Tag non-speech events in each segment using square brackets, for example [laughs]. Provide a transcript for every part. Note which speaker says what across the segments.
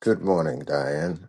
Speaker 1: Good morning, Diane.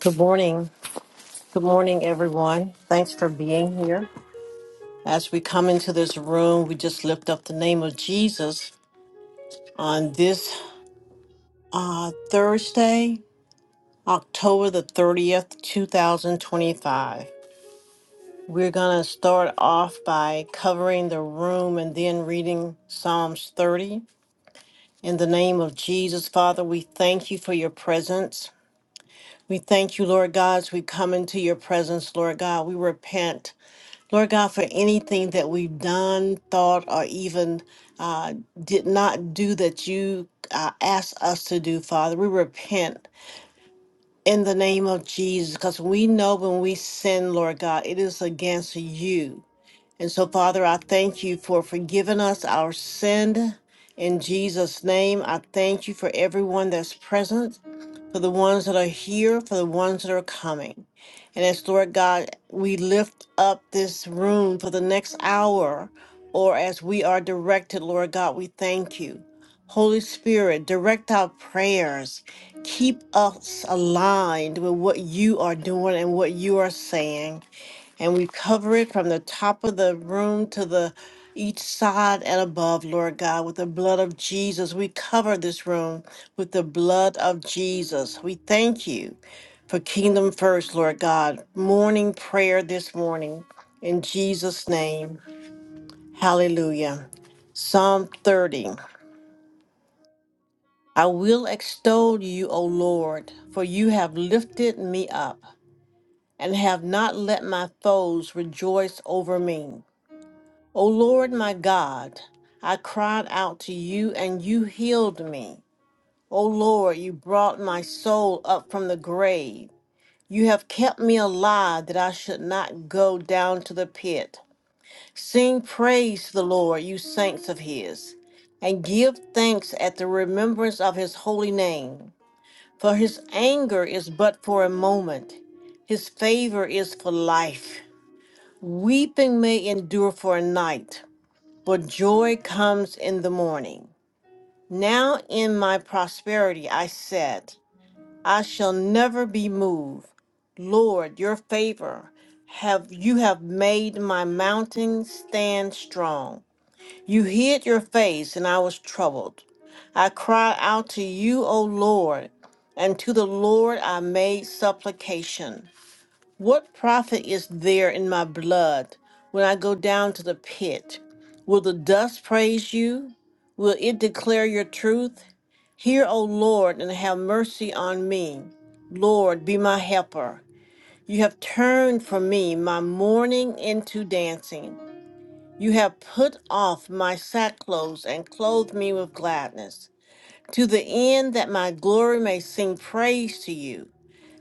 Speaker 2: Good morning. Good morning, everyone. Thanks for being here. As we come into this room, we just lift up the name of Jesus on this uh, Thursday, October the 30th, 2025. We're going to start off by covering the room and then reading Psalms 30. In the name of Jesus, Father, we thank you for your presence. We thank you, Lord God, as we come into your presence, Lord God. We repent Lord God, for anything that we've done, thought, or even uh, did not do that you uh, asked us to do, Father, we repent in the name of Jesus because we know when we sin, Lord God, it is against you. And so, Father, I thank you for forgiving us our sin. In Jesus' name, I thank you for everyone that's present for the ones that are here, for the ones that are coming. And as Lord God, we lift up this room for the next hour, or as we are directed, Lord God, we thank you. Holy Spirit, direct our prayers. Keep us aligned with what you are doing and what you are saying and we cover it from the top of the room to the each side and above, Lord God, with the blood of Jesus. We cover this room with the blood of Jesus. We thank you for kingdom first, Lord God. Morning prayer this morning in Jesus' name. Hallelujah. Psalm 30. I will extol you, O Lord, for you have lifted me up and have not let my foes rejoice over me. O Lord my God, I cried out to you and you healed me. O Lord, you brought my soul up from the grave. You have kept me alive that I should not go down to the pit. Sing praise to the Lord, you saints of his, and give thanks at the remembrance of his holy name. For his anger is but for a moment, his favor is for life. Weeping may endure for a night but joy comes in the morning. Now in my prosperity I said, I shall never be moved. Lord, your favor have you have made my mountain stand strong. You hid your face and I was troubled. I cried out to you, O Lord, and to the Lord I made supplication. What profit is there in my blood when I go down to the pit? Will the dust praise you? Will it declare your truth? Hear, O Lord, and have mercy on me. Lord, be my helper. You have turned from me my mourning into dancing. You have put off my sackclothes and clothed me with gladness to the end that my glory may sing praise to you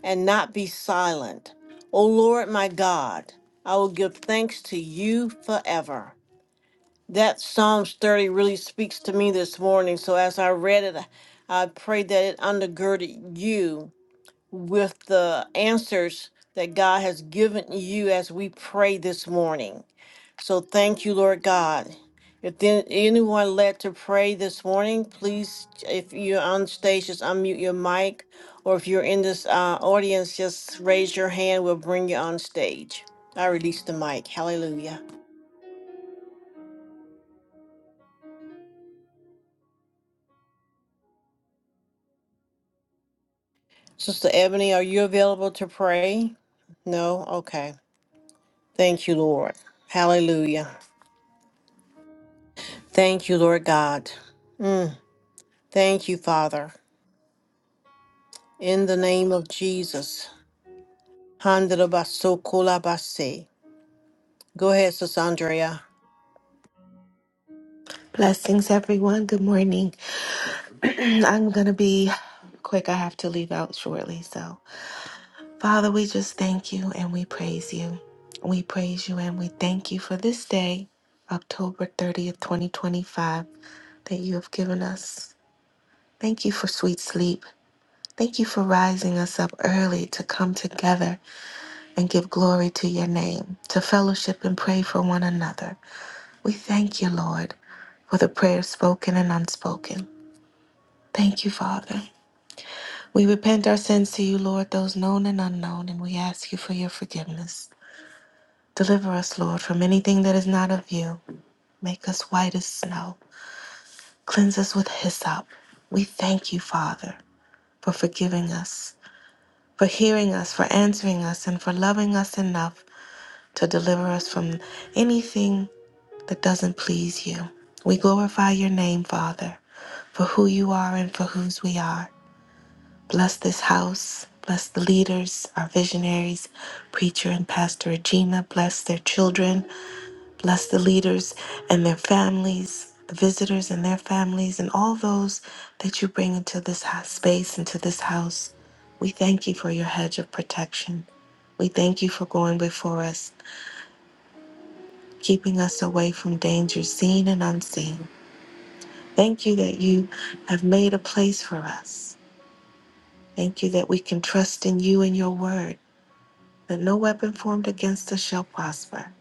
Speaker 2: and not be silent. O Lord my God, I will give thanks to you forever. That Psalms 30 really speaks to me this morning. So as I read it, I pray that it undergirded you with the answers that God has given you as we pray this morning. So thank you, Lord God. If then anyone led to pray this morning, please, if you're on stage, just unmute your mic. Or if you're in this uh, audience, just raise your hand. We'll bring you on stage. I release the mic. Hallelujah. Sister Ebony, are you available to pray? No? Okay. Thank you, Lord. Hallelujah. Thank you, Lord God. Mm, thank you, Father. In the name of Jesus. Handela baso kola base. Go ahead, Sis Andrea.
Speaker 3: Blessings, everyone. Good morning. [clears throat] I'm going to be quick. I have to leave out shortly. So, Father, we just thank you and we praise you. We praise you and we thank you for this day, October 30th, 2025, that you have given us. Thank you for sweet sleep. Thank you for rising us up early to come together and give glory to your name, to fellowship and pray for one another. We thank you, Lord, for the prayers spoken and unspoken. Thank you, Father. We repent our sins to you, Lord, those known and unknown, and we ask you for your forgiveness. Deliver us, Lord, from anything that is not of you. Make us white as snow. Cleanse us with hyssop. We thank you, Father, for forgiving us, for hearing us, for answering us, and for loving us enough to deliver us from anything that doesn't please you. We glorify your name, Father, for who you are and for whose we are. Bless this house. Bless the leaders, our visionaries, preacher and pastor Regina. Bless their children. Bless the leaders and their families, the visitors and their families, and all those that you bring into this ho- space, into this house. We thank you for your hedge of protection. We thank you for going before us, keeping us away from danger seen and unseen. Thank you that you have made a place for us. Thank you that we can trust in you and your word. that no weapon formed against us shall prosper.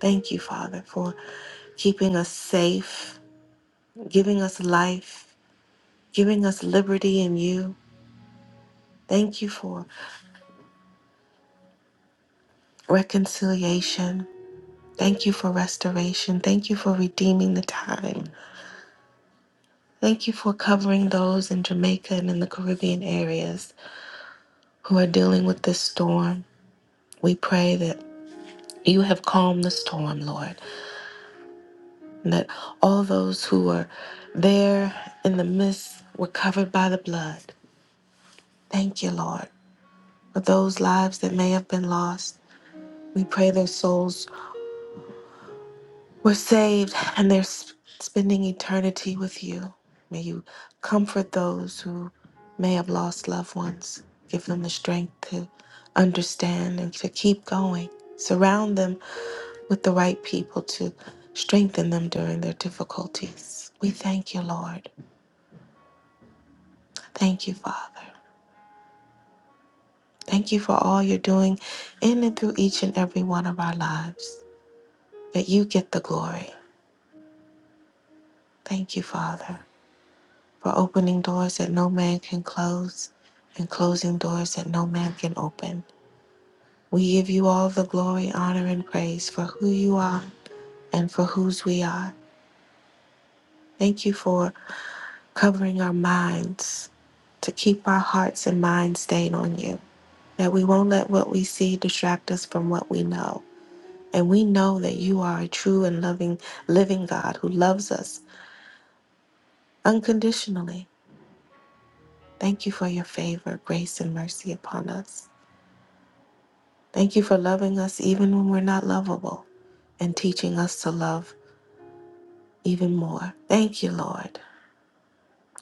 Speaker 3: Thank you, Father, for keeping us safe, giving us life, giving us liberty in you. Thank you for reconciliation. Thank you for restoration. Thank you for redeeming the time. Thank you for covering those in Jamaica and in the Caribbean areas who are dealing with this storm. We pray that you have calmed the storm, Lord, and that all those who are there in the midst were covered by the blood. Thank you, Lord, for those lives that may have been lost. We pray their souls were saved and they're sp- spending eternity with you. May you comfort those who may have lost loved ones. Give them the strength to understand and to keep going. Surround them with the right people to strengthen them during their difficulties. We thank you, Lord. Thank you, Father. Thank you for all you're doing in and through each and every one of our lives. that you get the glory. Thank you, Father, for opening doors that no man can close and closing doors that no man can open. We give you all the glory, honor, and praise for who you are and for whose we are. Thank you for covering our minds to keep our hearts and minds stayed on you, that we won't let what we see distract us from what we know. And we know that you are a true and loving, living God who loves us unconditionally Thank you for your favor, grace, and mercy upon us. Thank you for loving us even when we're not lovable and teaching us to love even more. Thank you, Lord,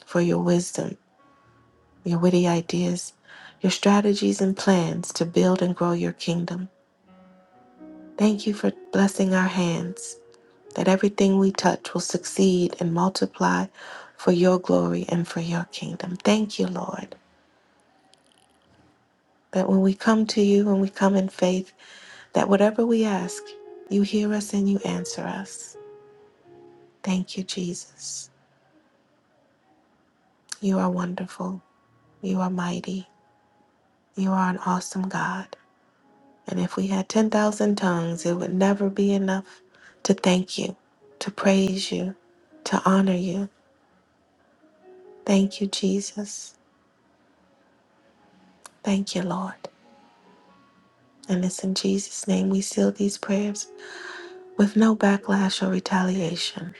Speaker 3: for your wisdom, your witty ideas, your strategies and plans to build and grow your kingdom. Thank you for blessing our hands, that everything we touch will succeed and multiply for your glory and for your kingdom. Thank you, Lord, that when we come to you, when we come in faith, that whatever we ask, you hear us and you answer us. Thank you, Jesus. You are wonderful. You are mighty. You are an awesome God. And if we had 10,000 tongues, it would never be enough to thank you, to praise you, to honor you. Thank you, Jesus. Thank you, Lord. And it's in Jesus' name we seal these prayers with no backlash or retaliation.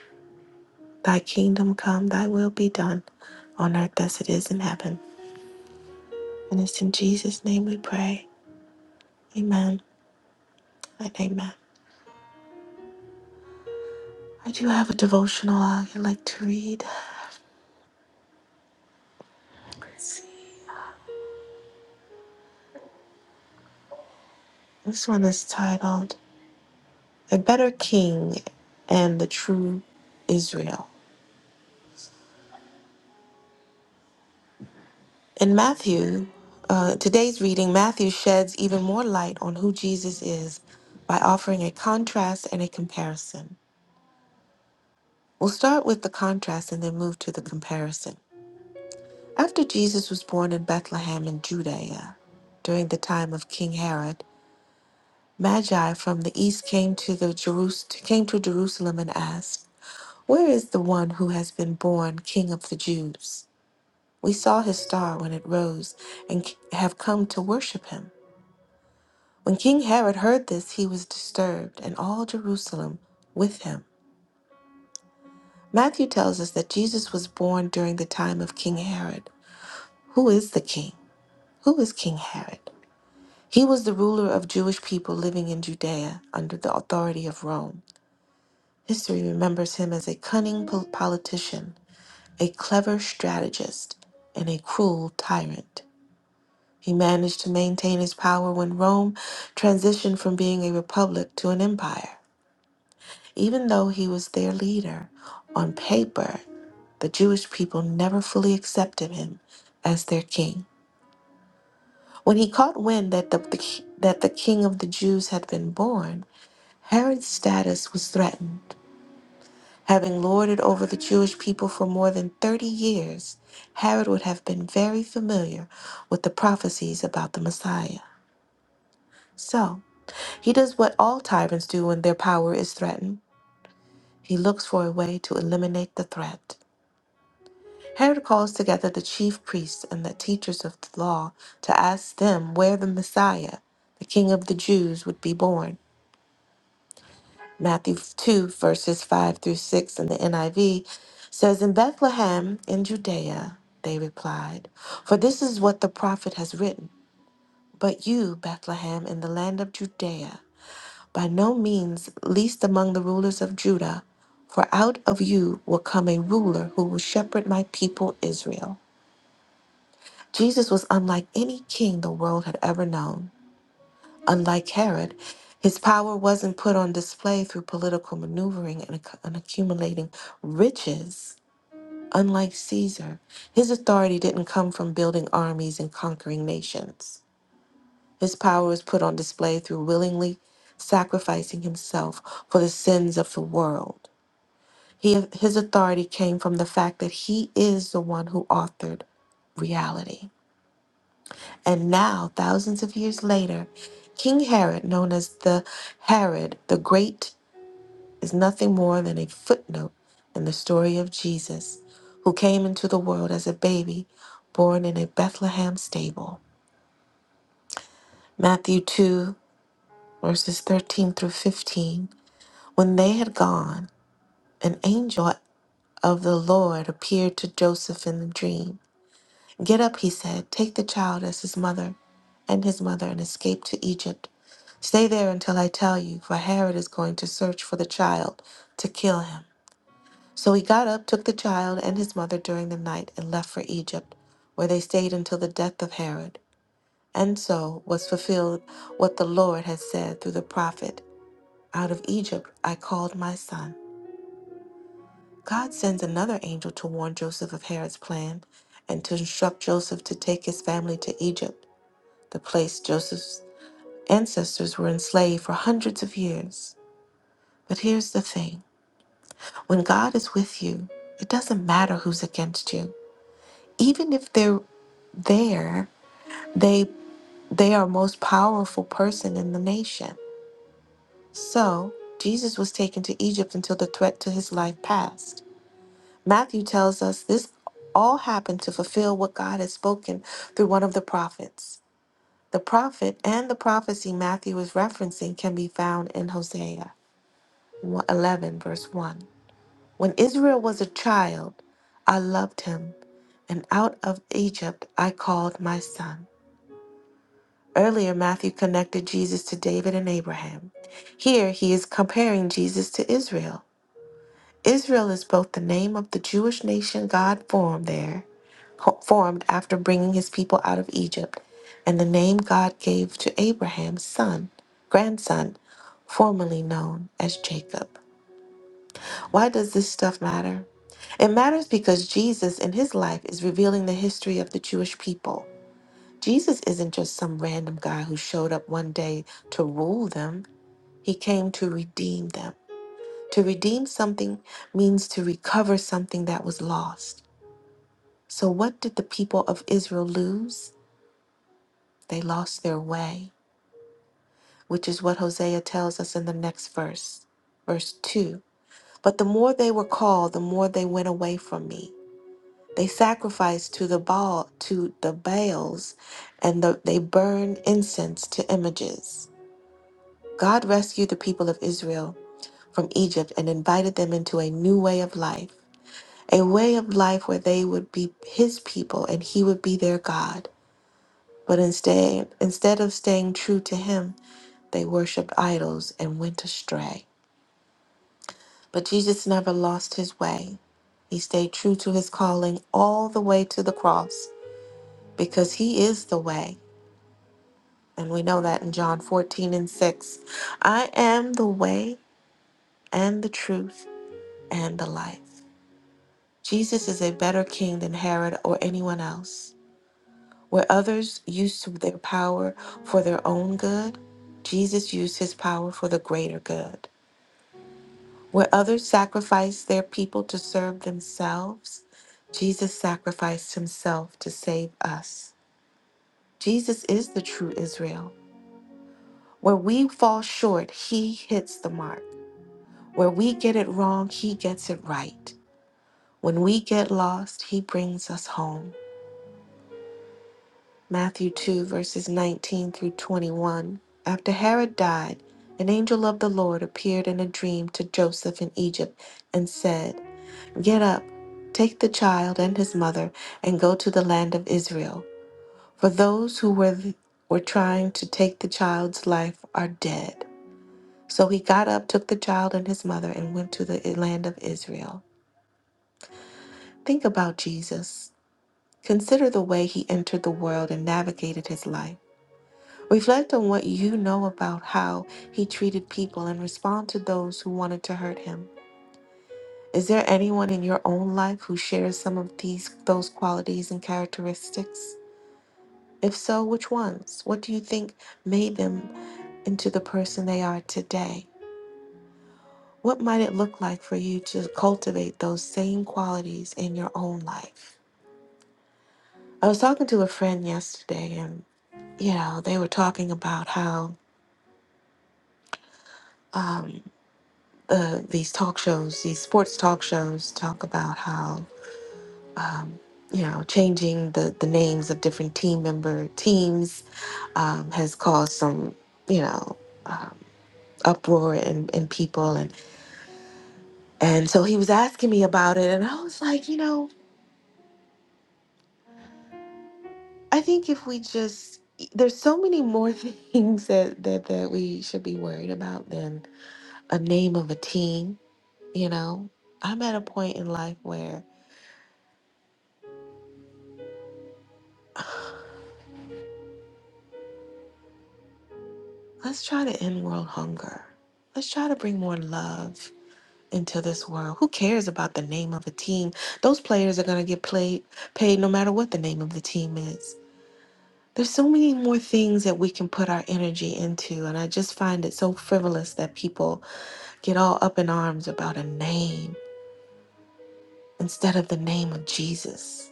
Speaker 3: Thy kingdom come, thy will be done on earth as it is in heaven. And it's in Jesus' name we pray. Amen and amen. I do have a devotional I'd like to read. Let's see. This one is titled A Better King and the True Israel. In Matthew, uh, today's reading, Matthew sheds even more light on who Jesus is by offering a contrast and a comparison. We'll start with the contrast and then move to the comparison. After Jesus was born in Bethlehem in Judea, during the time of King Herod, Magi from the east came to the Jerus- came to Jerusalem and asked, "Where is the one who has been born King of the Jews? We saw his star when it rose and c- have come to worship him." When King Herod heard this, he was disturbed, and all Jerusalem with him. Matthew tells us that Jesus was born during the time of King Herod. Who is the king? Who is King Herod? He was the ruler of Jewish people living in Judea under the authority of Rome. History remembers him as a cunning pol- politician, a clever strategist, and a cruel tyrant. He managed to maintain his power when Rome transitioned from being a republic to an empire. Even though he was their leader, on paper, the Jewish people never fully accepted him as their king. When he caught wind that the, that the king of the Jews had been born, Herod's status was threatened. Having lorded over the Jewish people for more than 30 years, Herod would have been very familiar with the prophecies about the Messiah. So, he does what all tyrants do when their power is threatened he looks for a way to eliminate the threat. Herod calls together the chief priests and the teachers of the law to ask them where the Messiah, the King of the Jews, would be born. Matthew 2, verses 5 through 6 in the NIV says, In Bethlehem in Judea, they replied, For this is what the prophet has written. But you, Bethlehem, in the land of Judea, by no means least among the rulers of Judah, for out of you will come a ruler who will shepherd my people Israel. Jesus was unlike any king the world had ever known. Unlike Herod, his power wasn't put on display through political maneuvering and, acc- and accumulating riches. Unlike Caesar, his authority didn't come from building armies and conquering nations. His power was put on display through willingly sacrificing himself for the sins of the world. He, his authority came from the fact that he is the one who authored reality. And now, thousands of years later, King Herod, known as the Herod the Great, is nothing more than a footnote in the story of Jesus, who came into the world as a baby born in a Bethlehem stable. Matthew 2, verses 13 through 15. When they had gone, an angel of the Lord appeared to Joseph in a dream. Get up, he said, take the child as his mother and his mother and escape to Egypt. Stay there until I tell you, for Herod is going to search for the child to kill him. So he got up, took the child and his mother during the night, and left for Egypt, where they stayed until the death of Herod. And so was fulfilled what the Lord had said through the prophet Out of Egypt I called my son. God sends another angel to warn Joseph of Herod's plan and to instruct Joseph to take his family to Egypt, the place Joseph's ancestors were enslaved for hundreds of years. But here's the thing when God is with you, it doesn't matter who's against you. Even if they're there they they are most powerful person in the nation so jesus was taken to egypt until the threat to his life passed matthew tells us this all happened to fulfill what god had spoken through one of the prophets the prophet and the prophecy matthew is referencing can be found in hosea 11 verse 1 when israel was a child i loved him and out of egypt i called my son Earlier, Matthew connected Jesus to David and Abraham. Here, he is comparing Jesus to Israel. Israel is both the name of the Jewish nation God formed there, formed after bringing his people out of Egypt, and the name God gave to Abraham's son, grandson, formerly known as Jacob. Why does this stuff matter? It matters because Jesus in his life is revealing the history of the Jewish people. Jesus isn't just some random guy who showed up one day to rule them. He came to redeem them. To redeem something means to recover something that was lost. So, what did the people of Israel lose? They lost their way, which is what Hosea tells us in the next verse, verse 2. But the more they were called, the more they went away from me. They sacrificed to the Baal, to the Baals, and the, they burned incense to images. God rescued the people of Israel from Egypt and invited them into a new way of life. a way of life where they would be his people and he would be their God. But instead, instead of staying true to him, they worshiped idols and went astray. But Jesus never lost his way. He stayed true to his calling all the way to the cross because he is the way. And we know that in John 14 and 6. I am the way and the truth and the life. Jesus is a better king than Herod or anyone else. Where others used their power for their own good, Jesus used his power for the greater good. Where others sacrificed their people to serve themselves, Jesus sacrificed himself to save us. Jesus is the true Israel. Where we fall short, he hits the mark. Where we get it wrong, he gets it right. When we get lost, he brings us home. Matthew 2, verses 19 through 21. After Herod died, an angel of the Lord appeared in a dream to Joseph in Egypt and said, Get up, take the child and his mother, and go to the land of Israel. For those who were, were trying to take the child's life are dead. So he got up, took the child and his mother, and went to the eh, land of Israel. Think about Jesus. Consider the way he entered the world and navigated his life. Reflect on what you know about how he treated people and respond to those who wanted to hurt him. Is there anyone in your own life who shares some of these those qualities and characteristics? If so, which ones? What do you think made them into the person they are today? What might it look like for you to cultivate those same qualities in your own life? I was talking to a friend yesterday and you know, they were talking about how um. uh, these talk shows, these sports talk shows, talk about how you know changing the the names of different team member teams um, has caused some you know uh, uproar in, in people and and so he was asking me about it and I was like you know I think if we just there's so many more [laughs] things that that that we should be worried about than a name of a team you know I'm at a point in life where Let's try to end world hunger. Let's try to bring more love into this world. Who cares about the name of a team? Those players are going to get played, paid no matter what the name of the team is. There's so many more things that we can put our energy into, and I just find it so frivolous that people get all up in arms about a name instead of the name of Jesus.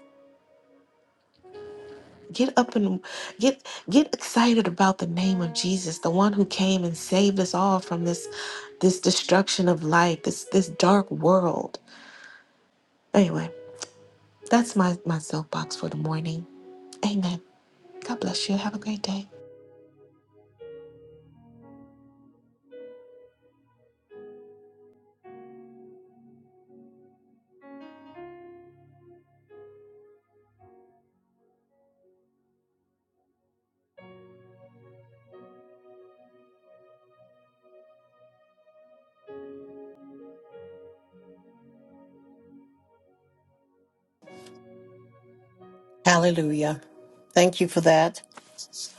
Speaker 3: Get up and get get excited about the name of Jesus, the one who came and saved us all from this this destruction of life, this this dark world. Anyway, that's my my soapbox for the morning. Amen. God bless you. Have a great day.
Speaker 2: Hallelujah. Thank you for that.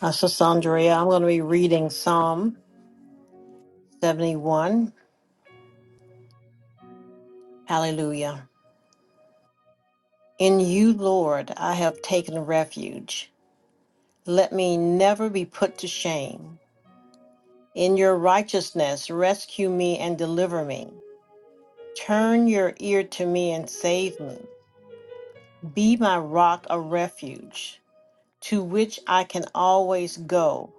Speaker 2: Uh, Sis Andrea, I'm going to be reading Psalm 71. Hallelujah. In you, Lord, I have taken refuge. Let me never be put to shame. In your righteousness, rescue me and deliver me. Turn your ear to me and save me. Be my rock of refuge, to which I can always go.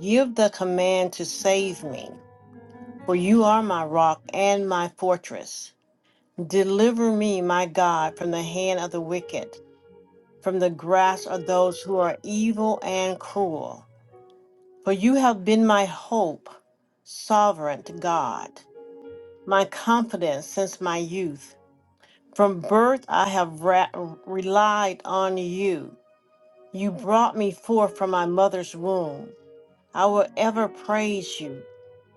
Speaker 2: Give the command to save me. For you are my rock and my fortress. Deliver me, my God, from the hand of the wicked, from the grasp of those who are evil and cruel. For you have been my hope, sovereign God, my confidence since my youth. From birth I have ra- relied on you. You brought me forth from my mother's womb. I will ever praise you.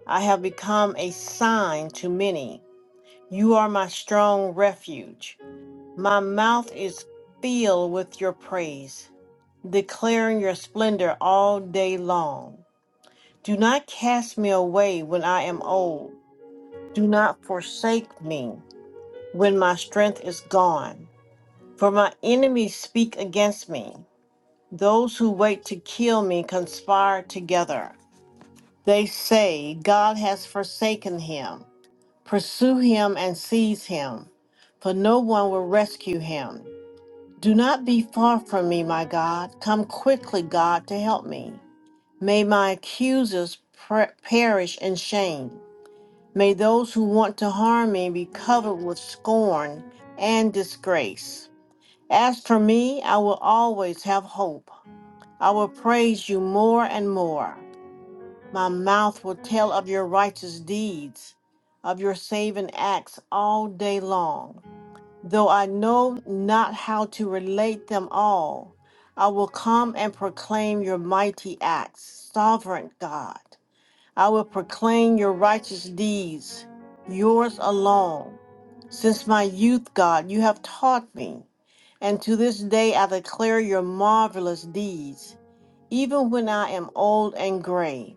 Speaker 2: I have become a sign to many. You are my strong refuge. My mouth is filled with your praise, declaring your splendor all day long. Do not cast me away when I am old. Do not forsake me when my strength is gone. For my enemies speak against me. Those who wait to kill me conspire together. They say, God has forsaken him. Pursue him and seize him, for no one will rescue him. Do not be far from me, my God. Come quickly, God, to help me. May my accusers per- perish in shame. May those who want to harm me be covered with scorn and disgrace. As for me, I will always have hope. I will praise you more and more. My mouth will tell of your righteous deeds, of your saving acts all day long. Though I know not how to relate them all, I will come and proclaim your mighty acts, sovereign God. I will proclaim your righteous deeds, yours alone. Since my youth, God, you have taught me, and to this day I declare your marvelous deeds, even when I am old and gray.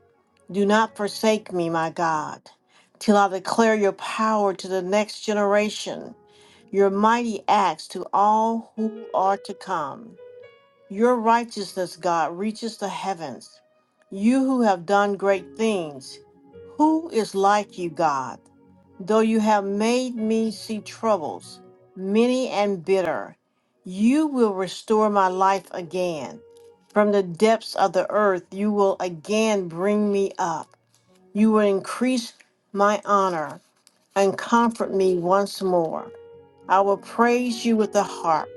Speaker 2: Do not forsake me, my God, till I declare your power to the next generation your mighty acts to all who are to come. Your righteousness, God, reaches the heavens. You who have done great things, who is like you, God? Though you have made me see troubles, many and bitter, you will restore my life again. From the depths of the earth, you will again bring me up. You will increase my honor and comfort me once more. I will praise you with the harp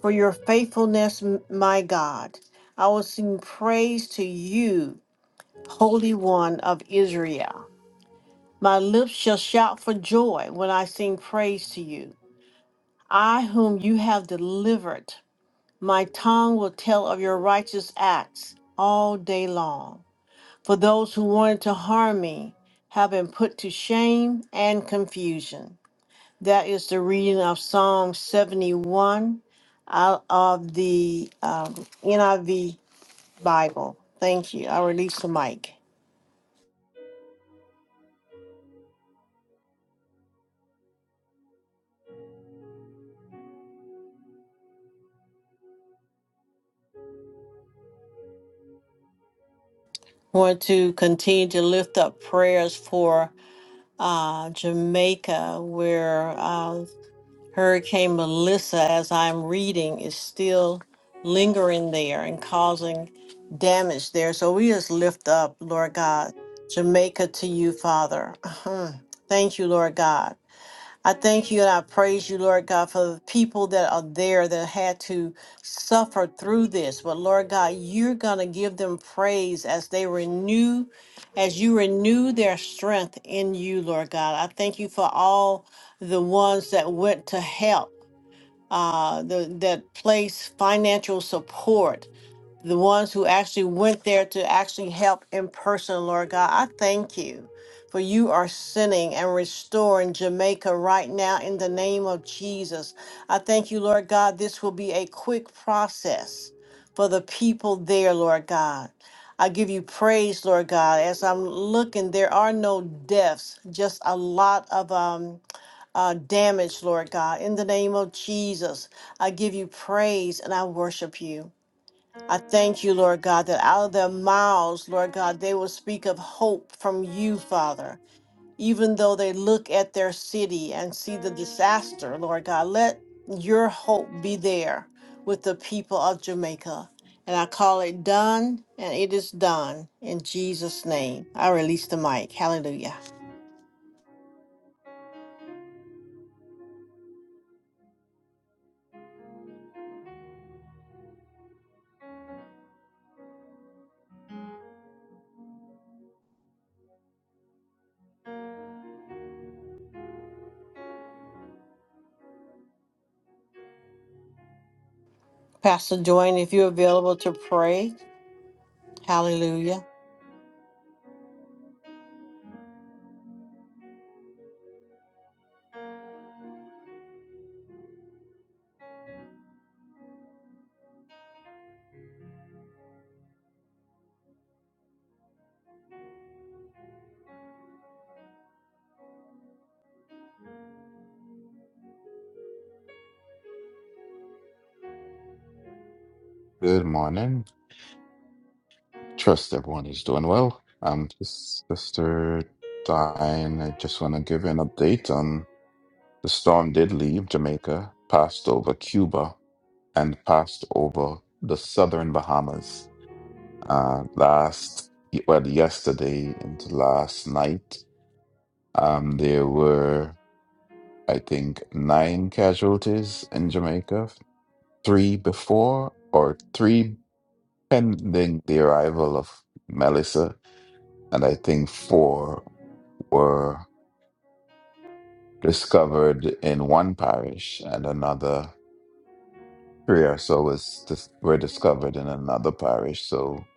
Speaker 2: for your faithfulness, m- my God. I will sing praise to you, Holy One of Israel. My lips shall shout for joy when I sing praise to you. I, whom you have delivered, my tongue will tell of your righteous acts all day long. For those who wanted to harm me have been put to shame and confusion. That is the reading of Psalm 71 out of the um, NIV Bible. Thank you. I release the mic. Want to continue to lift up prayers for uh, Jamaica, where uh, Hurricane Melissa, as I'm reading, is still lingering there and causing damage there. So we just lift up, Lord God, Jamaica to you, Father. [laughs] [clears throat] Thank you, Lord God I thank you and I praise you, Lord God, for the people that are there that had to suffer through this. But Lord God, you're going to give them praise as they renew, as you renew their strength in you, Lord God. I thank you for all the ones that went to help, uh, the, that place financial support the ones who actually went there to actually help in person, Lord God. I thank you for you are sending and restoring Jamaica right now in the name of Jesus. I thank you, Lord God. This will be a quick process for the people there, Lord God. I give you praise, Lord God. As I'm looking, there are no deaths, just a lot of um, uh, damage, Lord God. In the name of Jesus, I give you praise and I worship you. I thank you, Lord God, that out of their mouths, Lord God, they will speak of hope from you, Father. Even though they look at their city and see the disaster, Lord God, let your hope be there with the people of Jamaica. And I call it done, and it is done in Jesus' name. I release the mic. Hallelujah. Pastor Joyne, if you're available to pray, hallelujah.
Speaker 4: Good morning. Trust everyone is doing well. Um, this Sister Diane, I just want to give you an update. Um, the storm did leave Jamaica, passed over Cuba, and passed over the southern Bahamas. Uh, last, well, yesterday into last night, um, there were, I think, nine casualties in Jamaica, three before or three pending the arrival of Melissa and I think four were discovered in one parish, and another three or so was dis- were discovered in another parish. So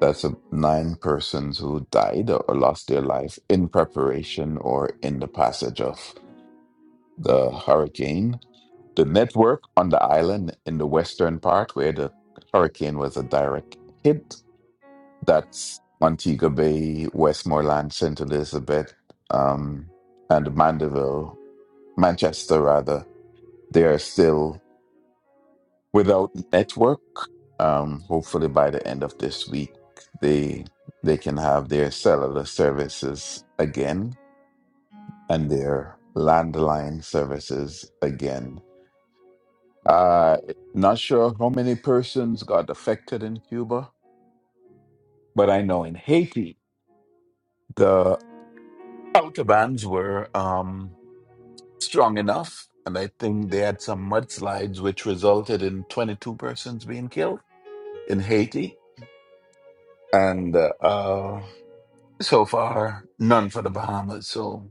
Speaker 4: that's a, nine persons who died or lost their life in preparation or in the passage of the hurricane. The network on the island in the western part, where the hurricane was a direct hit, That's Montego Bay, Westmoreland, St. Elizabeth, um, and Mandeville, Manchester, rather. They are still without network. Um, hopefully, by the end of this week, they they can have their cellular services again and their landline services again. Uh, not sure how many persons got affected in Cuba, but I know in Haiti, the autobans were. Um, strong enough. And I think they had some mudslides, which resulted in 22 persons being killed in Haiti. And uh, uh, so far, none for the Bahamas. So,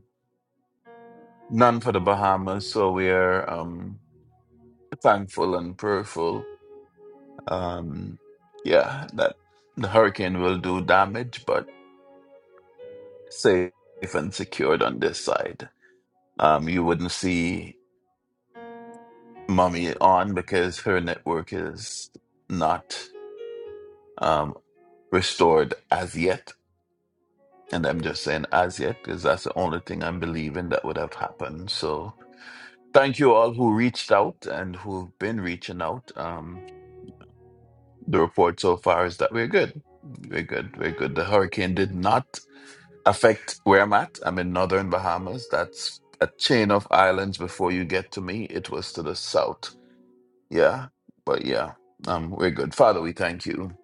Speaker 4: none for the Bahamas. So, we are um, thankful and prayerful. Um, yeah, that the hurricane will do damage, but safe and secured on this side. Um, you wouldn't see mommy on because her network is not. um, restored as yet. And I'm just saying as yet because that's the only thing I'm believing that would have happened. So thank you all who reached out and who've been reaching out. Um, the report so far is that we're good. We're good. We're good. The hurricane did not affect where I'm at. I'm in northern Bahamas. That's a chain of islands before you get to me. It was to the south. Yeah. But yeah, um, we're good. Father, we thank you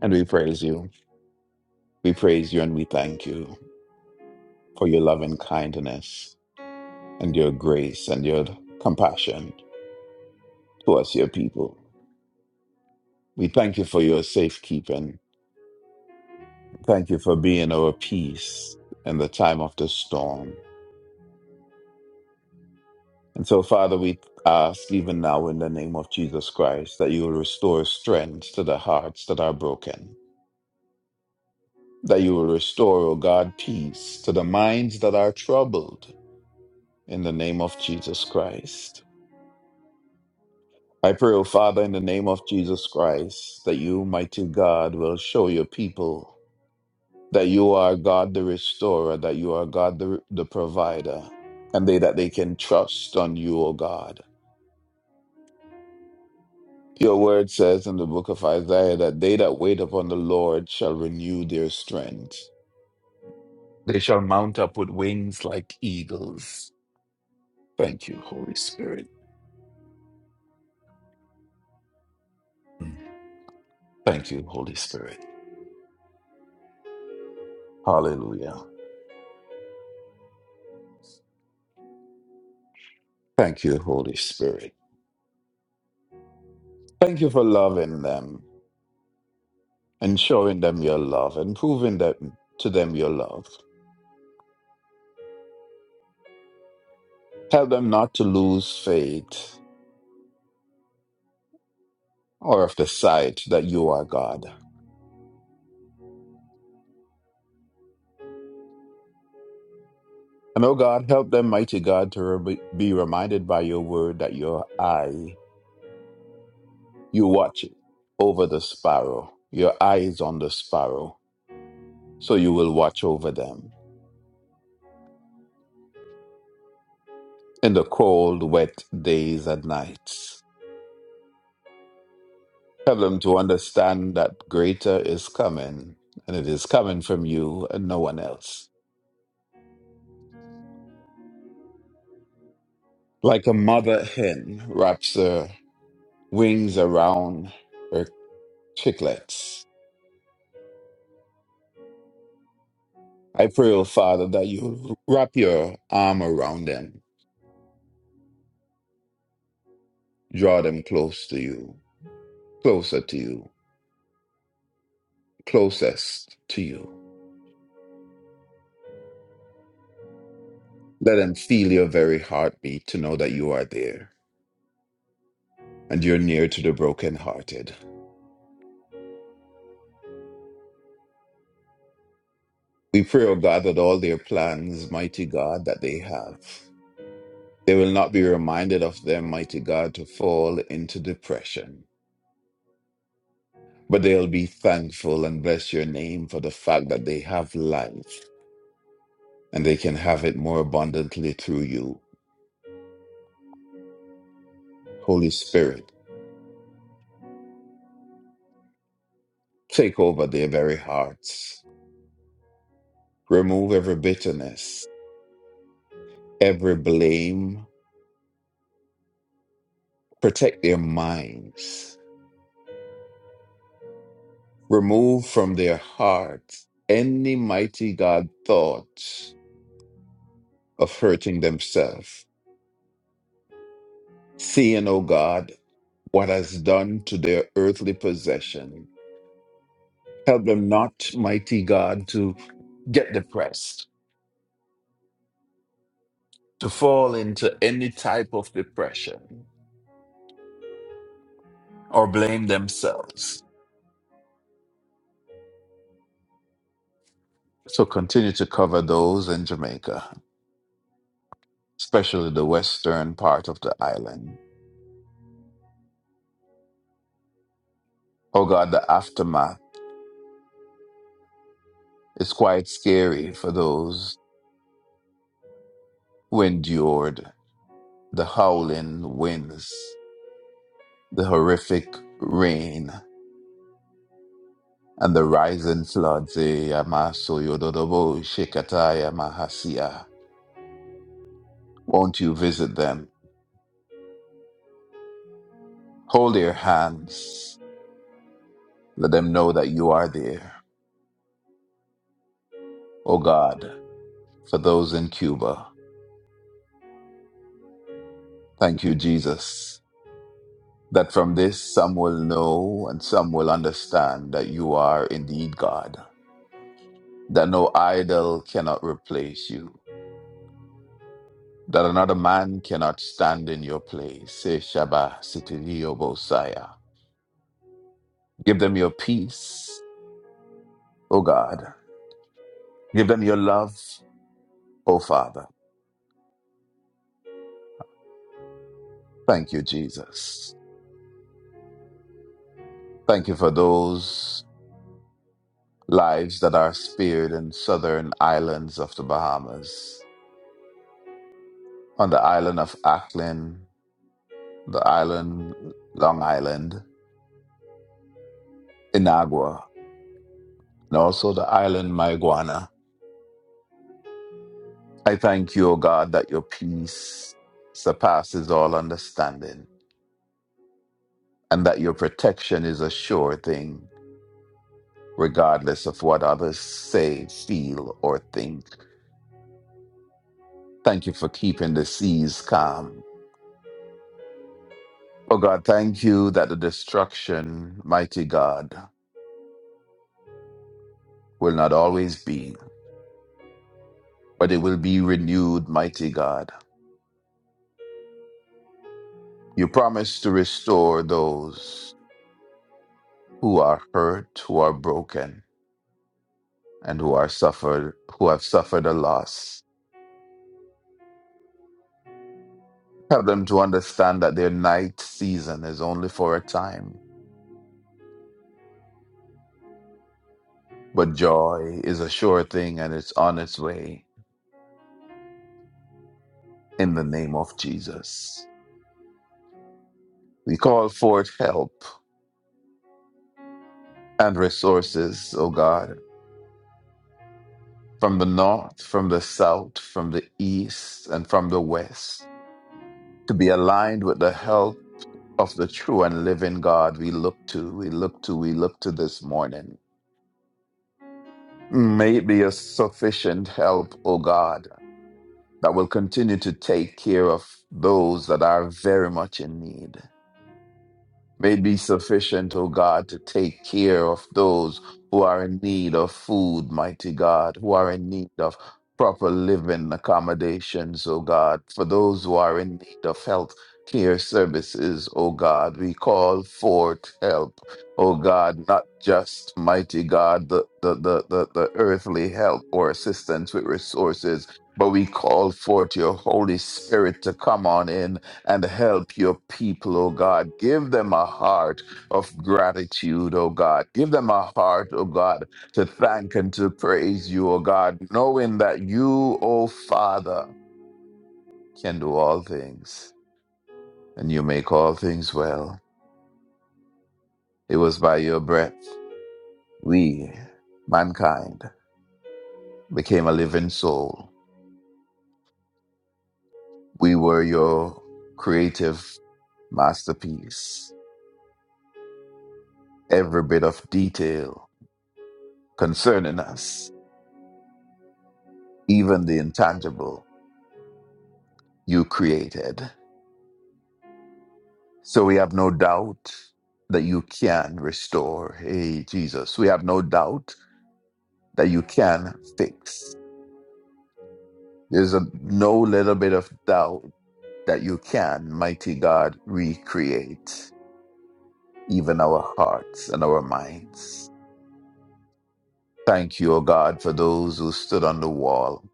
Speaker 4: and we praise you. We praise you and we thank you. for your loving kindness and your grace and your compassion towards your people. We thank you for your safekeeping. Thank you for being our peace in the time of the storm. And so, Father, we ask even now in the name of Jesus Christ that you will restore strength to the hearts that are broken, that you will restore, O God, peace to the minds that are troubled in the name of Jesus Christ. I pray, O Father, in the name of Jesus Christ, that you, mighty God, will show your people that you are God the restorer, that you are God the, the provider, and they that they can trust on you, O God. Your word says in the book of Isaiah that they that wait upon the Lord shall renew their strength. They shall mount up with wings like eagles. Thank you, Holy Spirit. Mm. Thank you, Holy Spirit. Hallelujah. Thank you, Holy Spirit. Thank you for loving them. and showing them your love and proving that to them your love. Tell them not to lose faith or of the sight that you are God. And oh God, help them, mighty God, to re- be reminded by your word that your eye, you watch over the sparrow. Your eye is on the sparrow, so you will watch over them in the cold, wet days and nights. Help them to understand that greater is coming, and it is coming from you and no one else. Like a mother hen wraps her wings around her chicklets, I pray, O Father, that you wrap your arm around them, draw them close to you, closer to you, closest to you. Let them feel your very heartbeat to know that you are there and you're near to the brokenhearted. We pray, O God, that all their plans, mighty God, that they have, they will not be reminded of them, mighty God, to fall into depression but they'll be thankful and bless your name for the fact that they have life and they can have it more abundantly through you. Holy Spirit, take over their very hearts, remove every bitterness, every blame, protect their minds, remove from their hearts any mighty God thoughts of hurting themselves. Seeing, O God, what has done to their earthly possession. Help them not, mighty God, to get depressed, to fall into any type of depression or blame themselves. So continue to cover those in Jamaica, especially the western part of the island. Oh God, the aftermath is quite scary for those who endured the howling winds, the horrific rain, and the rising floods. Eh, Yamaso Yododobo Shekataya Mahasia. Won't you visit them? Hold their hands Let them know that you are there, O God, for those in Cuba. Thank you, Jesus, that from this some will know and some will understand that you are indeed God, that no idol cannot replace you, that another man cannot stand in your place. Say Shabbat, Sitiriyo Bosaya. Give them your peace, O God. Give them your love, O Father. Thank you, Jesus. Thank you for those. lives that are spared in southern islands of the Bahamas, on the island of Ackland, the island Long Island, Inagua, and also the island Maiguana. I thank you, O God, that your peace surpasses all understanding and that your protection is a sure thing, regardless of what others say, feel, or think. Thank you for keeping the seas calm. O God, thank you that the destruction, mighty God, will not always be, but it will be renewed, mighty God. You promise to restore those who are hurt, who are broken, and who are suffered, who have suffered a loss. Help them to understand that their night season is only for a time, but joy is a sure thing and it's on its way in the name of Jesus. We call forth help and resources, O God, from the north, from the south, from the east, and from the west to be aligned with the health of the true and living God we look to, we look to, we look to this morning. May it be a sufficient help, O God, that will continue to take care of those that are very much in need. may be sufficient, O God, to take care of those who are in need of food, mighty God, who are in need of proper living accommodations, O God, for those who are in need of health care services, O God. We call forth help, O God, not just, mighty God, the, the, the, the, the earthly help or assistance with resources, but we call forth your Holy Spirit to come on in and help your people, O God. Give them a heart of gratitude, O God. Give them a heart, O God, to thank and to praise you, O God, knowing that you, O Father, can do all things and you make all things well. It was by your breath we, mankind, became a living soul. We were your creative masterpiece. Every bit of detail concerning us even the intangible you created. So we have no doubt that you can restore. Hey, Jesus. We have no doubt that you can fix. There's a, no little bit of doubt that you can, mighty God, recreate even our hearts and our minds. Thank you, O God, for those who stood on the wall,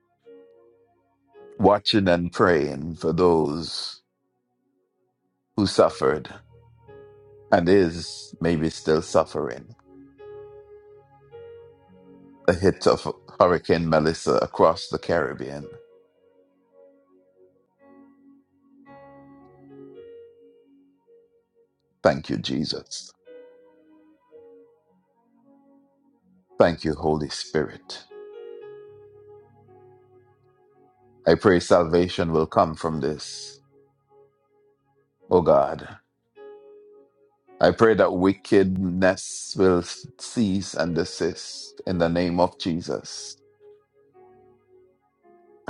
Speaker 4: watching and praying for those who suffered and is maybe still suffering. The hit of Hurricane Melissa across the Caribbean. Thank you, Jesus. Thank you, Holy Spirit. I pray salvation will come from this, O God. I pray that wickedness will cease and desist in the name of Jesus.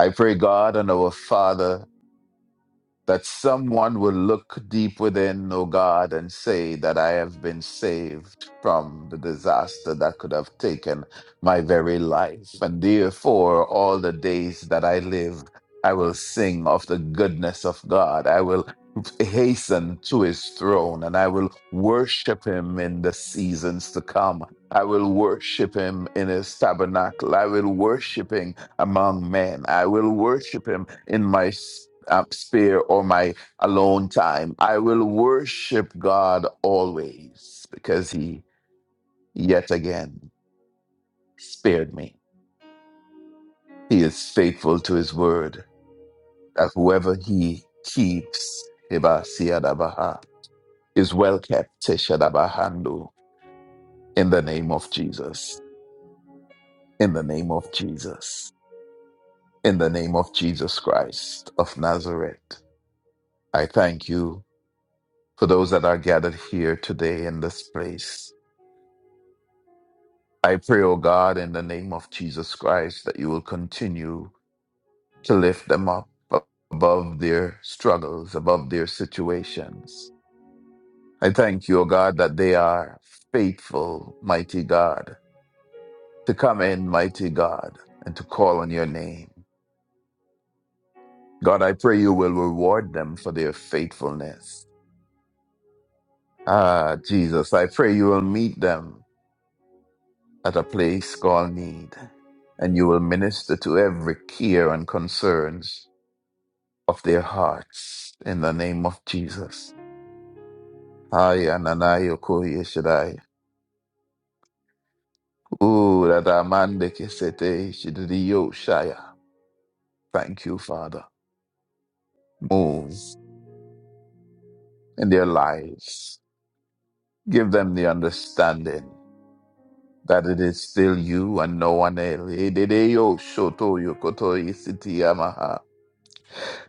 Speaker 4: I pray, God and our Father. that someone will look deep within, O God, and say that I have been saved from the disaster that could have taken my very life. And therefore, all the days that I live, I will sing of the goodness of God. I will hasten to his throne and I will worship him in the seasons to come. I will worship him in his tabernacle. I will worship him among men. I will worship him in my um, spare or my alone time. I will worship God always because He yet again spared me. He is faithful to His word that whoever He keeps, Heba Siadabaha, is well kept, Teshadabahandu, in the name of Jesus, in the name of Jesus, in the name of Jesus Christ of Nazareth. I thank you for those that are gathered here today in this place. I pray, O God, in the name of Jesus Christ, that you will continue to lift them up above their struggles, above their situations. I thank you, O God, that they are faithful, mighty God, to come in, mighty God, and to call on your name. God, I pray you will reward them for their faithfulness. Ah, Jesus, I pray you will meet them at a place called need, and you will minister to every care and concerns of their hearts in the name of Jesus. Ay, ananayo koye shaddai. Ooh, that amande kesete Shidiyo shaya. Thank you, Father. Move in their lives. Give them the understanding that it is still you and no one else. Edideyo shoto yokoto isiti yamaha.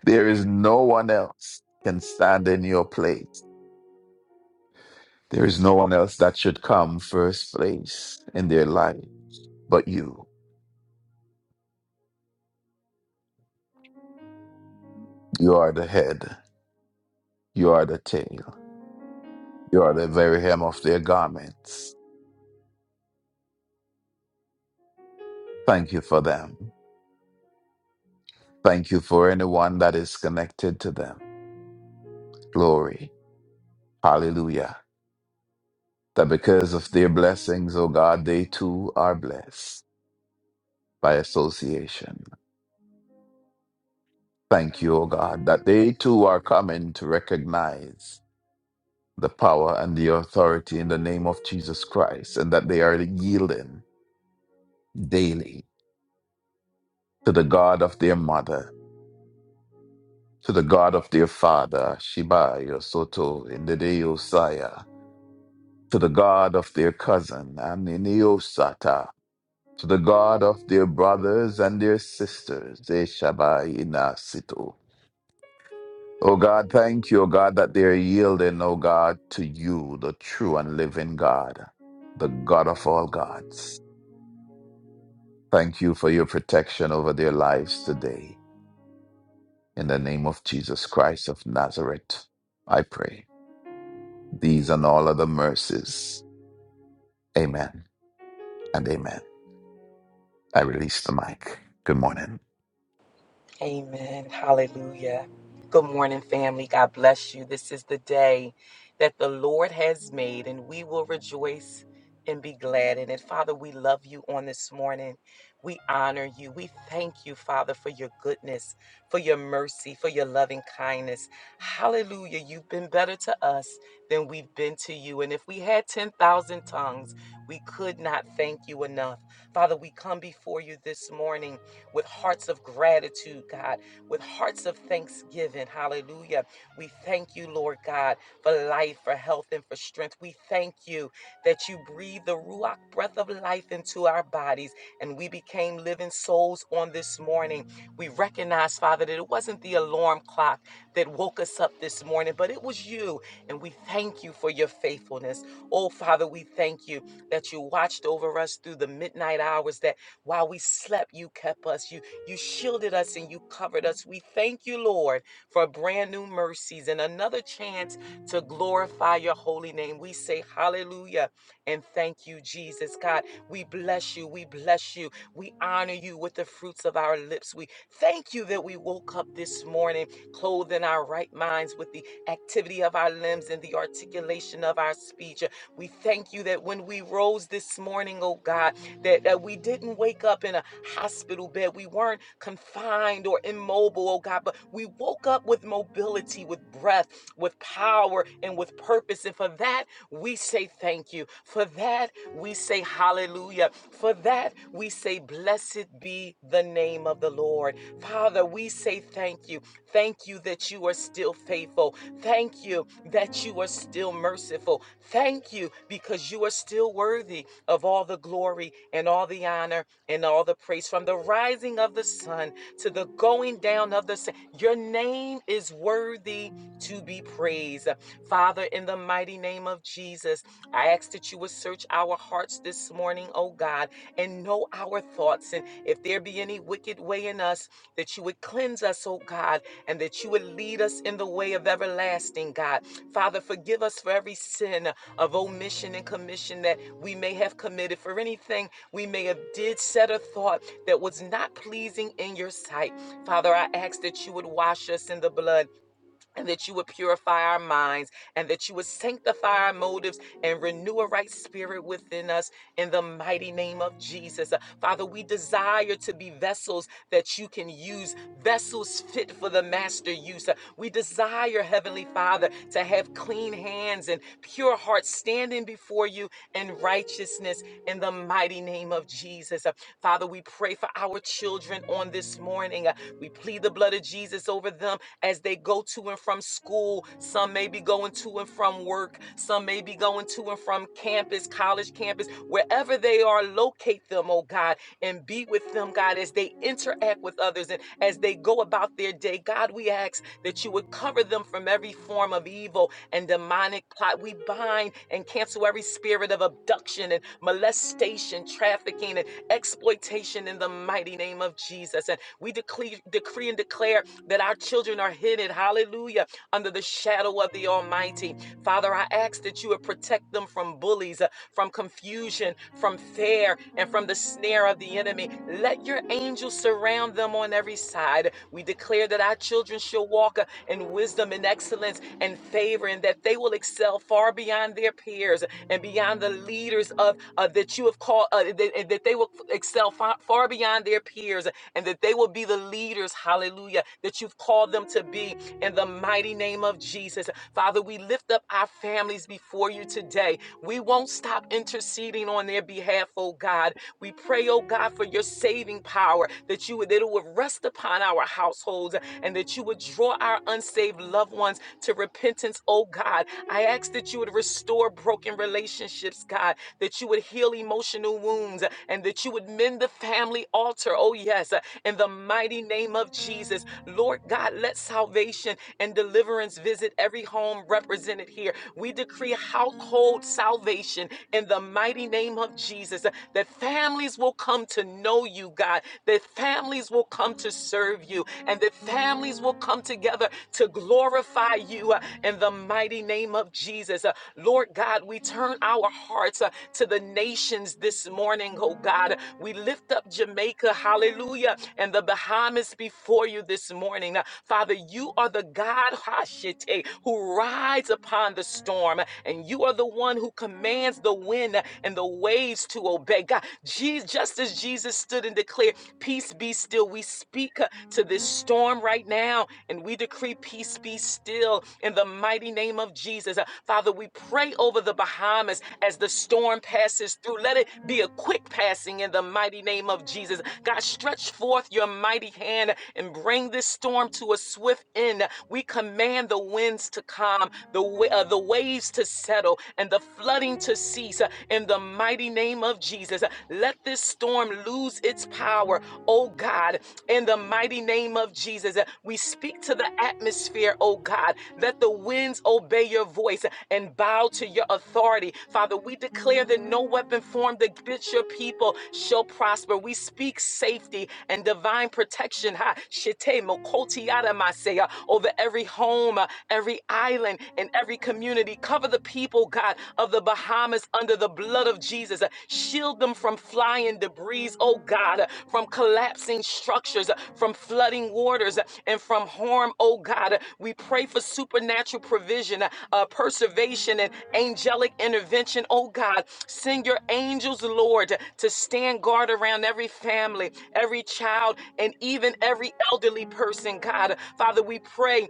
Speaker 4: There is no one else can stand in your place. There is no one else that should come first place in their life but you. You are the head. You are the tail. You are the very hem of their garments. Thank you for them. Thank you for anyone that is connected to them. Glory. Hallelujah. That because of their blessings, O God, they too are blessed by association. Thank you, O God, that they too are coming to recognize the power and the authority in the name of Jesus Christ and that they are yielding daily to the God of their mother to the God of their father, Shibaya Soto Indideo Saya, to the God of their cousin, Aminio Sata, to the God of their brothers and their sisters, Eshabai Inasito. O God, thank you, O God, that they are yielding, O God, to you, the true and living God, the God of all gods. Thank you for your protection over their lives today. In the name of Jesus Christ of Nazareth, I pray. These and all other mercies. Amen and amen. I release the mic. Good morning.
Speaker 5: Amen. Hallelujah. Good morning, family. God bless you. This is the day that the Lord has made, and we will rejoice and be glad in it. Father, we love you on this morning. We honor you. We thank you, Father, for your goodness, for your mercy, for your loving kindness. Hallelujah. You've been better to us than we've been to you. And if we had 10,000 tongues, we could not thank you enough. Father, we come before you this morning with hearts of gratitude, God, with hearts of thanksgiving. Hallelujah. We thank you, Lord God, for life, for health, and for strength. We thank you that you breathe the Ruach breath of life into our bodies and we became living souls on this morning. We recognize, Father, that it wasn't the alarm clock that woke us up this morning, but it was you. And we thank you for your faithfulness. Oh, Father, we thank you that you watched over us through the midnight hours, that while we slept, you kept us. You you shielded us and you covered us. We thank you, Lord, for brand new mercies and another chance to glorify your holy name. We say hallelujah and thank you, Jesus God. We bless you. We bless you. We honor you with the fruits of our lips. We thank you that we woke up this morning clothed in our right minds with the activity of our limbs and the articulation of our speech. We thank you that when we rose this morning, oh God, that, that we didn't wake up in a hospital bed. We weren't confined or immobile, oh God, but we woke up with mobility, with breath, with power, and with purpose. And for that, we say thank you. For that, we say hallelujah. For that, we say blessed be the name of the Lord. Father, we say thank you. Thank you that you are still faithful. Thank you that you are still merciful. Thank you because you are still worthy of all the glory and all the honor and all the praise from the rising of the sun to the going down of the sun. Your name is worthy to be praised. Father, in the mighty name of Jesus, I ask that you would search our hearts this morning, oh God, and know our thoughts. And if there be any wicked way in us, that you would cleanse us, oh God and that you would lead us in the way of everlasting, God. Father, forgive us for every sin of omission and commission that we may have committed, for anything we may have did, said, or thought that was not pleasing in your sight. Father, I ask that you would wash us in the blood and that you would purify our minds and that you would sanctify our motives and renew a right spirit within us in the mighty name of Jesus. Uh, Father, we desire to be vessels that you can use, vessels fit for the master use. Uh, we desire, Heavenly Father, to have clean hands and pure hearts standing before you in righteousness in the mighty name of Jesus. Uh, Father, we pray for our children on this morning. Uh, we plead the blood of Jesus over them as they go to and from school. Some may be going to and from work. Some may be going to and from campus, college campus, wherever they are, locate them, oh God, and be with them, God, as they interact with others and as they go about their day. God, we ask that you would cover them from every form of evil and demonic plot. We bind and cancel every spirit of abduction and molestation, trafficking, and ex exploitation in the mighty name of Jesus. And we decree, decree and declare that our children are hidden, hallelujah, under the shadow of the Almighty. Father, I ask that you would protect them from bullies, uh, from confusion, from fear, and from the snare of the enemy. Let your angels surround them on every side. We declare that our children shall walk uh, in wisdom and excellence and favor, and that they will excel far beyond their peers and beyond beyond the leaders of uh, that you have called, uh, that, that they will excel far, far beyond their peers, and that they will be the leaders, hallelujah, that you've called them to be in the mighty name of Jesus. Father, we lift up our families before you today. We won't stop interceding on their behalf, oh God. We pray, oh God, for your saving power that you would that it would rest upon our households and that you would draw our unsaved loved ones to repentance oh God. I ask that you would restore broken relationships, God, that you would heal emotional wounds, and that you would mend the family altar, oh yes, in the mighty name of Jesus. Lord God, let salvation and deliverance visit every home represented here. We decree household salvation in the mighty name of Jesus, that families will come to know you, God, that families will come to serve you, and that families families will come together to glorify you uh, in the mighty name of Jesus. Uh, Lord God, we turn our hearts uh, to the nations this morning, oh God. We lift up Jamaica, hallelujah, and the Bahamas before you this morning. Uh, Father, you are the God Hashite, who rides upon the storm, and you are the one who commands the wind and the waves to obey. God, Jesus, just as Jesus stood and declared, Peace be still. We speak uh, to this storm right now and we decree peace be still in the mighty name of Jesus. Uh, Father, we pray over the Bahamas as the storm passes through. Let it be a quick passing in the mighty name of Jesus. God, stretch forth your mighty hand and bring this storm to a swift end. We command the winds to calm, the, wa- uh, the waves to settle, and the flooding to cease uh, in the mighty mighty name of Jesus. Let this storm lose its power, oh God, in the mighty name of Jesus. We speak to the atmosphere, oh God. Let the winds obey your voice and bow to your authority. Father, we declare that no weapon formed against your people shall prosper. We speak safety and divine protection. Ha, shite mokoti yada masaya, Over every home, uh, every island, and every community. covered Cover the people, God, of the Bahamas under the blood of Jesus. Uh, Shield them from flying debris, oh God, uh, from collapsing structures, uh, from flooding waters, uh, and from harm, oh God. Uh, We pray for supernatural provision, uh, uh, preservation, and angelic intervention, oh God. Send your angels, Lord, to stand guard around every family, every child, and even every elderly person, God. Father, we pray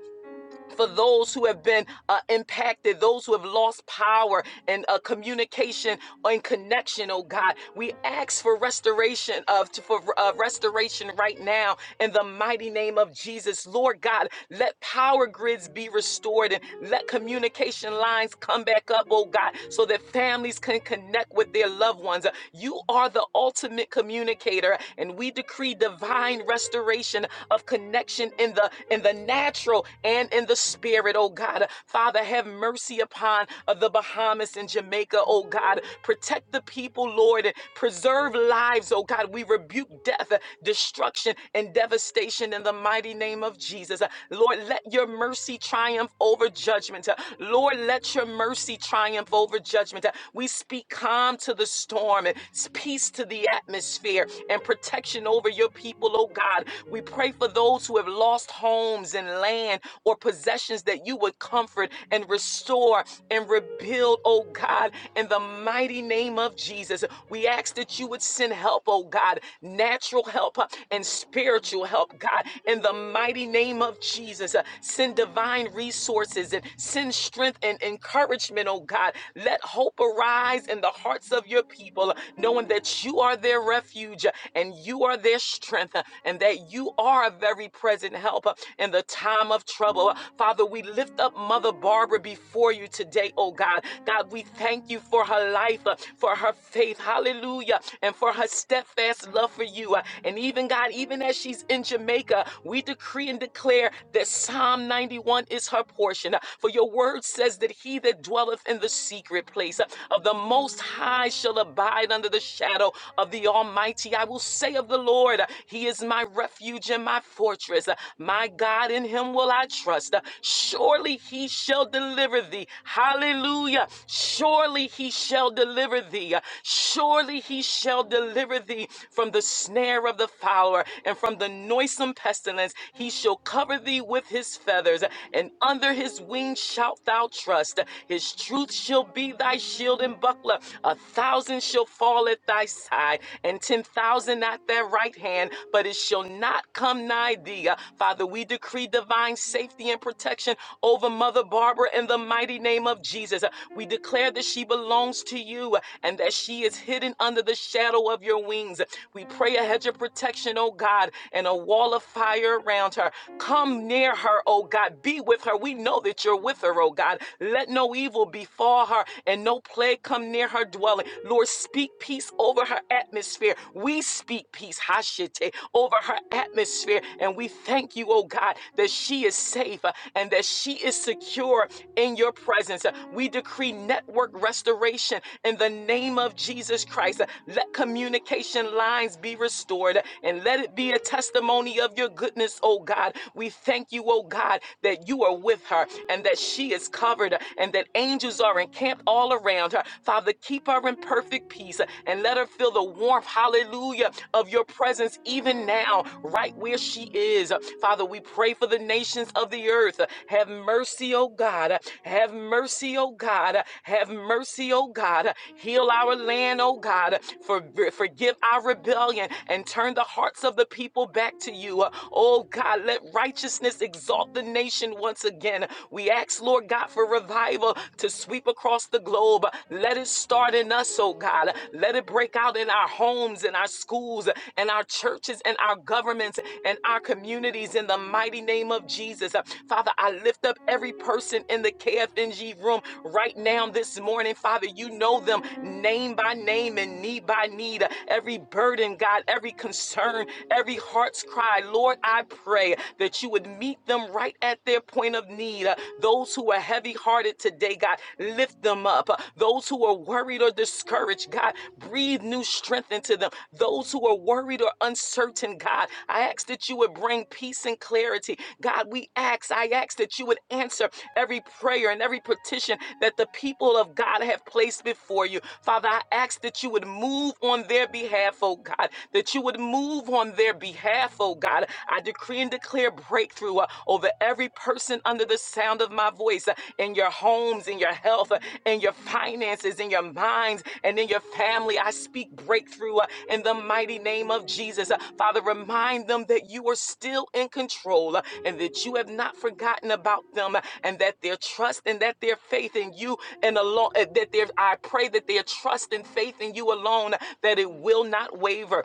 Speaker 5: for those who have been uh, impacted, those who have lost power and uh, communication and connection, oh God. We ask for restoration of for uh, restoration right now in the mighty name of Jesus. Lord God, let power grids be restored and let communication lines come back up, oh God, so that families can connect with their loved ones. Uh, You are the ultimate communicator, and we decree divine restoration of connection in the in the natural and in the spirit, oh God. Father, have mercy upon uh, the Bahamas and Jamaica, oh God. Protect the people, Lord, and preserve lives, oh God. We rebuke death, uh, destruction, and devastation in the mighty name of Jesus. Uh, Lord, let your mercy triumph over judgment. Uh, Lord, let your mercy triumph over judgment. Uh, We speak calm to the storm and peace to the atmosphere and protection over your people, oh God. We pray for those who have lost homes and land or possessions that you would comfort and restore and rebuild, oh God, in the mighty name of Jesus. We ask that you would send help, oh God, natural help uh, and spiritual help, God, in the mighty name of Jesus. Uh, Send divine resources and send strength and encouragement, oh God. Let hope arise in the hearts of your people, uh, knowing that you are their refuge uh, and and you are their strength, uh, and that you are a very present help uh, in the time of trouble. Uh, Father, we lift up Mother Barbara before you today, oh God. God, we thank you for her life, uh, for her faith, hallelujah, and for her steadfast love for you. Uh, And even, God, even as she's in Jamaica, we decree and declare that Psalm 91 is her portion. Uh, For your word says that he that dwelleth in the secret place uh, of the Most High shall abide under the shadow shadow of the Almighty. I will say of the Lord, He is my refuge and my fortress. My God, in Him will I trust. Surely He shall deliver thee. Hallelujah. Surely He shall deliver thee. Surely He shall deliver thee from the snare of the fowler and from the noisome pestilence. He shall cover thee with His feathers, and under His wings shalt thou trust. His truth shall be thy shield and buckler. A thousand shall fall at thy side, and ten thousand at thy right hand, but it shall not come nigh thee. Uh, Father, we decree divine safety and protection over Mother Barbara in the mighty name of Jesus. Uh, We declare that she belongs to you uh, and that she is hidden under the shadow of your wings. Uh, We pray a hedge of protection, oh God, and a wall of fire around her. Come near her, oh God. Be with her. We know that you're with her, oh God. Let no evil befall draw her and no plague come near her dwelling. Lord, speak peace over her atmosphere. We speak peace, Hashite, over her atmosphere. And we thank you, oh God, that she is safe uh, and that she is secure in your presence. Uh, We decree network restoration in the name of Jesus Christ. Uh, Let communication lines be restored uh, and let it be a testimony of your goodness, oh God. We thank you, oh God, that you are with her and that she is is covered and that angels are encamped all around her. Father, keep her in perfect peace and let her feel the warmth, hallelujah, of your presence even now, right where she is. Father, we pray for the nations of the earth. Have mercy, oh God. Have mercy, oh God. Have mercy, oh God. Heal our land, oh God. For, forgive our rebellion and turn the hearts of the people back to you. Oh God, let righteousness exalt the nation nation once again. We ask, Lord God, for revival to sweep across the globe. Let it start in us, oh God. Let it break out in our homes, in our schools, and our churches, and our governments, and our communities in the mighty name of Jesus. Father, I lift up every person in the KFNG room right now this morning. Father, you know them name by name and need by need. Every burden, God, every concern, every heart's cry. Lord, I pray that you would meet them right at their point of need. Uh, Those who are heavy hearted today, God, lift them up. Uh, Those who are worried or discouraged, God, breathe new strength into them. Those who are worried or uncertain, God, I ask that you would bring peace and clarity. God, we ask, I ask that you would answer every prayer and every petition that the people of God have placed before you. Father, I ask that you would move on their behalf, oh God, that you would move on their behalf behalf, oh God. I decree and declare breakthrough uh, over every person under the sound of my voice uh, in your homes, in your health, uh, in your finances, in your minds, and in your family. I speak breakthrough uh, in the mighty name of Jesus. Uh, Father, remind them that you are still in control uh, and that you have not forgotten about them uh, and that their trust and that their faith in you and alone, uh, that their, I pray that their trust and faith in you alone, uh, that it will not waver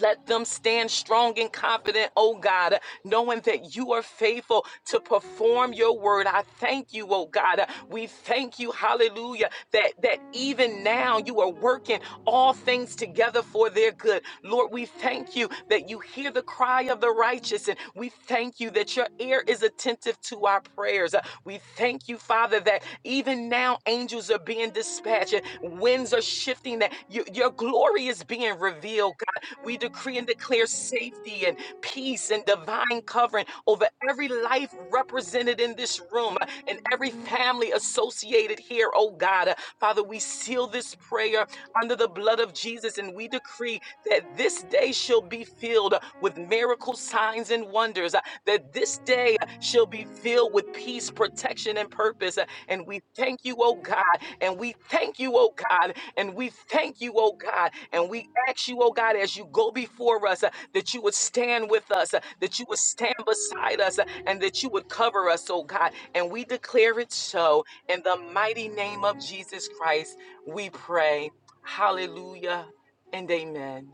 Speaker 5: let them stand strong and confident, oh God, knowing that you are faithful to perform your word. I thank you, oh God. We thank you, hallelujah, that, that even now you are working all things together for their good. Lord, we thank you that you hear the cry of the righteous, and we thank you that your ear is attentive to our prayers. Uh, We thank you, Father, that even now now angels are being dispatched, winds are shifting, that your, your glory is being revealed, God. We decree and declare safety and peace and divine covering over every life represented in this room uh, and every family associated here, oh God. Uh, Father, we seal this prayer under the blood of Jesus and we decree that this day shall be filled uh, with miracles, signs, and signs and wonders uh, that this day uh, shall be filled with peace, protection, and purpose. Uh, And we thank you, oh God. And we thank you, oh God. And we thank you, oh God. And we ask you, oh God, as you go before us, uh, that you would stand with us, uh, that you would stand beside us, uh, and that you would cover us, oh God. And we declare it so in the mighty name of Jesus Christ. We pray. Hallelujah and amen.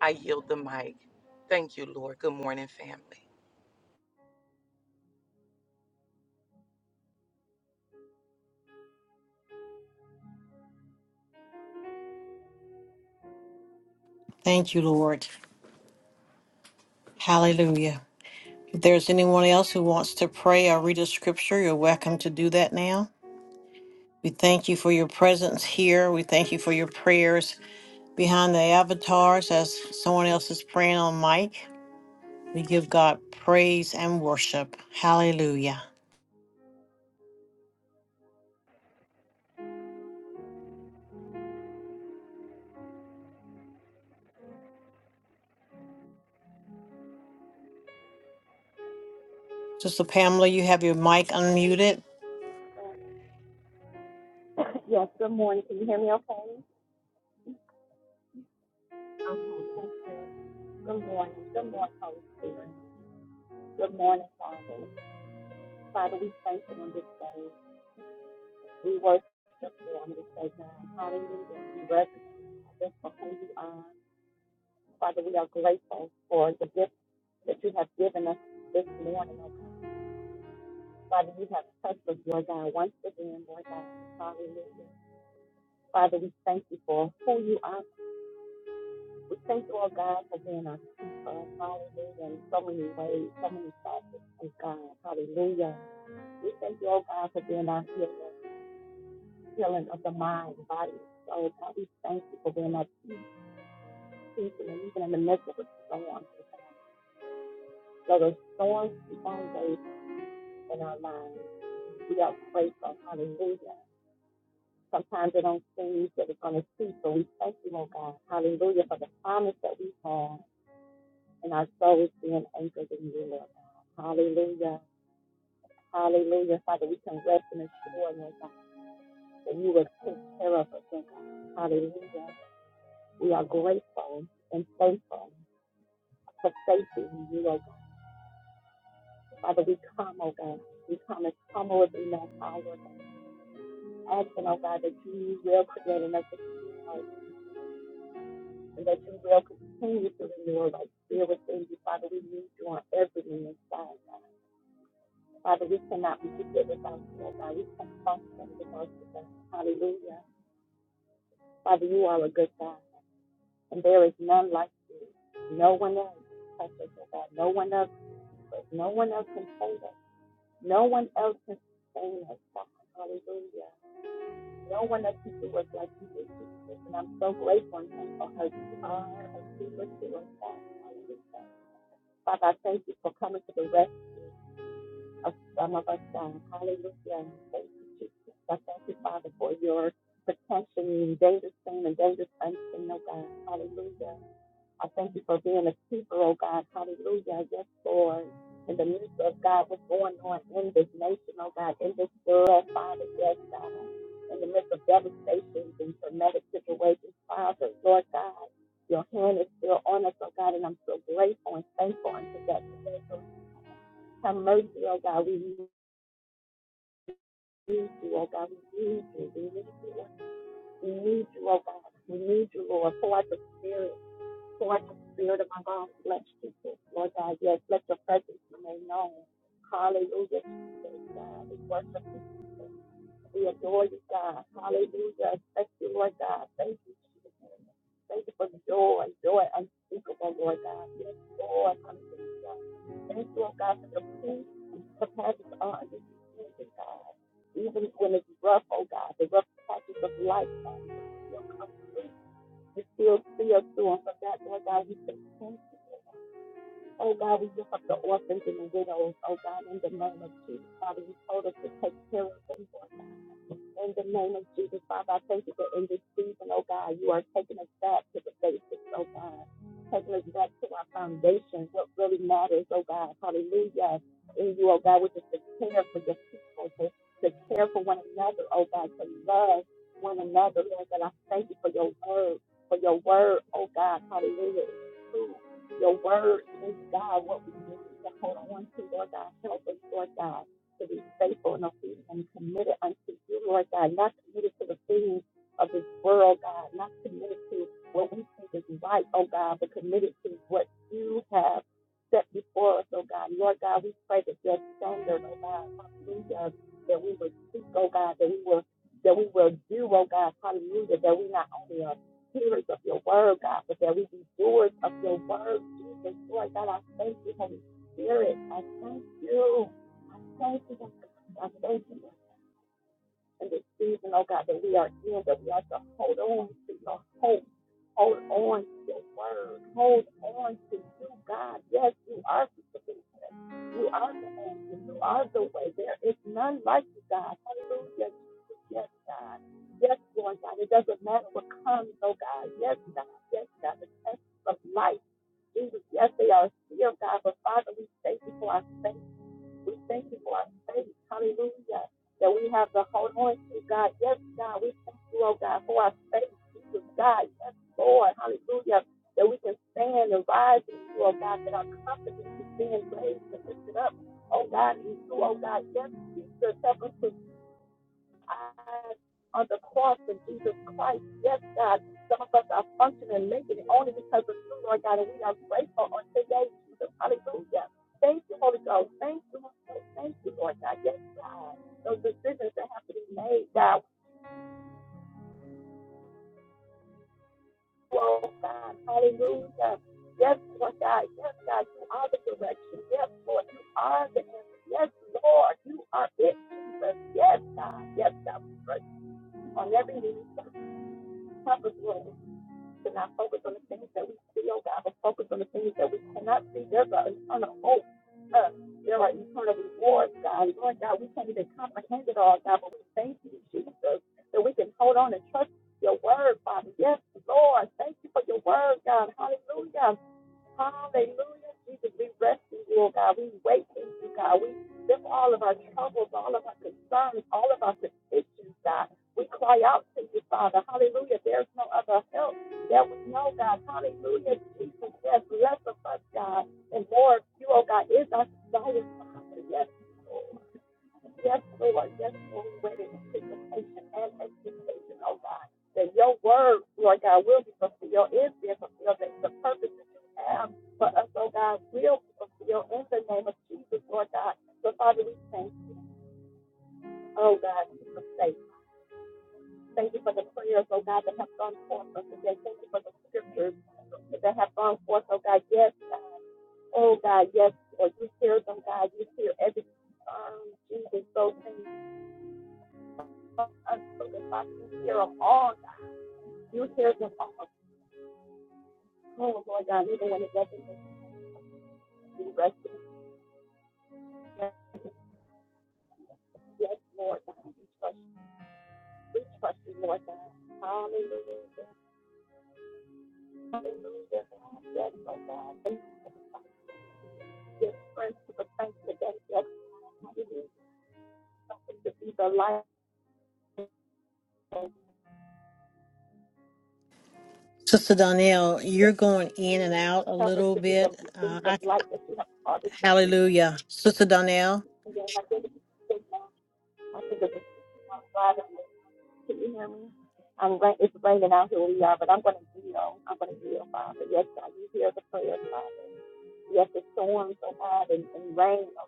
Speaker 5: I yield the mic. Thank you, Lord. Good morning, family.
Speaker 2: Thank you, Lord. Hallelujah. If there's anyone else who wants to pray or read a scripture, you're welcome to do that now. We thank you for your presence here. We thank you for your prayers behind the avatars as someone else is praying on mic. We give God praise and worship. Hallelujah. Sister Pamela, you have your mic unmuted.
Speaker 6: [laughs] [clears throat] Yes, good morning. Can you hear me okay? Good morning. Good morning, Holy Spirit. Good morning, Father. Father, we thank you on this day. We worship you on this day, God. Hallelujah. We reverence you for who you are. Father, we are grateful for the gift that you have given us this morning, oh God. Father, you have touched us, Lord God, once again, Lord God. Hallelujah. Father, we thank you for who you are, We thank you, oh God, for being our keeper. Hallelujah. In so many ways, so many facets, oh God. Hallelujah. We thank you, oh God, for being our healer, healing of the mind, body, and soul. God, we thank you for being our peace, peace and even in the midst of the storm, oh God. So the storms keep on raging in our lives. We are grateful. Hallelujah. Sometimes it don't seem that it's going to cease, but we thank you, oh God. Hallelujah for the promise that we have. and our souls being anchored in you, Lord God. Hallelujah. Hallelujah. Father, we can rest and assure, Lord God, that you will take care of us, Lord God. Hallelujah. We are grateful and thankful for safety in you, oh God. Father, we come, oh God. We come as humble as we know how, Lord God. Asking, oh God, that you will create in us a clean heart and that you will continue to renew our right spirit within you. Father, we need you on every inside. Father, we cannot make it without you, oh God. We can't function without you, God. Hallelujah. Father, you are a good God, and there is none like you. No one else can touch us, oh God. No one else, but no one else can save us. No one else can sustain us, God. Hallelujah. No one else can do us like you do, Jesus. And I'm so grateful and thankful how you are a keeper to us, God. Hallelujah. Father, I thank you for coming to the rescue. of some of us done. Hallelujah. Thank you, Jesus. I thank you, Father, for your protection, dangerous seen and dangerous unseen, oh God. Hallelujah. I thank you for being a keeper, oh God. Hallelujah. Yes, Lord. In the midst of God, what's going on in this nation, oh God, in this world, Father, yes, God. In the midst of devastations and traumatic situations, Father, Lord God, your hand is still on us, oh God, and I'm so grateful and thankful unto that today. Have mercy, oh God. We need you, oh God. We need you. We need you. We need you, oh God. We need you, Lord. Pour out your spirit. Pour out your spirit of my God. Bless Jesus Lord God. Yes, let your presence be made known. Hallelujah, Jesus, God. We worship you. We adore you, God. Hallelujah. Thank you, Lord God. Thank you, Jesus. Thank you for the joy, joy unspeakable, Lord God. Yes, Lord. Hallelujah. Thank you, oh God, for the peace that passes all understanding, God. Even when it's rough, oh God, the rough patches of life, Father, you still see. You still see us through. And for that, Lord God, we say thank you. Oh God, we lift up the orphans and the widows, oh God, in the name of Jesus. Father, you told us to take care of them, Lord in the name of Jesus, Father, I thank you for in this season, oh God, you are taking us back to the basics, oh God. Taking us back to our foundation, what really matters, oh God. Hallelujah. In you, oh God, which is to care for your people, to, to care for one another, oh God, to love one another, Lord God. I thank you for your word, for your word, oh God. Hallelujah. It's true. Your word is God, what we need to hold on to, Lord God. Help us, Lord God to be faithful and obedient and committed unto you, Lord God, not committed to the things of this world, God, not committed to what we think is right, oh God, but committed to what you have set before us, oh God. Lord God, we pray that your standard, oh God, hallelujah, that we will speak, oh God, that we will that we will do, oh God, hallelujah, that we not only are hearers of your word, God, but that we be doers of your word, Jesus. Lord God, I thank you, Holy Spirit. I thank you. Thank you, God. Thank you, Lord. And this season, oh God, that we are in, that we are to hold on to your hope. Hold on to your word. Hold on to you, God. Yes, you are the solution. You are the answer. You are the way. There is none like you, God. Hallelujah. Yes, God. Yes, Lord God. It doesn't matter what comes, oh God. Yes, God. Yes, God. The test of life. Jesus, yes, they are here, God. But Father, we thank you for our faith. We thank you for our faith. Hallelujah. That we have the whole anointing, God. Yes, God. We thank you, oh God, for our faith, Jesus, God. Yes, Lord. Hallelujah. That we can stand and rise in you, oh God, that our confidence is being raised and lifted up, oh God, in you, oh God. Yes, Jesus, help us to eyes on the cross of Jesus Christ. Yes, God, some of us are functioning, making it only because of you, Lord God, and we are grateful on today, Jesus. Hallelujah. Thank you, Holy Ghost. Thank you, Holy Ghost. Thank you, Lord God. Yes, God. Those decisions that have to be made, God. Oh, God. Hallelujah. Yes, Lord God. Yes, God. You are the direction. Yes, Lord. You are the answer. Yes, Lord. You are it, Jesus. Yes, God. Yes, God. We trust you On every need, cover us, Lord to not focus on the things that we see, oh God, but focus on the things that we cannot see. There's an eternal hope. Uh, there are eternal rewards, God. Lord God, we can't even comprehend it all, God, but we thank you, Jesus, that we can hold on and trust your word, Father. Yes, Lord, thank you for your word, God. Hallelujah. Hallelujah. Jesus, we rest in you, oh God. We wait in you, God. We lift all of our troubles, all of our concerns, all of our petitions, God. We cry out to you, Father. Hallelujah. There's no other help that we know, God. Hallelujah. Jesus, yes, less of us, God, and more of you, oh God, is our desire, Father. Yes, Yes, Lord. Yes, Lord. We wait in anticipation and expectation, oh God, that your word, Lord God, will be fulfilled, is being fulfilled, that the purpose that you have for us, oh God, will be fulfilled in the name of Jesus, Lord God. So, Father, we thank you, oh God, for faith. Thank you for the prayers, oh God, that have gone forth on today. Thank you for the scriptures that have gone forth, oh God. Yes, God. Oh God, yes, Lord. You hear them, God. You hear every um, Jesus, those things. us so that Father, you hear of all God. You hear them all. Oh, Lord God, even when it doesn't make you rest in peace. Yes, Lord God, we trust you. We trust you, Lord God. Hallelujah. Hallelujah. Yes, Lord God. And give strength to the saints today. Yes, hallelujah. Help us to be the light. Yes,
Speaker 2: Sister Donnell, you're going in and out a
Speaker 6: help us
Speaker 2: little
Speaker 6: to be the
Speaker 2: bit. Uh,
Speaker 6: beacons of
Speaker 2: I,
Speaker 6: light that you have called us to be.
Speaker 2: hallelujah. Sister Donnell,
Speaker 6: And then I think, it's a good one. I think of the Can you hear me? I'm rain, it's raining out here where we are, but I'm going to yield. I'm going to yield, Father. Yes, God, you hear the prayers, Father. Yes, the storms, oh God, and, and rain, oh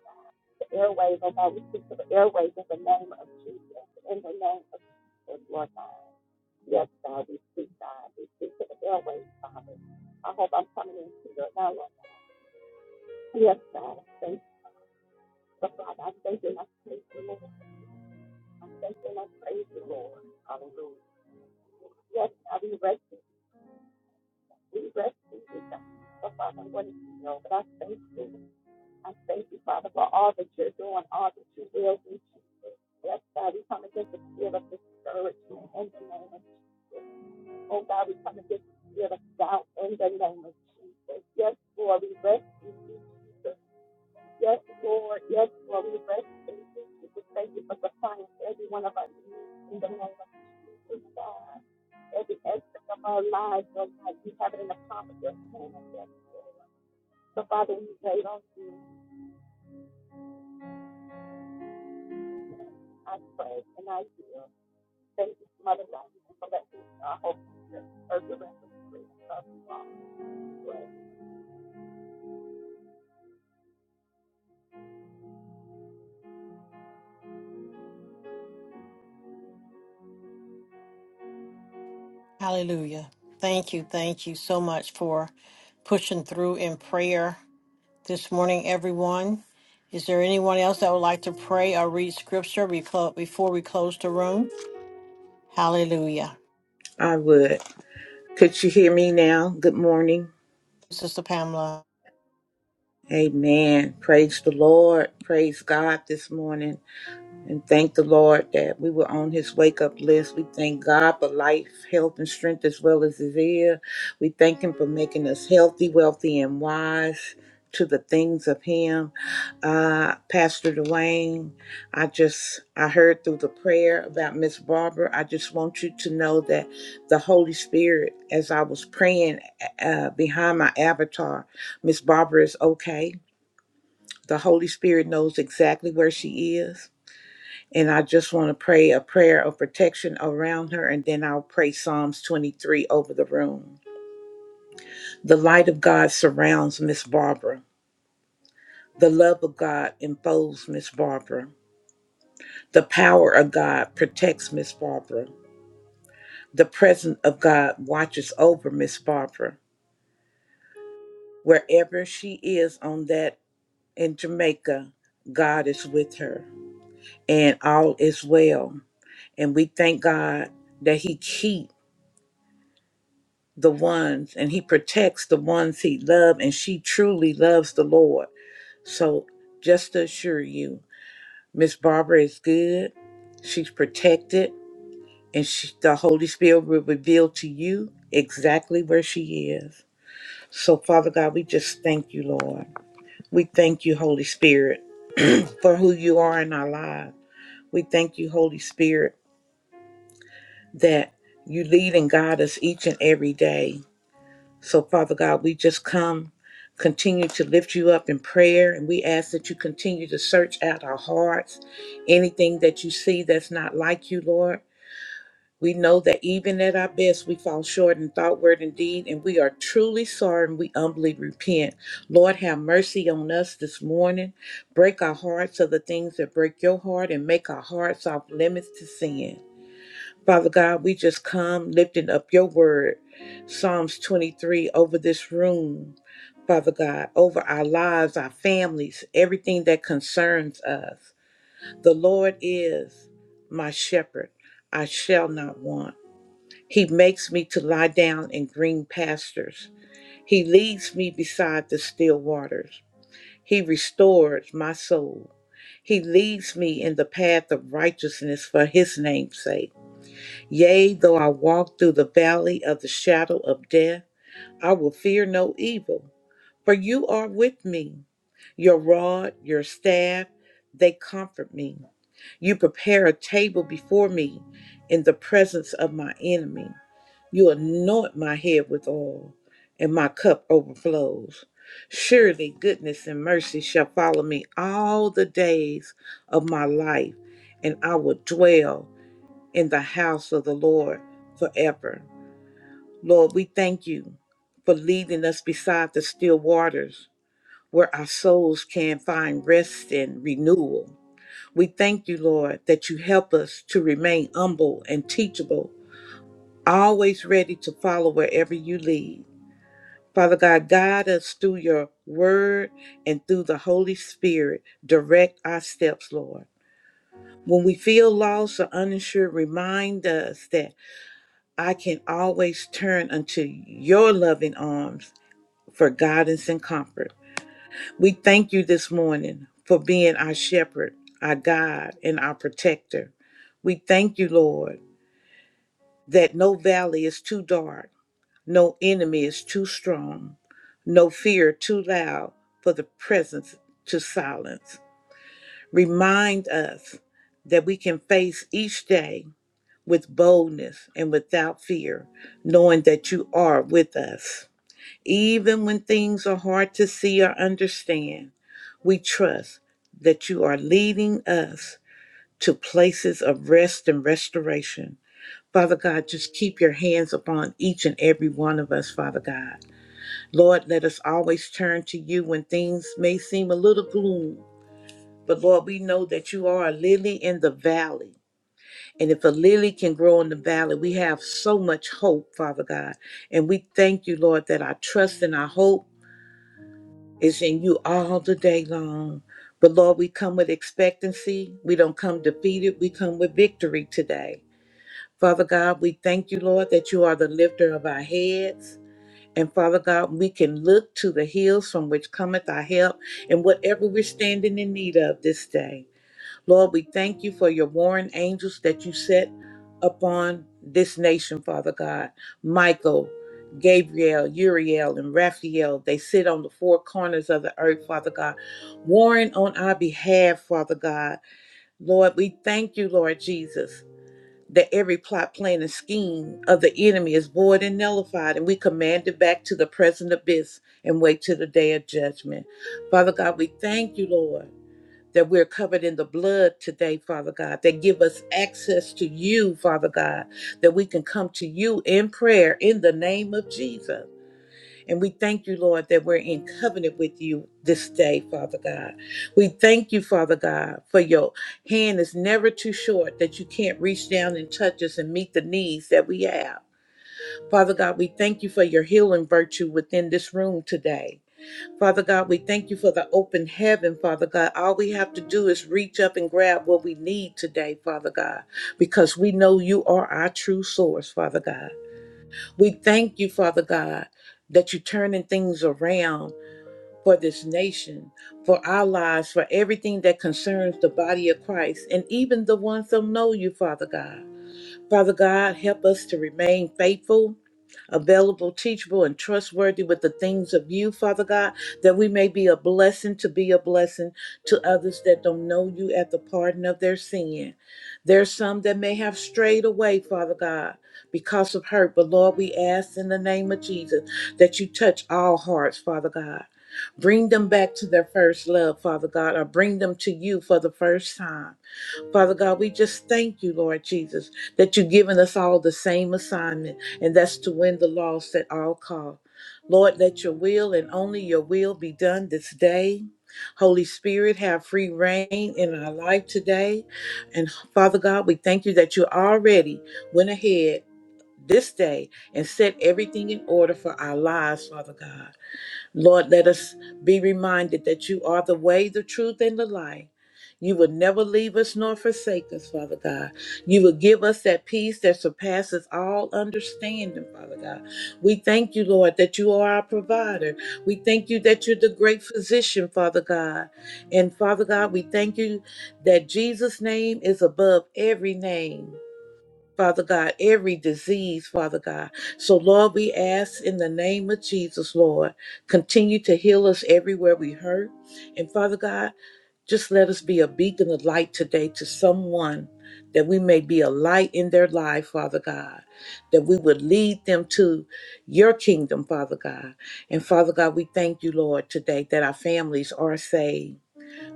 Speaker 6: the airways, oh God, we speak to the airways in the name of Jesus, in the name of Jesus, Lord God. Yes, God, we speak, God, we speak to the airways, Father. I hope I'm coming in clear now, Lord. Yes, God, I thank you, So, Father. I thank you and I praise you, Lord. I thank you and I praise you, Lord. Hallelujah. Yes, God, we rest. We rest in you, God. So, Father, I'm going to see you, but I thank you. I thank you, Father, for all that you're doing, all that you will do, Jesus. Yes, God, we come against the spirit of discouragement in the name of Jesus. Oh, God, we come against the spirit of doubt in the name of Jesus. Yes, Lord, we rest in you, Jesus. Yes, Lord. Yes, Lord, we rest in you, Jesus. Thank you for supplying every one of our needs in the name of Jesus, God. Every aspect of our lives, oh, God, you have it in the palm of your hand. So Father, we wait on you. I pray and I do. Thank you, Mother God, for letting our hope and earth around. us.
Speaker 2: hallelujah. Thank you. Thank you so much for pushing through in prayer. this morning, everyone. Is there anyone else that would like to pray or read scripture we clo- before we close the room? Hallelujah.
Speaker 7: I would. Could you hear me now? Good morning.
Speaker 2: Sister Pamela.
Speaker 7: Amen. Praise the Lord. Praise God this morning. and thank the Lord that we were on his wake up list. We thank God for life, health, and strength as well as his ear. We thank him for making us healthy, wealthy, and wise to the things of him. Uh, Pastor Dwayne, I just, I heard through the prayer about Miss Barbara. I just want you to know that the Holy Spirit, as I was praying uh, behind my avatar, Miss Barbara is okay. The Holy Spirit knows exactly where she is and I just want to pray a prayer of protection around her, and then I'll pray Psalms 23 over the room. The light of God surrounds Miss Barbara. The love of God enfolds Miss Barbara. The power of God protects Miss Barbara. The presence of God watches over Miss Barbara. Wherever she is on that in Jamaica, God is with her, and all is well. And we thank God that He keeps. the ones and he protects the ones he loves and she truly loves the lord so just to assure you miss barbara is good she's protected and she, the holy spirit will reveal to you exactly where she is so father god we just thank you lord we thank you holy spirit for who you are in our lives we thank you holy spirit that you lead and guide us each and every day So, Father God, we just come, continue to lift you up in prayer, and we ask that you continue to search out our hearts. Anything that you see that's not like you, Lord. We know that even at our best, we fall short in thought, word, and deed, and we are truly sorry and we humbly repent. Lord, have mercy on us this morning. Break our hearts of the things that break your heart and make our hearts off limits to sin. Father God, we just come lifting up your word, Psalms 23, over this room, Father God, over our lives, our families, everything that concerns us. The Lord is my shepherd, I shall not want. He makes me to lie down in green pastures. He leads me beside the still waters. He restores my soul. He leads me in the path of righteousness for his name's sake. Yea, though I walk through the valley of the shadow of death, I will fear no evil, for you are with me. Your rod, your staff, they comfort me. You prepare a table before me in the presence of my enemy. You anoint my head with oil, and my cup overflows. Surely goodness and mercy shall follow me all the days of my life, and I will dwell in the house of the Lord forever. Lord, we thank you for leading us beside the still waters where our souls can find rest and renewal. We thank you, Lord, that you help us to remain humble and teachable, always ready to follow wherever you lead. Father God, guide us through your word and through the Holy Spirit. Direct our steps, Lord. When we feel lost or uninsured, remind us that I can always turn unto your loving arms for guidance and comfort. We thank you this morning for being our shepherd, our guide, and our protector. We thank you, Lord, that no valley is too dark, no enemy is too strong, no fear too loud for the presence to silence. Remind us that we can face each day with boldness and without fear, knowing that you are with us. Even when things are hard to see or understand, we trust that you are leading us to places of rest and restoration. Father God, just keep your hands upon each and every one of us, Father God. Lord, let us always turn to you when things may seem a little gloom. But Lord, we know that you are a lily in the valley. And if a lily can grow in the valley, we have so much hope, Father God. And we thank you, Lord, that our trust and our hope is in you all the day long. But Lord, we come with expectancy. We don't come defeated. We come with victory today. Father God, we thank you, Lord, that you are the lifter of our heads. And Father God, we can look to the hills from which cometh our help in whatever we're standing in need of this day. Lord, we thank you for your warring angels that you set upon this nation, Father God. Michael, Gabriel, Uriel, and Raphael, they sit on the four corners of the earth, Father God, warring on our behalf, Father God. Lord, we thank you, Lord Jesus. That every plot, plan, and scheme of the enemy is void and nullified, and we command it back to the present abyss and wait till the day of judgment. Father God, we thank you, Lord that we're covered in the blood today, Father God, that give us access to you, Father God, that we can come to you in prayer in the name of Jesus. And we thank you, Lord, that we're in covenant with you this day, Father God. We thank you, Father God, for your hand is never too short that you can't reach down and touch us and meet the needs that we have. Father God, we thank you for your healing virtue within this room today. Father God, we thank you for the open heaven, Father God. All we have to do is reach up and grab what we need today, Father God, because we know you are our true source, Father God. We thank you, Father God, that you're turning things around for this nation, for our lives, for everything that concerns the body of Christ, and even the ones that don't know you, Father God. Father God, help us to remain faithful, available, teachable, and trustworthy with the things of you, Father God, that we may be a blessing to be a blessing to others that don't know you at the pardon of their sin. There's some that may have strayed away, Father God, because of hurt. But Lord, we ask in the name of Jesus that you touch all hearts, Father God. Bring them back to their first love, Father God, or bring them to you for the first time. Father God, we just thank you, Lord Jesus that you've given us all the same assignment, and that's to win the lost at all cost. Lord, let your will and only your will be done this day. Holy Spirit, have free reign in our life today. And Father God, we thank you that you already went ahead this day and set everything in order for our lives, Father God. Lord, let us be reminded that you are the way, the truth, and the life. You will never leave us nor forsake us, Father God. You will give us that peace that surpasses all understanding, Father God. We thank you, Lord, that you are our provider. We thank you that you're the great physician, Father God. And Father God, we thank you that Jesus' name is above every name. Father God, every disease, Father God. So, Lord, we ask in the name of Jesus, Lord, continue to heal us everywhere we hurt. And Father God, just let us be a beacon of light today to someone that we may be a light in their life, Father God, that we would lead them to your kingdom, Father God. And Father God, we thank you, Lord, today that our families are saved.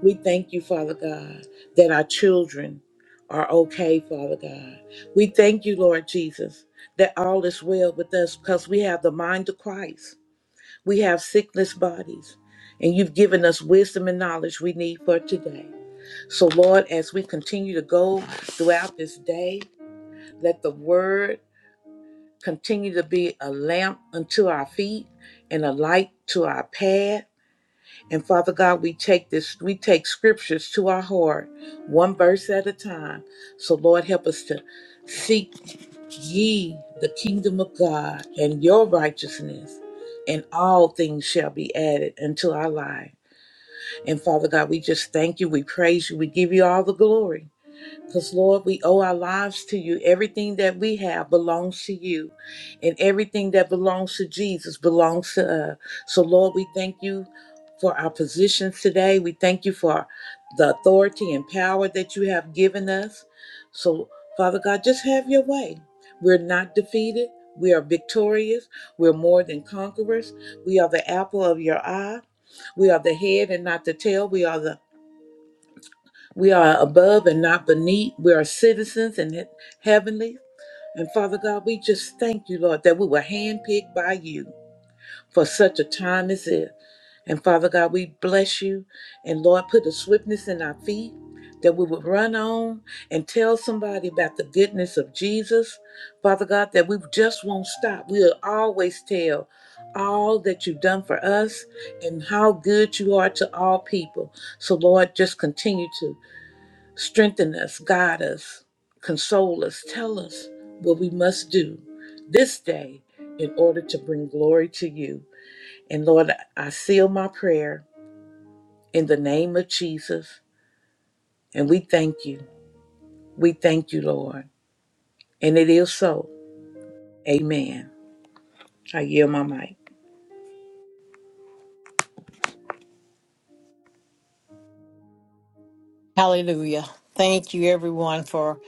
Speaker 7: We thank you, Father God, that our children are okay, Father God. We thank you, Lord Jesus, that all is well with us because we have the mind of Christ. We have sickness bodies, and you've given us wisdom and knowledge we need for today. So, Lord, as we continue to go throughout this day, let the word continue to be a lamp unto our feet and a light to our path and Father God, we take this, we take scriptures to our heart, one verse at a time. So Lord, help us to seek ye the kingdom of God and your righteousness, and all things shall be added unto our life. And Father God, we just thank you, we praise you, we give you all the glory. Because, Lord, we owe our lives to you. Everything that we have belongs to you, and everything that belongs to Jesus belongs to us. So, Lord, we thank you for our positions today. We thank you for the authority and power that you have given us. So, Father God, just have your way. We're not defeated. We are victorious. We're more than conquerors. We are the apple of your eye. We are the head and not the tail. We are the we are above and not beneath. We are citizens in he- heavenly. And Father God, we just thank you, Lord, that we were handpicked by you for such a time as this. And Father God, we bless you. And Lord, put a swiftness in our feet that we would run on and tell somebody about the goodness of Jesus. Father God, that we just won't stop. We'll always tell all that you've done for us and how good you are to all people. So, Lord, just continue to. Strengthen us, guide us, console us, tell us what we must do this day in order to bring glory to you. And Lord, I seal my prayer in the name of Jesus. And we thank you. We thank you, Lord. And it is so. Amen. I yield my mic.
Speaker 2: Hallelujah. Thank you, everyone, for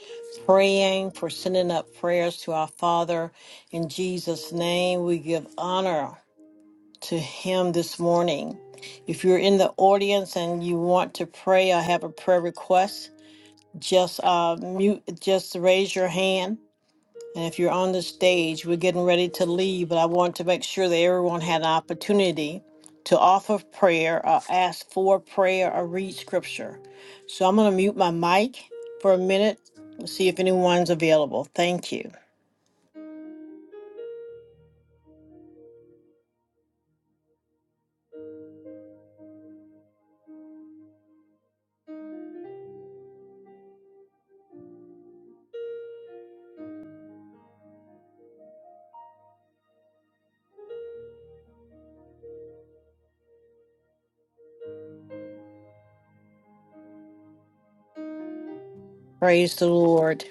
Speaker 2: praying, for sending up prayers to our Father. In Jesus' name, we give honor to Him this morning. If you're in the audience and you want to pray or have a prayer request, just uh, mute, just raise your hand And if you're on the stage, we're getting ready to leave, but I want to make sure that everyone had an opportunity to offer prayer or ask for prayer or read scripture. So I'm going to mute my mic for a minute and see if anyone's available. Thank you. Praise the Lord.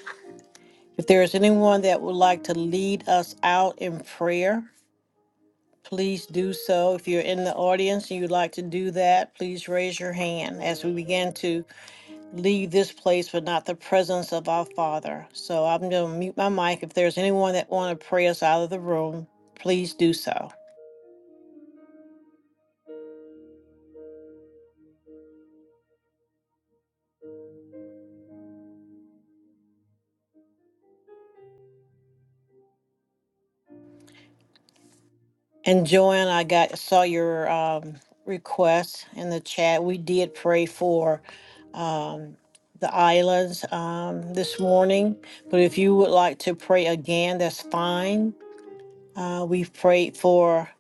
Speaker 2: If there is anyone that would like to lead us out in prayer, please do so. If you're in the audience and you'd like to do that, please raise your hand as we begin to. leave this place but not the presence of our Father. So I'm going to mute my mic. If there's anyone that want to pray us out of the room, please do so. And Joanne, I got saw your um, request in the chat. We did pray for um, the islands um, this morning, but if you would like to pray again, that's fine. Uh, we've prayed for.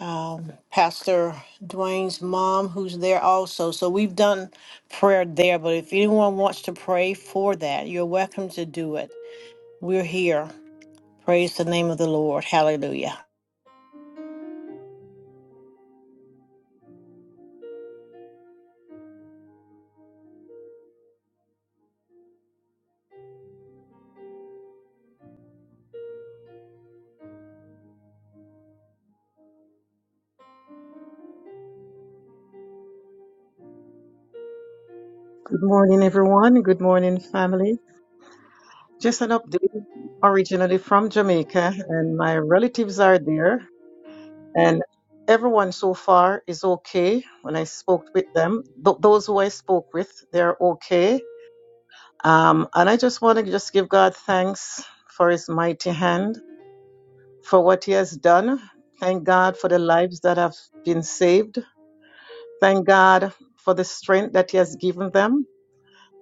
Speaker 2: um, Pastor Dwayne's mom, who's there also. So we've done prayer there, but if anyone wants to pray for that, you're welcome to do it. We're here. Praise the name of the Lord. Hallelujah.
Speaker 8: Good morning, everyone. Good morning, family. Just an update. Originally from Jamaica, and my relatives are there, and everyone so far is okay. When I spoke with them, th- those who I spoke with, they're okay. Um, and I just want to just give God thanks for His mighty hand for what He has done. Thank God for the lives that have been saved. Thank God for the strength that He has given them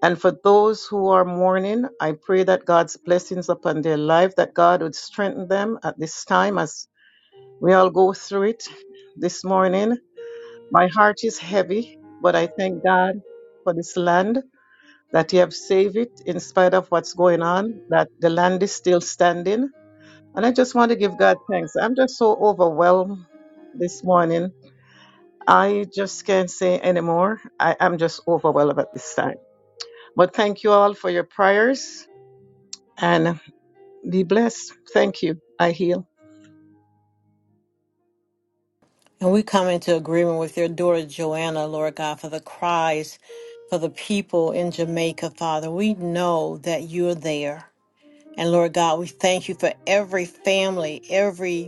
Speaker 8: And for those who are mourning, I pray that God's blessings upon their life, that God would strengthen them at this time as we all go through it this morning. My heart is heavy, but I thank God for this land, that He have saved it in spite of what's going on, that the land is still standing. And I just want to give God thanks. I'm just so overwhelmed this morning. I just can't say anymore. I am just overwhelmed at this time. But thank you all for your prayers. and be blessed. Thank you. I heal.
Speaker 2: And we come into agreement with your daughter Joanna, Lord God, for the cries for the people in Jamaica, Father. We know that you're there. And Lord God, we thank you for every family, every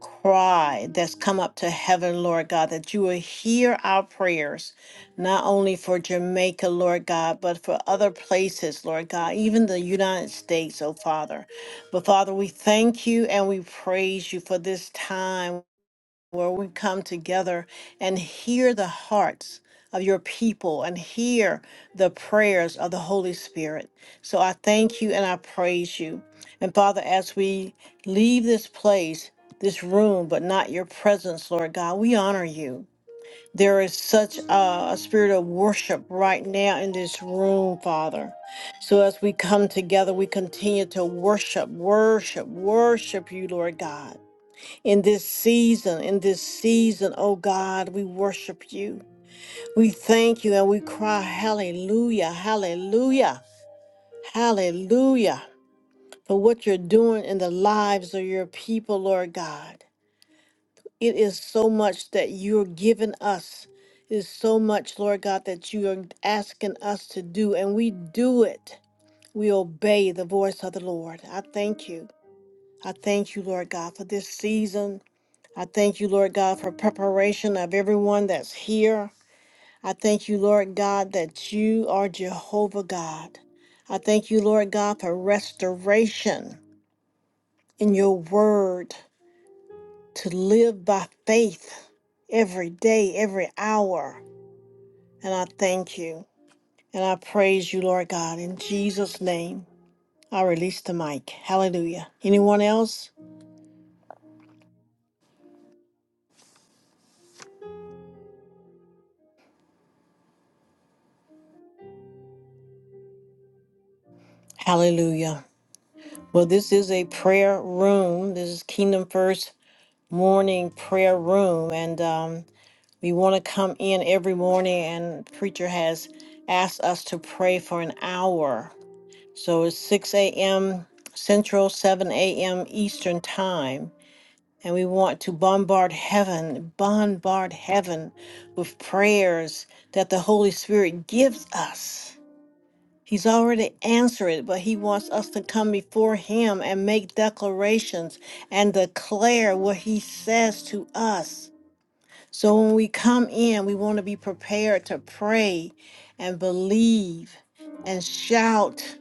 Speaker 2: cry that's come up to heaven, Lord God, that you will hear our prayers, not only for Jamaica, Lord God, but for other places, Lord God, even the United States, oh Father. But Father, we thank you and we praise you for this time where we come together and hear the hearts of your people and hear the prayers of the Holy Spirit. So I thank you and I praise you. And Father, as we leave this place, this room, but not your presence, Lord God, we honor you. There is such a, a spirit of worship right now in this room, Father. So as we come together, we continue to worship, worship, worship you, Lord God in this season, in this season, oh God, we worship you. We thank you and we cry, Hallelujah, Hallelujah, Hallelujah, for what you're doing in the lives of your people, Lord God. It is so much that you're giving us. It is so much, Lord God, that you are asking us to do, and we do it. We obey the voice of the Lord. I thank you. I thank you, Lord God, for this season. I thank you, Lord God, for preparation of everyone that's here. I thank you, Lord God, that you are Jehovah God. I thank you, Lord God, for restoration in your word to live by faith every day, every hour. And I thank you and I praise you, Lord God. In Jesus' name, I release the mic. Hallelujah. Anyone else? Hallelujah. Well, this is a prayer room. This is Kingdom First Morning Prayer Room. And um, we want to come in every morning, and Preacher has asked us to pray for an hour. So it's 6 a.m. Central, 7 a.m. Eastern Time. And we want to bombard heaven, bombard heaven with prayers that the Holy Spirit gives us. He's already answered it, but he wants us to come before him and make declarations and declare what he says to us. So when we come in, we want to be prepared to pray and believe and shout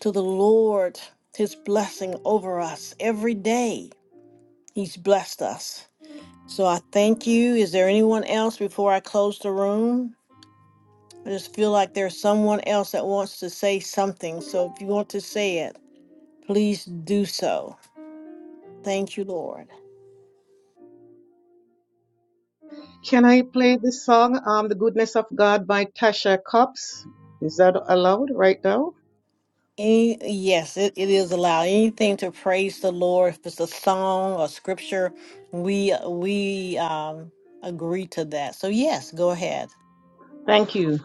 Speaker 2: to the Lord his blessing over us every day. He's blessed us. So I thank you. Is there anyone else before I close the room? I just feel like there's someone else that wants to say something. So if you want to say it. Please do so. Thank you, Lord.
Speaker 8: Can I play this song, um, The Goodness of God by Tasha Cobbs? Is that allowed right now?
Speaker 2: Any, yes, it, it is allowed. Anything to praise the Lord, if it's a song or scripture, we we um agree to that. So yes, go ahead.
Speaker 8: Thank you.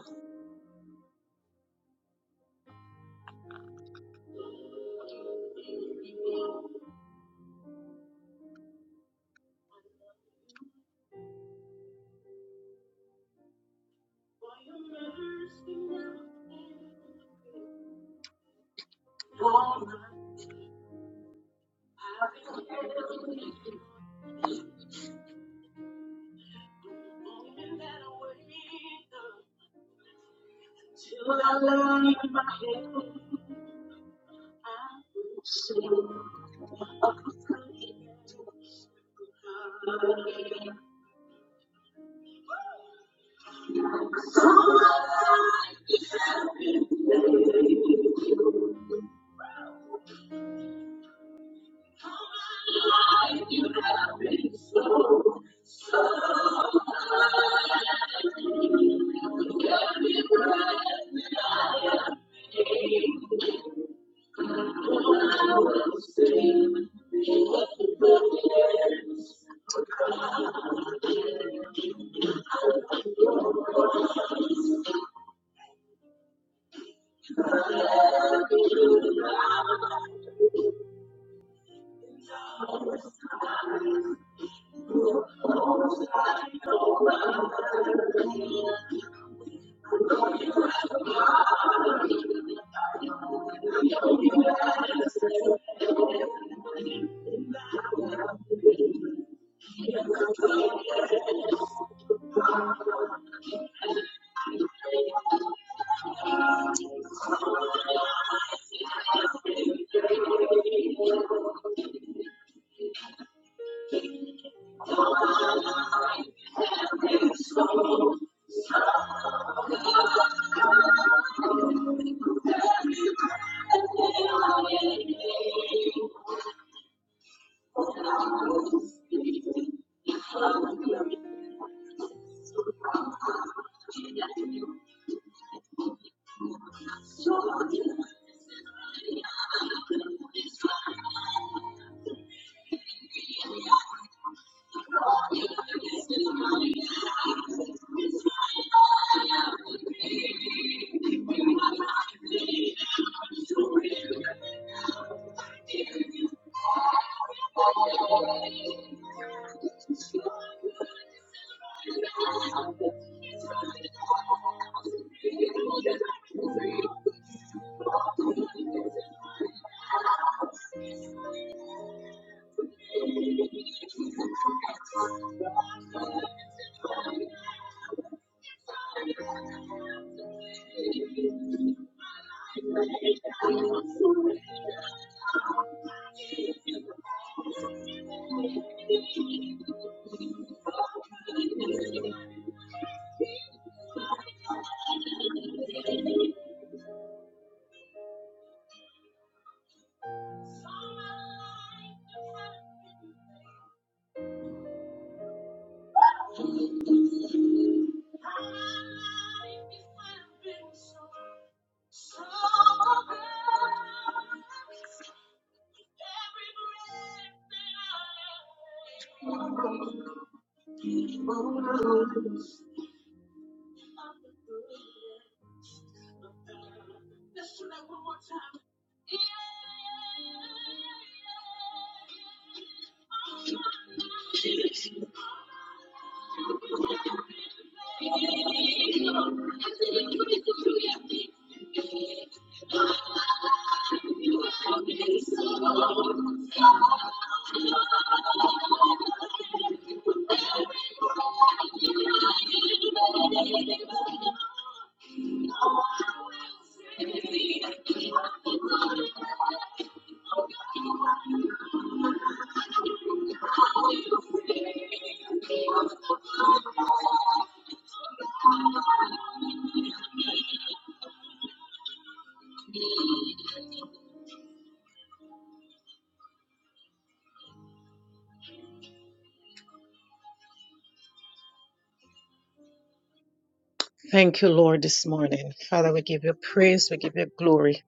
Speaker 8: Thank you, Lord, this morning. Father, we give you praise. We give you glory.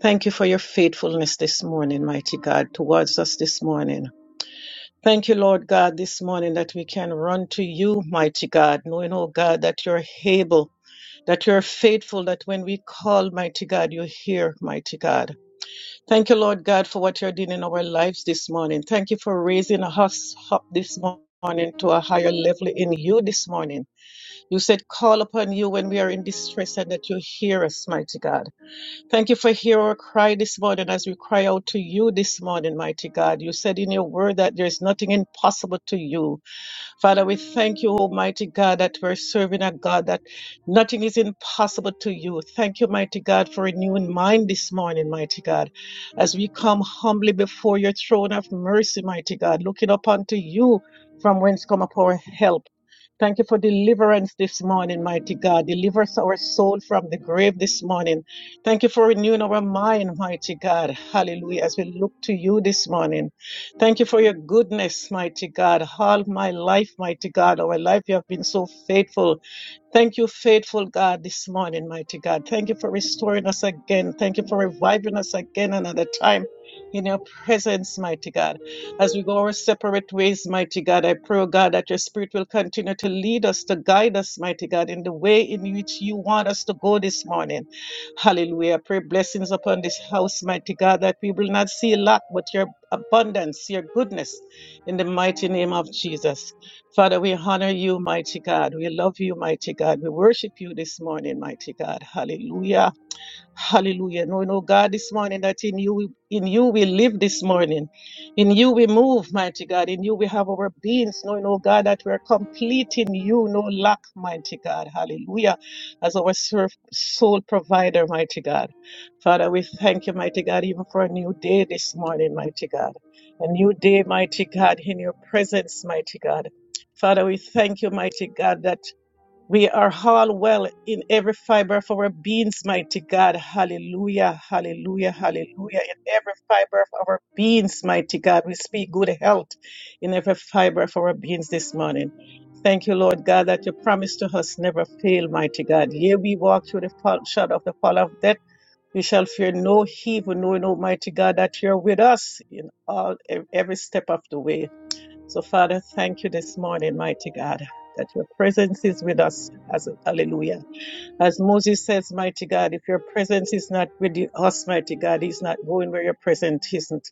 Speaker 8: Thank you for your faithfulness this morning, mighty God, towards us this morning. Thank you, Lord God, this morning that we can run to you, mighty God, knowing, oh God, that you're able, that you're faithful, that when we call, mighty God, you hear, mighty God. Thank you, Lord God, for what you're doing in our lives this morning. Thank you for raising us up this morning to a higher level in you this morning. You said, Call upon you when we are in distress and that you hear us, mighty God. Thank you for hearing our cry this morning as we cry out to you this morning, mighty God. You said in your word that there is nothing impossible to you. Father, we thank you, Almighty God, that we're serving a God that nothing is impossible to you. Thank you, mighty God, for renewing mind this morning, mighty God, as we come humbly before your throne of mercy, mighty God, looking up unto you from whence come up our help. Thank you for deliverance this morning, mighty God. Deliver us our soul from the grave this morning. Thank you for renewing our mind, mighty God. Hallelujah. As we look to you this morning. Thank you for your goodness, mighty God. All my life, mighty God, all my life, you have been so faithful. Thank you, faithful God, this morning, mighty God. Thank you for restoring us again. Thank you for reviving us again another time in your presence, mighty God. As we go our separate ways, mighty God, I pray, oh God, that your spirit will continue to lead us, to guide us, mighty God, in the way in which you want us to go this morning. Hallelujah. Pray blessings upon this house, mighty God, that we will not see lack, but your abundance, your goodness, in the mighty name of Jesus. Father, we honor you, mighty God. We love you, mighty God. We worship you this morning, mighty God. Hallelujah. Hallelujah. Knowing, oh God, this morning that in you we in you we live this morning. In you we move, mighty God. In you we have our beings. Knowing, oh God, that we are complete in you, no lack, mighty God. Hallelujah. As our serf, soul provider, mighty God. Father, we thank you, mighty God, even for a new day this morning, mighty God. A new day, mighty God, in your presence, mighty God. Father, we thank you, mighty God, that we are all well in every fiber of our beings, mighty God. Hallelujah, hallelujah, hallelujah. In every fiber of our beings, mighty God, we speak good health in every fiber of our beings this morning. Thank you, Lord God, that your promise to us never fail, mighty God. Here we walk through the fall, shadow of the fall of death. We shall fear no evil, knowing, Almighty God, that you're with us in all e- every step of the way. So, Father, thank you this morning, mighty God, that your presence is with us. As, hallelujah. As Moses says, mighty God, if your presence is not with you- us, mighty God, he's not going where your presence isn't.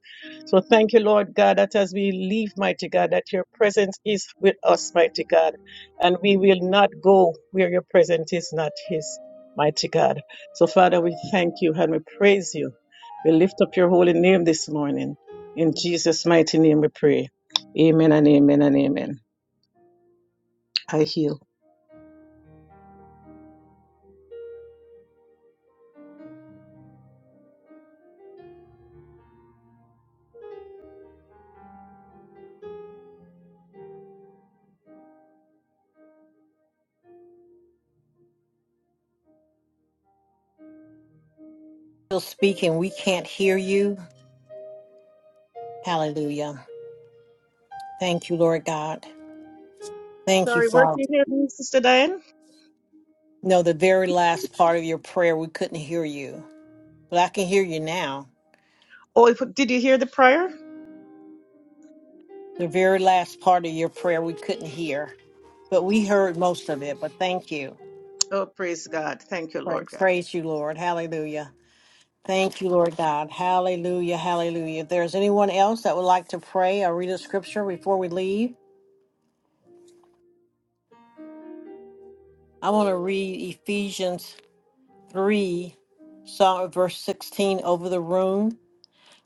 Speaker 8: So, thank you, Lord God, that as we leave, mighty God, that your presence is with us, mighty God, and we will not go where your presence is not his, mighty God. So, Father, we thank you and we praise you. We lift up your holy name this morning. In Jesus' mighty name we pray. Amen and amen and amen. I heal.
Speaker 2: Still speaking, we can't hear you. Hallelujah. Thank you, Lord God. Thank you,
Speaker 8: Sorry, where did
Speaker 2: Father.
Speaker 8: you hear me, Sister Diane?
Speaker 2: No, the very last part of your prayer, we couldn't hear you, but I can hear you now.
Speaker 8: Oh, if- did you hear the prayer?
Speaker 2: The very last part of your prayer, we couldn't hear, but we heard most of it. But thank you.
Speaker 8: Oh, praise God. Thank you, Lord
Speaker 2: Praise,
Speaker 8: God.
Speaker 2: praise you, Lord. Hallelujah. Thank you, Lord God. Hallelujah. Hallelujah. If there's anyone else that would like to pray or read a scripture before we leave, I want to read Ephesians 3, Psalm verse 16 over the room.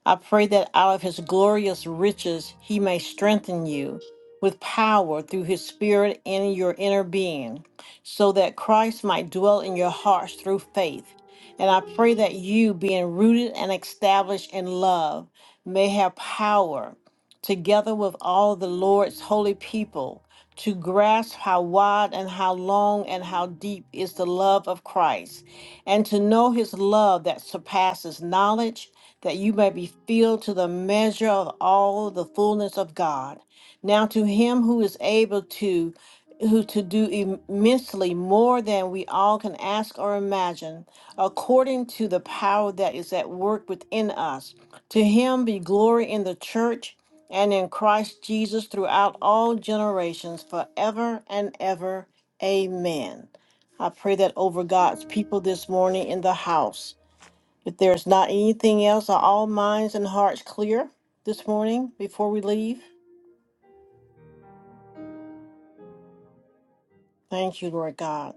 Speaker 2: I pray that out of his glorious riches he may strengthen you with power through his spirit in your inner being, so that Christ might dwell in your hearts through faith. And I pray that you, being rooted and established in love, may have power, together with all the Lord's holy people, to grasp how wide and how long and how deep is the love of Christ and to know his love that surpasses knowledge, that you may be filled to the measure of all the fullness of God. Now to him who is able to who to do immensely more than we all can ask or imagine, according to the power that is at work within us. To him be glory in the church and in Christ Jesus throughout all generations, forever and ever. Amen. I pray that over God's people this morning in the house. If there's not anything else, are all minds and hearts clear this morning before we leave? Thank you, Lord God.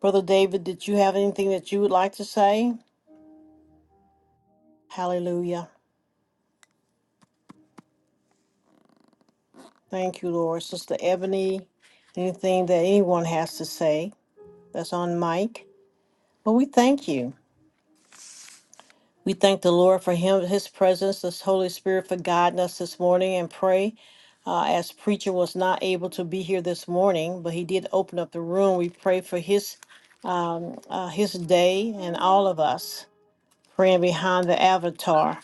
Speaker 2: Brother David, did you have anything that you would like to say? Hallelujah. Thank you, Lord. Sister Ebony, anything that anyone has to say that's on mic? Well, we thank you. We thank the Lord for him, his presence, this Holy Spirit for guiding us this morning and pray. Uh, as preacher was not able to be here this morning, but he did open up the room. We pray for his um, uh, his day and all of us praying behind the avatar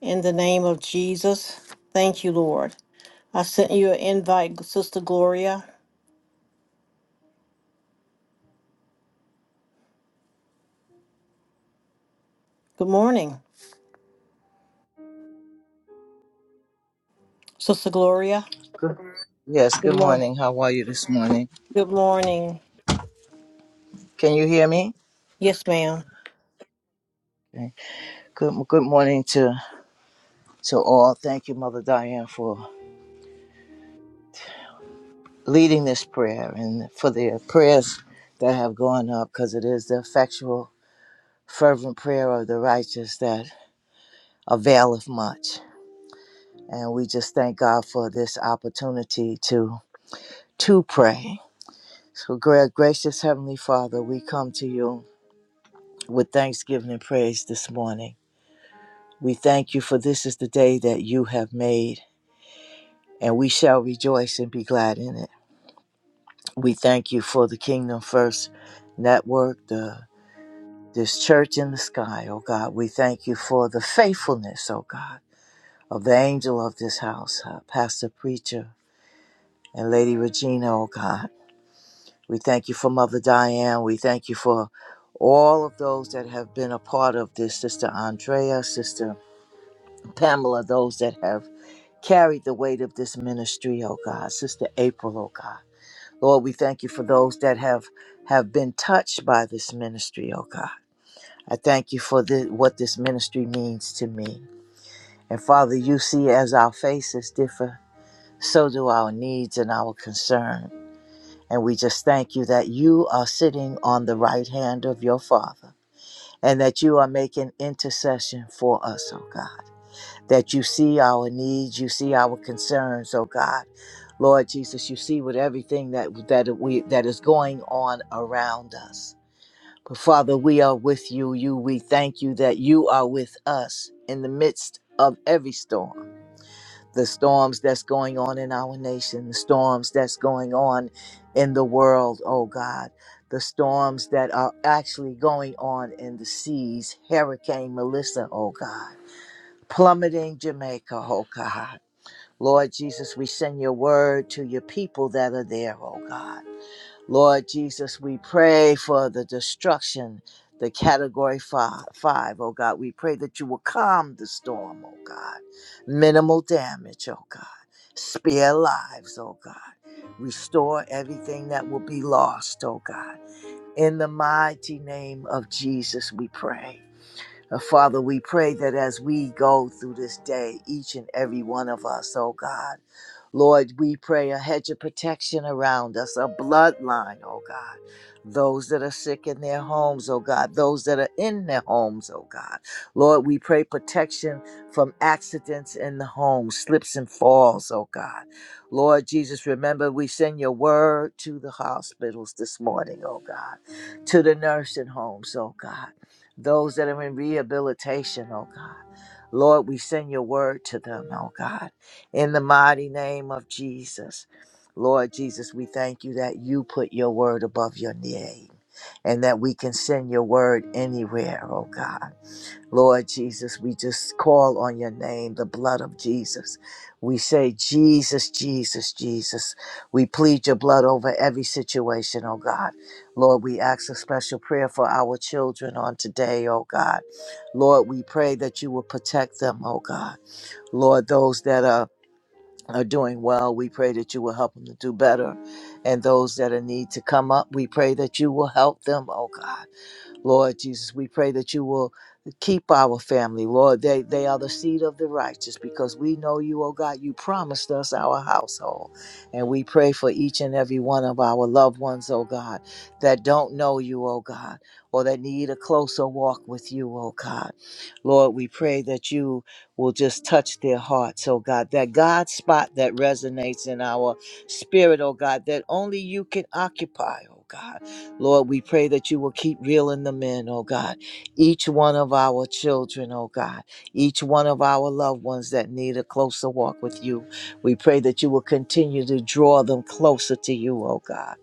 Speaker 2: in the name of Jesus. Thank you, Lord. I sent you an invite, Sister Gloria. Good morning, Sister Gloria.
Speaker 9: Good, yes,
Speaker 2: Good
Speaker 9: good
Speaker 2: morning.
Speaker 9: morning. How are you this morning?
Speaker 2: Good morning.
Speaker 9: Can you hear me?
Speaker 2: Yes, ma'am.
Speaker 9: Okay. Good, good morning to, to all. Thank you, Mother Diane, for leading this prayer and for the prayers that have gone up because it is the effectual, fervent prayer of the righteous that availeth much. And we just thank God for this opportunity to, to pray. So, gra- gracious Heavenly Father, we come to you with thanksgiving and praise this morning. We thank you for this is the day that you have made, and we shall rejoice and be glad in it. We thank you for the Kingdom First Network, the this church in the sky, oh God. We thank you for the faithfulness, oh God, of the angel of this house, uh, Pastor Preacher and Lady Regina, oh God. We thank you for Mother Diane. We thank you for all of those that have been a part of this, Sister Andrea, Sister Pamela, those that have Carry the weight of this ministry, oh God. Sister April, oh God. Lord, we thank you for those that have have been touched by this ministry, oh God. I thank you for the, what this ministry means to me. And Father, you see as our faces differ, so do our needs and our concern. And we just thank you that you are sitting on the right hand of your Father and that you are making intercession for us, oh God. that you see our needs, you see our concerns, oh God. Lord Jesus, you see with everything that that we that is going on around us. But Father, we are with you. You we thank you that you are with us in the midst of every storm. The storms that's going on in our nation, the storms that's going on in the world, oh God. The storms that are actually going on in the seas, Hurricane Melissa, oh God plummeting Jamaica, oh God. Lord Jesus, we send your word to your people that are there, oh God. Lord Jesus, we pray for the destruction, the category fi- five, oh God. We pray that you will calm the storm, oh God. Minimal damage, oh God. Spare lives, oh God. Restore everything that will be lost, oh God. In the mighty name of Jesus, we pray. Uh, Father, we pray that as we go through this day, each and every one of us, oh God, Lord, we pray a hedge of protection around us, a bloodline, oh God. Those that are sick in their homes, oh God. Those that are in their homes, oh God. Lord, we pray protection from accidents in the home, slips and falls, oh God. Lord Jesus, remember we send your word to the hospitals this morning, oh God, to the nursing homes, oh God. Those that are in rehabilitation, oh God. Lord, we send your word to them, oh God in the mighty name of Jesus. Lord Jesus, we thank you that you put your word above your name and that we can send your word anywhere, oh God. Lord Jesus, we just call on your name, the blood of Jesus. We say, Jesus, Jesus, Jesus. We plead your blood over every situation, oh God. Lord, we ask a special prayer for our children on today, oh God. Lord, we pray that you will protect them, oh God. Lord, those that are are doing well. We pray that you will help them to do better. And those that are need to come up, we pray that you will help them, oh God. Lord Jesus, we pray that you will keep our family, Lord. They they are the seed of the righteous because we know you, oh God, you promised us our household. And we pray for each and every one of our loved ones, oh God, that don't know you, oh God, or that need a closer walk with you, oh God. Lord, we pray that you will just touch their hearts, oh God, that God spot that resonates in our spirit, oh God, that only you can occupy, oh God. Lord, we pray that you will keep reeling them in, oh God. Each one of our children, oh God. Each one of our loved ones that need a closer walk with you. We pray that you will continue to draw them closer to you, oh God.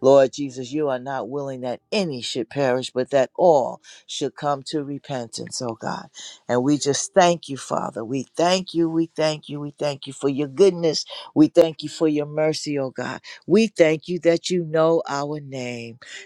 Speaker 9: Lord Jesus, you are not willing that any should perish, but that all should come to repentance, oh God. And we just thank you, Father. We thank you, we thank you, we thank you for your goodness. We thank you for your mercy, oh God. We thank you that you know our name.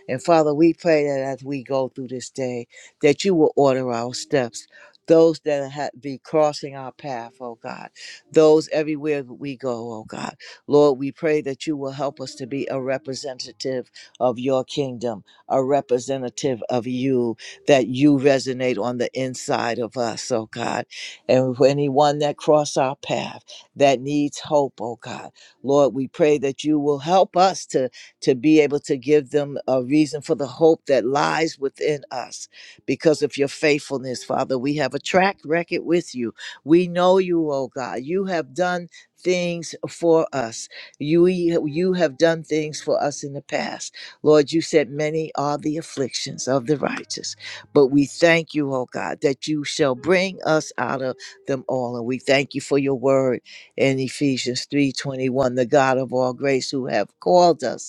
Speaker 9: And Father, we pray that as we go through this day, that you will order our steps. Those that have be crossing our path, oh God, those everywhere that we go, oh God. Lord, we pray that you will help us to be a representative of your kingdom, a representative of you, that you resonate on the inside of us, oh God. And for anyone that cross our path that needs hope, oh God, Lord, we pray that you will help us to to be able to give them a reason for the hope that lies within us because of your faithfulness, Father. We have a track record with you. We know you, oh God. You have done things for us. You, you have done things for us in the past. Lord, you said many are the afflictions of the righteous, but we thank you, oh God, that you shall bring us out of them all. And we thank you for your word in Ephesians 3:21, the God of all grace who have called us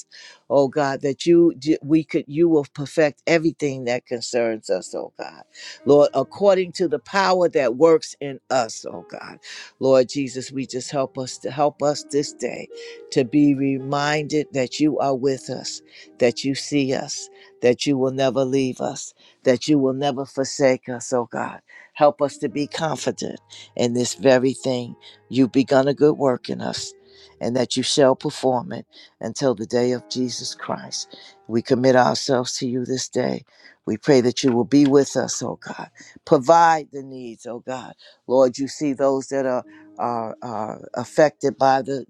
Speaker 9: oh God, that you d- we could you will perfect everything that concerns us, oh God. Lord, according to the power that works in us, oh God. Lord Jesus, we just help us to help us this day to be reminded that you are with us, that you see us, that you will never leave us, that you will never forsake us, oh God. Help us to be confident in this very thing. You've begun a good work in us and that you shall perform it until the day of Jesus Christ. We commit ourselves to you this day. We pray that you will be with us, oh God. Provide the needs, oh God. Lord, you see those that are are, are affected by the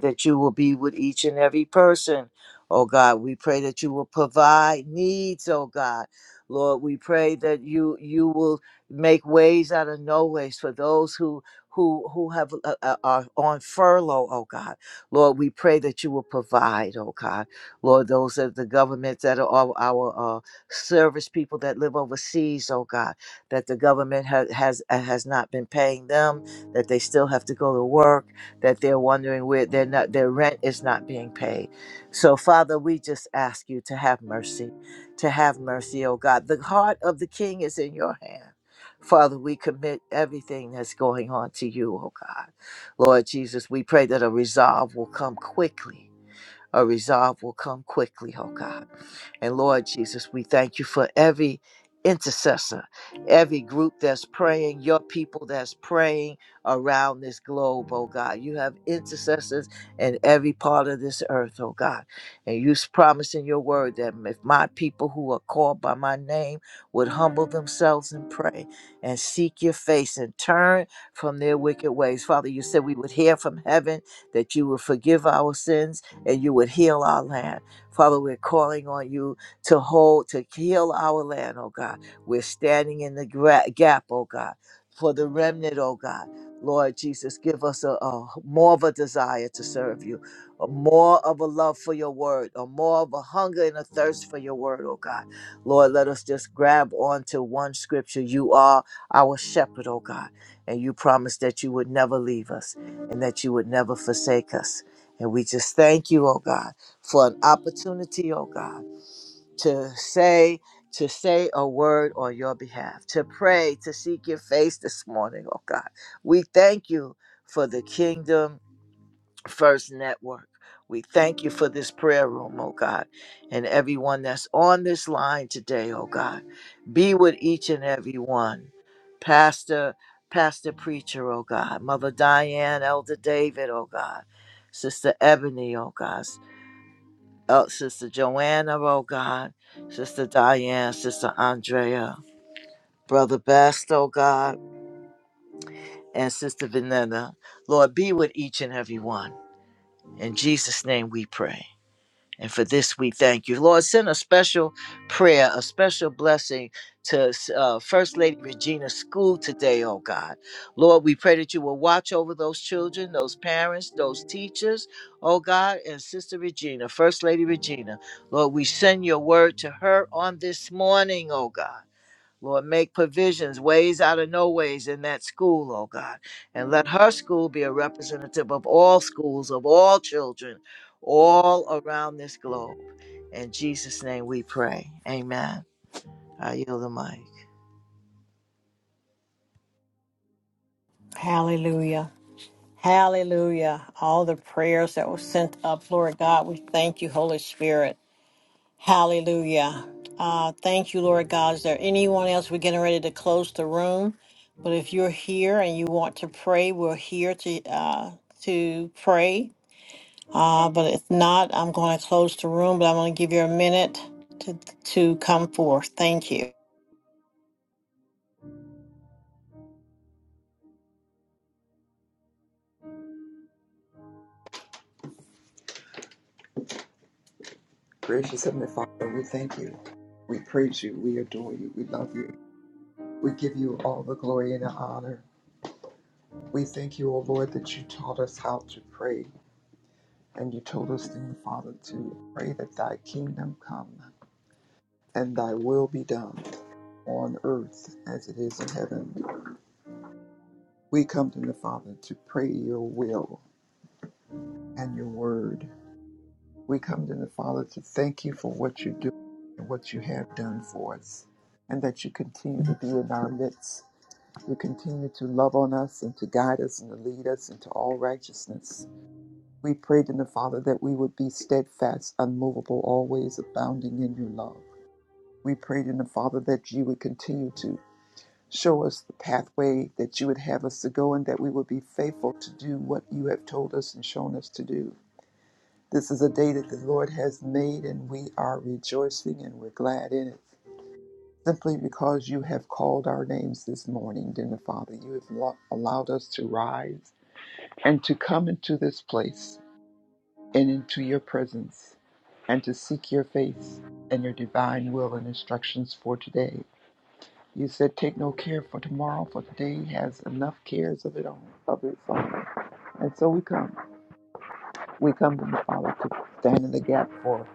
Speaker 9: that you will be with each and every person. Oh God, we pray that you will provide needs, oh God. Lord, we pray that you you will make ways out of no ways for those who who who have uh, uh, are on furlough, oh God. Lord, we pray that you will provide, oh God. Lord, those of the governments that are all our uh, service people that live overseas, oh God, that the government has has uh, has not been paying them, that they still have to go to work that they're wondering where they're not their rent is not being paid. So Father, we just ask you to have mercy, to have mercy, oh God. The heart of the king is in your hand. Father, we commit everything that's going on to you, oh God. Lord Jesus, we pray that a resolve will come quickly a resolve will come quickly, oh God. And Lord Jesus, we thank you for every intercessor, every group that's praying, your people that's praying around this globe, oh God. You have intercessors in every part of this earth, oh God. And you s- promise in your word that if my people who are called by my name would humble themselves and pray and seek your face and turn from their wicked ways. Father, you said we would hear from heaven that you would forgive our sins and you would heal our land. Father, we're calling on you to hold, to heal our land, oh God. We're standing in the gra- gap, oh God, for the remnant, oh God. Lord Jesus, give us a, a more of a desire to serve you, a more of a love for your word, a more of a hunger and a thirst for your word, oh God. Lord, let us just grab onto one scripture. You are our shepherd, oh God, and you promised that you would never leave us and that you would never forsake us. And we just thank you, oh God, for an opportunity, oh God, to say, to say a word on your behalf, to pray, to seek your face this morning, oh God. We thank you for the kingdom First Network. We thank you for this prayer room, oh God, and everyone that's on this line today, oh God. Be with each and every one. Pastor, Pastor Preacher, oh God. Mother Diane, Elder David, oh God. Sister Ebony, oh God. El- Sister Joanna, oh God. Sister Diane, Sister Andrea, Brother Best, oh God, and Sister Vanetta. Lord, be with each and every one. In Jesus' name we pray. And for this, we thank you. Lord, send a special prayer, a special blessing to uh, First Lady Regina's school today, oh God. Lord, we pray that you will watch over those children, those parents, those teachers, oh God, and Sister Regina, First Lady Regina. Lord, we send your word to her on this morning, oh God. Lord, make provisions, ways out of no ways in that school, oh God. And let her school be a representative of all schools, of all children, all around this globe. In Jesus' name we pray. Amen. I yield the mic.
Speaker 2: Hallelujah. Hallelujah. All the prayers that were sent up, Lord God, we thank you, Holy Spirit. Hallelujah. Uh, thank you, Lord God. Is there anyone else? We're getting ready to close the room. But if you're here and you want to pray, we're here to uh, to pray. Uh, but if not, I'm going to close the room, but I'm going to give you a minute to, to come forth. Thank you.
Speaker 10: Gracious Heavenly Father, we thank you. We praise you. We adore you. We love you. We give you all the glory and the honor. We thank you, O Lord, that you taught us how to pray. And you told us, in the Father, to pray that thy kingdom come and thy will be done on earth as it is in heaven. We come to the Father to pray your will and your word. We come to the Father to thank you for what you do and what you have done for us, and that you continue to be in our midst You continue to love on us and to guide us and to lead us into all righteousness. We pray to the Father that we would be steadfast, unmovable, always abounding in your love. We pray to the Father that you would continue to show us the pathway that you would have us to go and that we would be faithful to do what you have told us and shown us to do. This is a day that the Lord has made and we are rejoicing and we're glad in it. Simply because you have called our names this morning, dear Father, you have lo- allowed us to rise and to come into this place and into your presence and to seek your face and your divine will and instructions for today. You said, Take no care for tomorrow, for today has enough cares of, it own, of its own. And so we come. We come to the Father to stand in the gap for us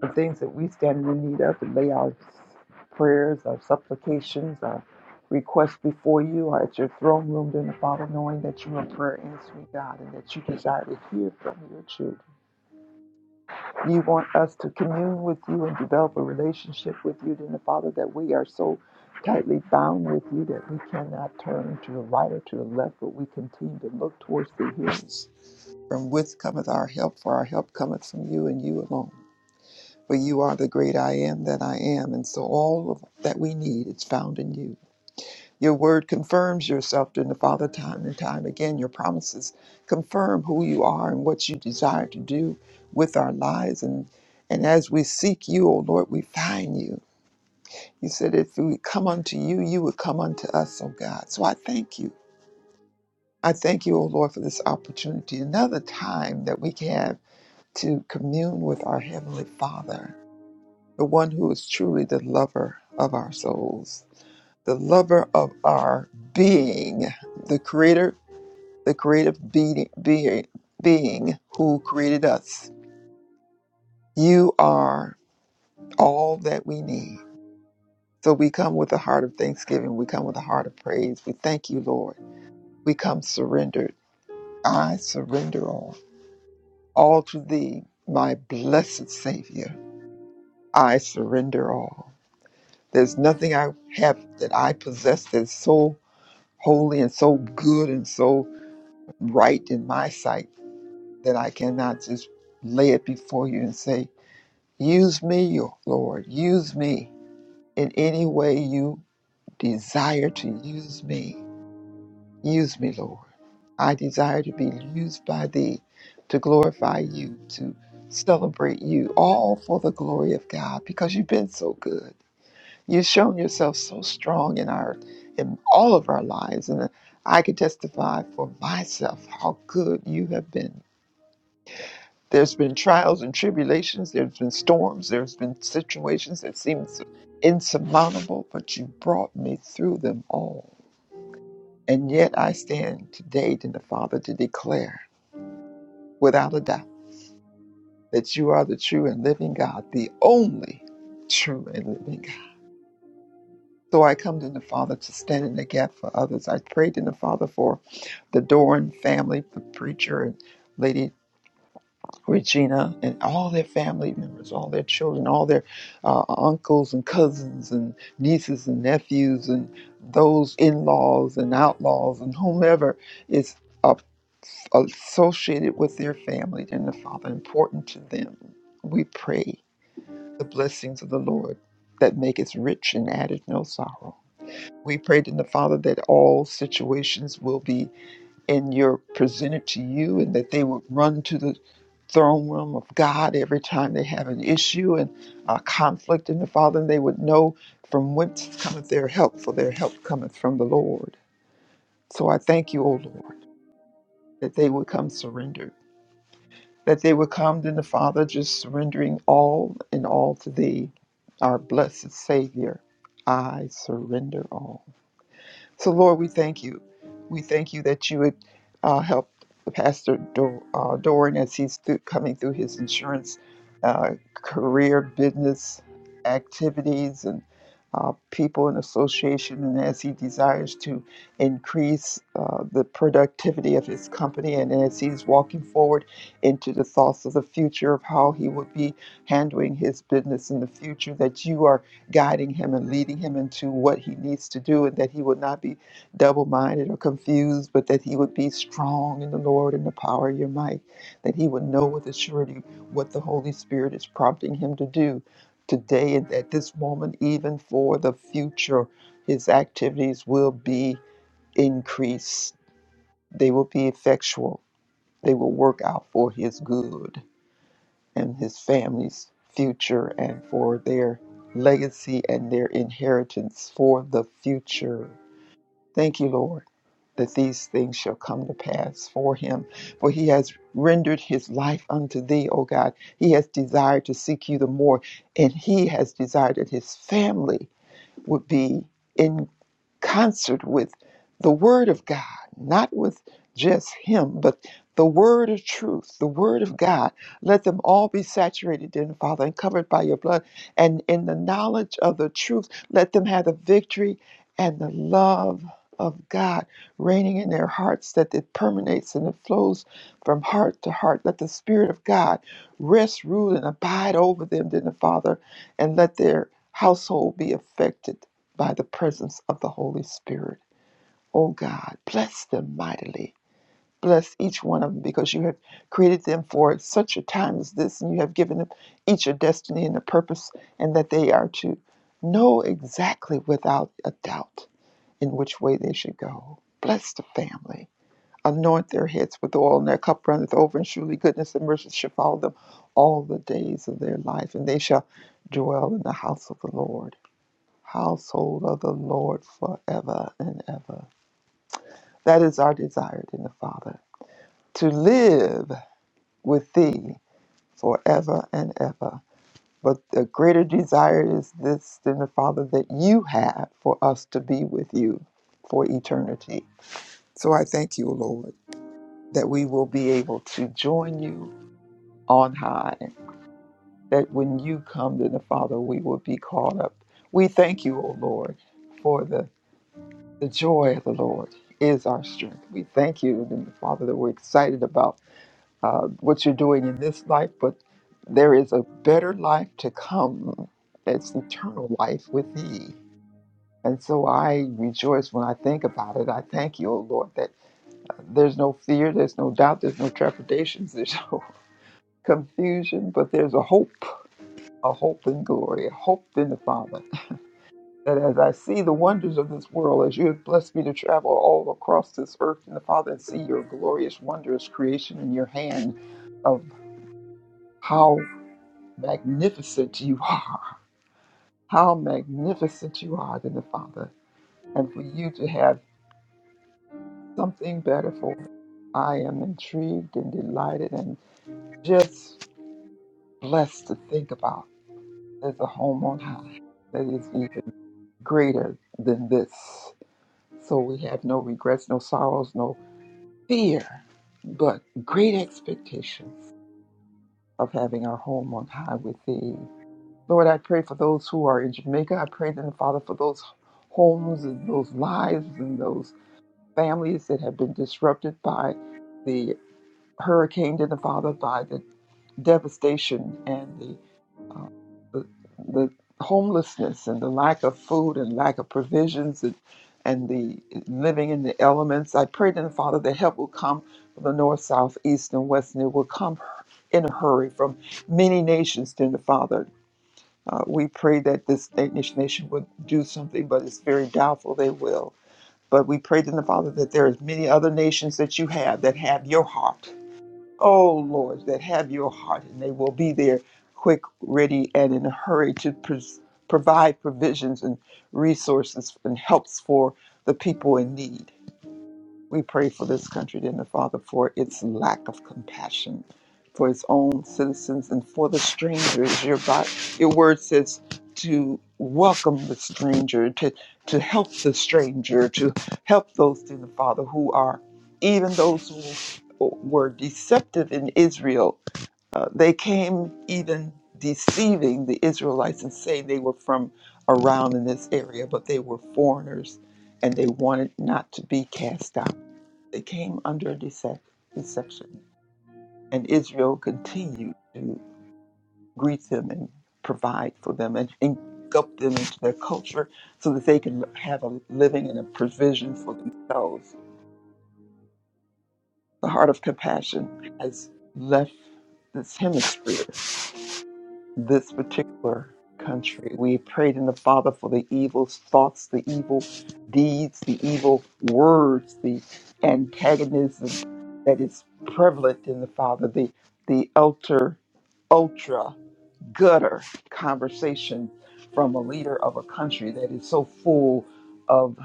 Speaker 10: the things that we stand in the need of and lay our prayers, our supplications, our requests before you are at your throne room, dear Father, knowing that you are prayer answering God and that you desire to hear from your children. You want us to commune with you and develop a relationship with you, dear Father, that we are so tightly bound with you that we cannot turn to the right or to the left, but we continue to look towards the hills. From whence cometh our help, for our help cometh from you and you alone. For you are the great I am that I am, and so all of that we need is found in you. Your word confirms yourself to the Father time and time again. Your promises confirm who you are and what you desire to do with our lives. And, and as we seek you, O Lord, we find you. You said if we come unto you, you would come unto us, O God. So I thank you. I thank you, O Lord, for this opportunity, another time that we have to commune with our Heavenly Father the one who is truly the lover of our souls, the lover of our being, the creator, the creative being, being, being who created us. You are all that we need. So we come with a heart of thanksgiving. We come with a heart of praise. We thank you, Lord. We come surrendered. I surrender all. All to thee, my blessed Savior. I surrender all. There's nothing I have that I possess that's so holy and so good and so right in my sight that I cannot just lay it before you and say, Use me, O Lord, use me in any way you desire to use me. Use me, Lord. I desire to be used by thee to glorify you, to celebrate you, all for the glory of God because you've been so good. You've shown yourself so strong in our in all of our lives, and I can testify for myself how good you have been. There's been trials and tribulations, there's been storms, there's been situations that seemed so insurmountable, but you brought me through them all. And yet I stand today in the Father to declare without a doubt that you are the true and living God, the only true and living God. So I come to the Father to stand in the gap for others. I prayed in the Father for the Doran family, the preacher and Lady Regina, and all their family members, all their children, all their uh, uncles and cousins and nieces and nephews, and those in-laws and outlaws and whomever is uh, associated with their family and the Father, important to them. We pray the blessings of the Lord that maketh rich and addeth no sorrow. We prayed in the Father that all situations will be in your presented to you and that they would run to the throne room of God every time they have an issue and a conflict in the Father, and they would know from whence cometh their help, for their help cometh from the Lord. So I thank you, O Lord, that they would come surrendered, that they would come to the Father just surrendering all and all to thee, our blessed Savior. I surrender all. So, Lord, we thank you. We thank you that you would uh, help Pastor Do- uh, Doran as he's through, coming through his insurance uh, career, business activities, and uh, people and association, and as he desires to increase uh, the productivity of his company, and as he's walking forward into the thoughts of the future of how he would be handling his business in the future, that you are guiding him and leading him into what he needs to do, and that he would not be double minded or confused, but that he would be strong in the Lord and the power of your might, that he would know with a surety what the Holy Spirit is prompting him to do today and at this moment, even for the future. His activities will be increased, they will be effectual, they will work out for his good and his family's future and for their legacy and their inheritance for the future. Thank you, Lord, that these things shall come to pass for him. For he has rendered his life unto thee, O God. He has desired to seek you the more, and he has desired that his family would be in concert with the Word of God, not with just Him, but the Word of truth, the Word of God. Let them all be saturated in the Father and covered by your blood. And in the knowledge of the truth, let them have the victory and the love of God reigning in their hearts, that it permeates and it flows from heart to heart. Let the Spirit of God rest, rule, and abide over them, then the Father and let their household be affected by the presence of the Holy Spirit. Oh God, bless them mightily. Bless each one of them because you have created them for such a time as this, and you have given them each a destiny and a purpose, and that they are to know exactly without a doubt in which way they should go. Bless the family anoint their heads with oil, and their cup runneth over, and surely goodness and mercy shall follow them all the days of their life, and they shall dwell in the house of the Lord, household of the Lord forever and ever. That is our desire in the Father, to live with thee forever and ever. But the greater desire is this than the Father that you have for us to be with you for eternity. So I thank you, Lord, that we will be able to join you on high, that when you come to the Father, we will be caught up. We thank you, O Lord, for the, the joy of the Lord is our strength. We thank you, the Father, that we're excited about uh, what you're doing in this life, but there is a better life to come that's eternal life with thee. And so I rejoice when I think about it. I thank you, O Lord, that there's no fear, there's no doubt, there's no trepidations, there's no [laughs] confusion, but there's a hope a hope in glory, a hope in the Father. That as I see the wonders of this world, as you have blessed me to travel all across this earth in the Father and see your glorious, wondrous creation in your hand of how magnificent you [laughs] are, how magnificent you are in the Father, and for you to have something better for it. I am intrigued and delighted and just blessed to think about there's a home on high that is even greater than this So we have no regrets, no sorrows, no fear, but great expectations of having our home on high with thee. Lord, I pray for those who are in Jamaica. I pray, then, Father, for those homes and those lives and those families that have been disrupted by the hurricane, then, Father, by the devastation and the. the homelessness and the lack of food and lack of provisions and, and the living in the elements. I pray to the Father that help will come from the north, south, east, and west, and it will come in a hurry from many nations to the Father. Uh, we pray that this Danish nation would do something, but it's very doubtful they will. But we pray to the Father that there is many other nations that you have that have your heart Oh Lord, that have your heart, and they will be there quick, ready, and in a hurry to pres provide provisions and resources and helps for the people in need. We pray for this country, dear Father, for its lack of compassion for its own citizens and for the strangers. Your God, your word says to welcome the stranger, to to help the stranger, to help those, dear Father, who are even those who were deceptive in Israel. Uh, they came even deceiving the Israelites and saying they were from around in this area, but they were foreigners and they wanted not to be cast out. They came under decep- deception, and Israel continued to greet them and provide for them and engulf them into their culture so that they can have a living and a provision for themselves. The heart of compassion has left this hemisphere this particular country. We prayed in the Father for the evil thoughts, the evil deeds, the evil words, the antagonism that is prevalent in the Father, the the ultra ultra gutter conversation from a leader of a country that is so full of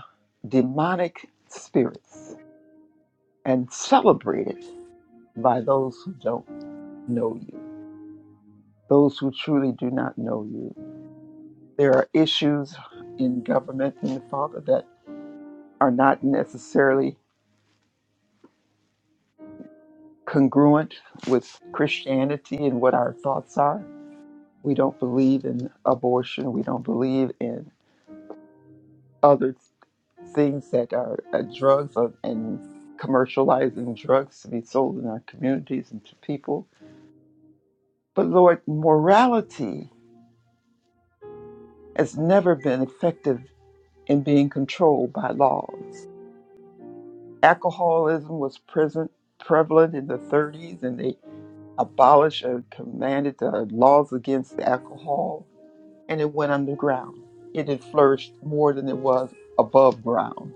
Speaker 10: demonic spirits and celebrated by those who don't know you, those who truly do not know you. There are issues in government and Father that are not necessarily congruent with Christianity and what our thoughts are. We don't believe in abortion. We don't believe in other things that are uh, drugs uh, and commercializing drugs to be sold in our communities and to people. But Lord, morality has never been effective in being controlled by laws. Alcoholism was present prevalent in the 30s, and they abolished or commanded the laws against alcohol, and it went underground. It had flourished more than it was above ground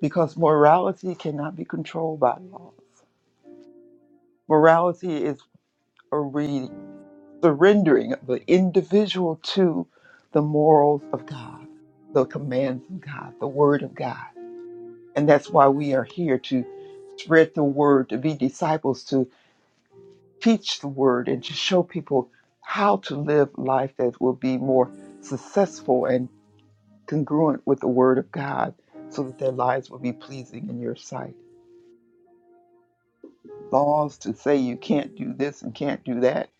Speaker 10: because morality cannot be controlled by laws. Morality is a re- surrendering of the individual to the morals of God, the commands of God, the word of God. And that's why we are here to spread the word, to be disciples, to teach the word and to show people how to live life that will be more successful and congruent with the word of God so that their lives will be pleasing in your sight. Laws to say you can't do this and can't do that,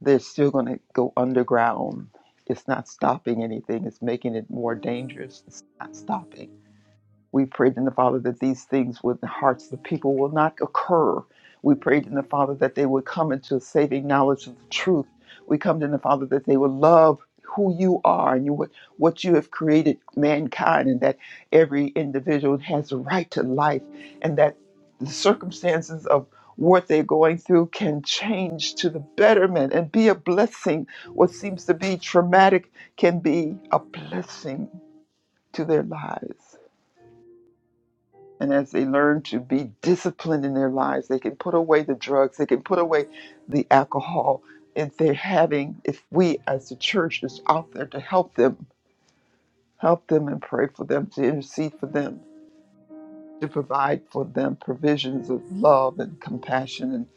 Speaker 10: they're still going to go underground. It's not stopping anything, it's making it more dangerous. It's not stopping. We prayed in the Father that these things with the hearts of the people will not occur. We prayed in the Father that they would come into a saving knowledge of the truth. We come in the Father that they would love who you are and you what, what you have created mankind and that every individual has a right to life and that the circumstances of what they're going through can change to the betterment and be a blessing. What seems to be traumatic can be a blessing to their lives. And as they learn to be disciplined in their lives, they can put away the drugs, they can put away the alcohol. If they're having, if we as the church is out there to help them, help them and pray for them, to intercede for them, to provide for them provisions of love and compassion and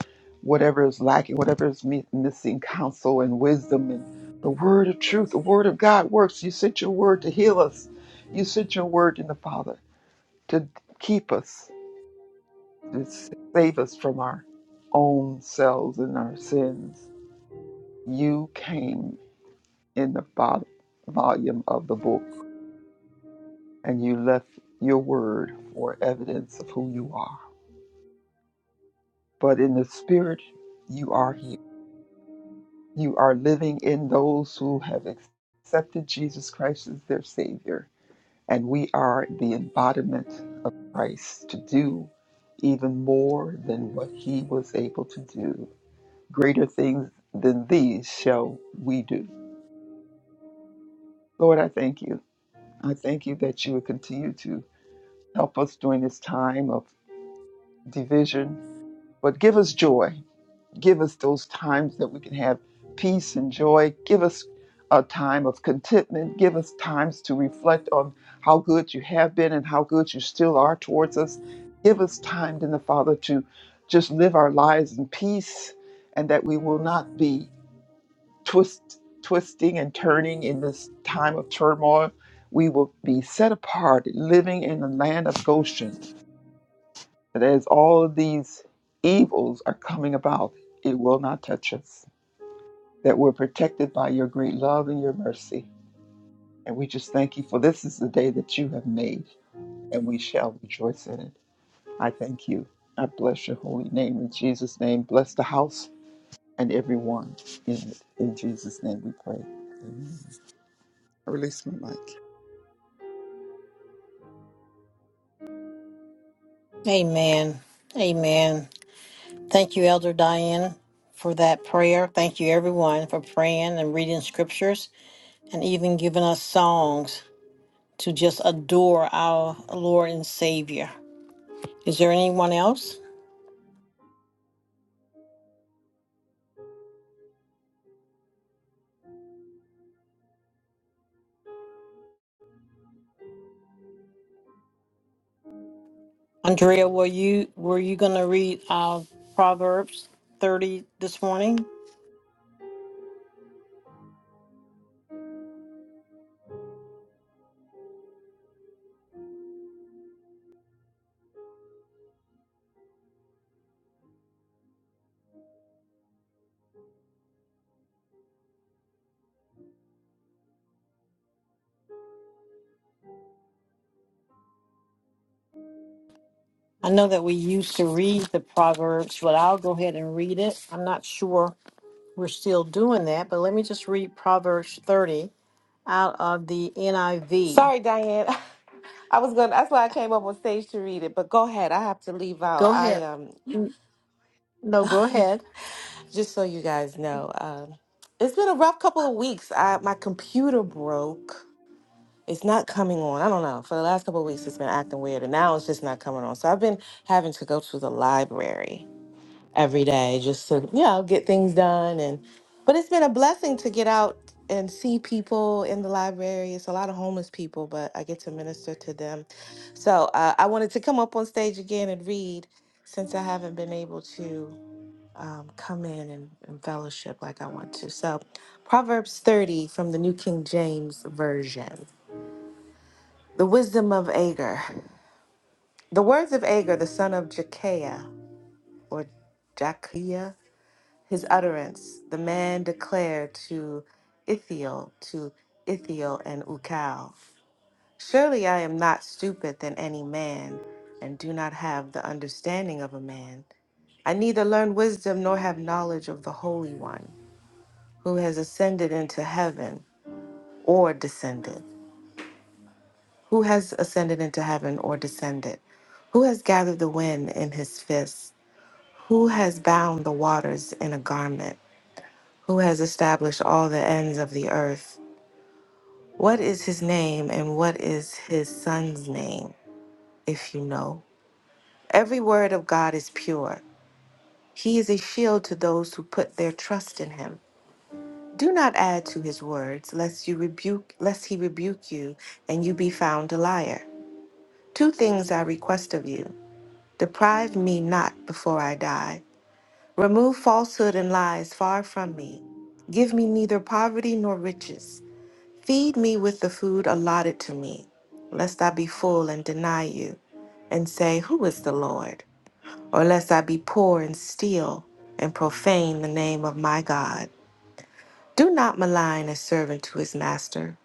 Speaker 10: whatever is lacking, whatever is mi- missing, counsel and wisdom and the word of truth, the word of God works. You sent your word to heal us. You sent your word in the Father to keep us Just save us from our own selves and our sins. You came in the vol- volume of the book and you left your word for evidence of who you are. But in the spirit, you are here. You are living in those who have ex- accepted Jesus Christ as their Savior. And we are the embodiment of Christ to do even more than what he was able to do. greater things than these shall we do. Lord, I thank you. I thank you that you would continue to help us during this time of division, but give us joy. Give us those times that we can have peace and joy. Give us a time of contentment. Give us times to reflect on how good you have been and how good you still are towards us. Give us time, then the Father, to just live our lives in peace and that we will not be twist, twisting and turning in this time of turmoil. We will be set apart, living in the land of Goshen. That as all of these evils are coming about, it will not touch us. That we're protected by your great love and your mercy. And we just thank you for this is the day that you have made, and we shall rejoice in it. I thank you. I bless your holy name in Jesus' name. Bless the house and everyone in it. In Jesus' name we pray. Amen. I release my mic.
Speaker 2: Amen. Amen. Thank you, Elder Diane, for that prayer. Thank you, everyone, for praying and reading scriptures and even giving us songs to just adore our Lord and Savior. Is there anyone else? Andrea, were you were you going to read uh, Proverbs 30 this morning? I know that we used to read the Proverbs, but I'll go ahead and read it. I'm not sure we're still doing that, but let me just read Proverbs 30 out of the NIV.
Speaker 3: Sorry, Diane. [laughs] I was gonna. That's why I came up on stage to read it. But go ahead. I have to leave out.
Speaker 2: Go
Speaker 3: I
Speaker 2: ahead.
Speaker 3: um
Speaker 2: No, go ahead.
Speaker 3: just so you guys know, um, it's been a rough couple of weeks. I my computer broke. it's not coming on. I don't know. For the last couple of weeks, it's been acting weird, and now it's just not coming on. So I've been having to go to the library every day just to, you know, get things done. And but it's been a blessing to get out and see people in the library. It's a lot of homeless people, but I get to minister to them. So uh, I wanted to come up on stage again and read since I haven't been able to um, come in and, and fellowship like I want to. So Proverbs 30 from the New King James Version. The wisdom of Agur. The words of Agur, the son of Jekiah, or Jakiah, his utterance, the man declared to Ithiel, to Ithiel and Ukal. Surely I am not stupid than any man, and do not have the understanding of a man. I neither learn wisdom nor have knowledge of the Holy One, who has ascended into heaven or descended. Who has ascended into heaven or descended? Who has gathered the wind in his fist? Who has bound the waters in a garment? Who has established all the ends of the earth? What is his name and what is his son's name, if you know? Every word of God is pure. He is a shield to those who put their trust in him. Do not add to his words, lest you rebuke lest he rebuke you and you be found a liar. Two things I request of you. Deprive me not before I die Remove falsehood and lies far from me. Give me neither poverty nor riches. Feed me with the food allotted to me, lest I be full and deny you, and say, Who is the Lord? Or lest I be poor and steal and profane the name of my God. Do not malign a servant to his master,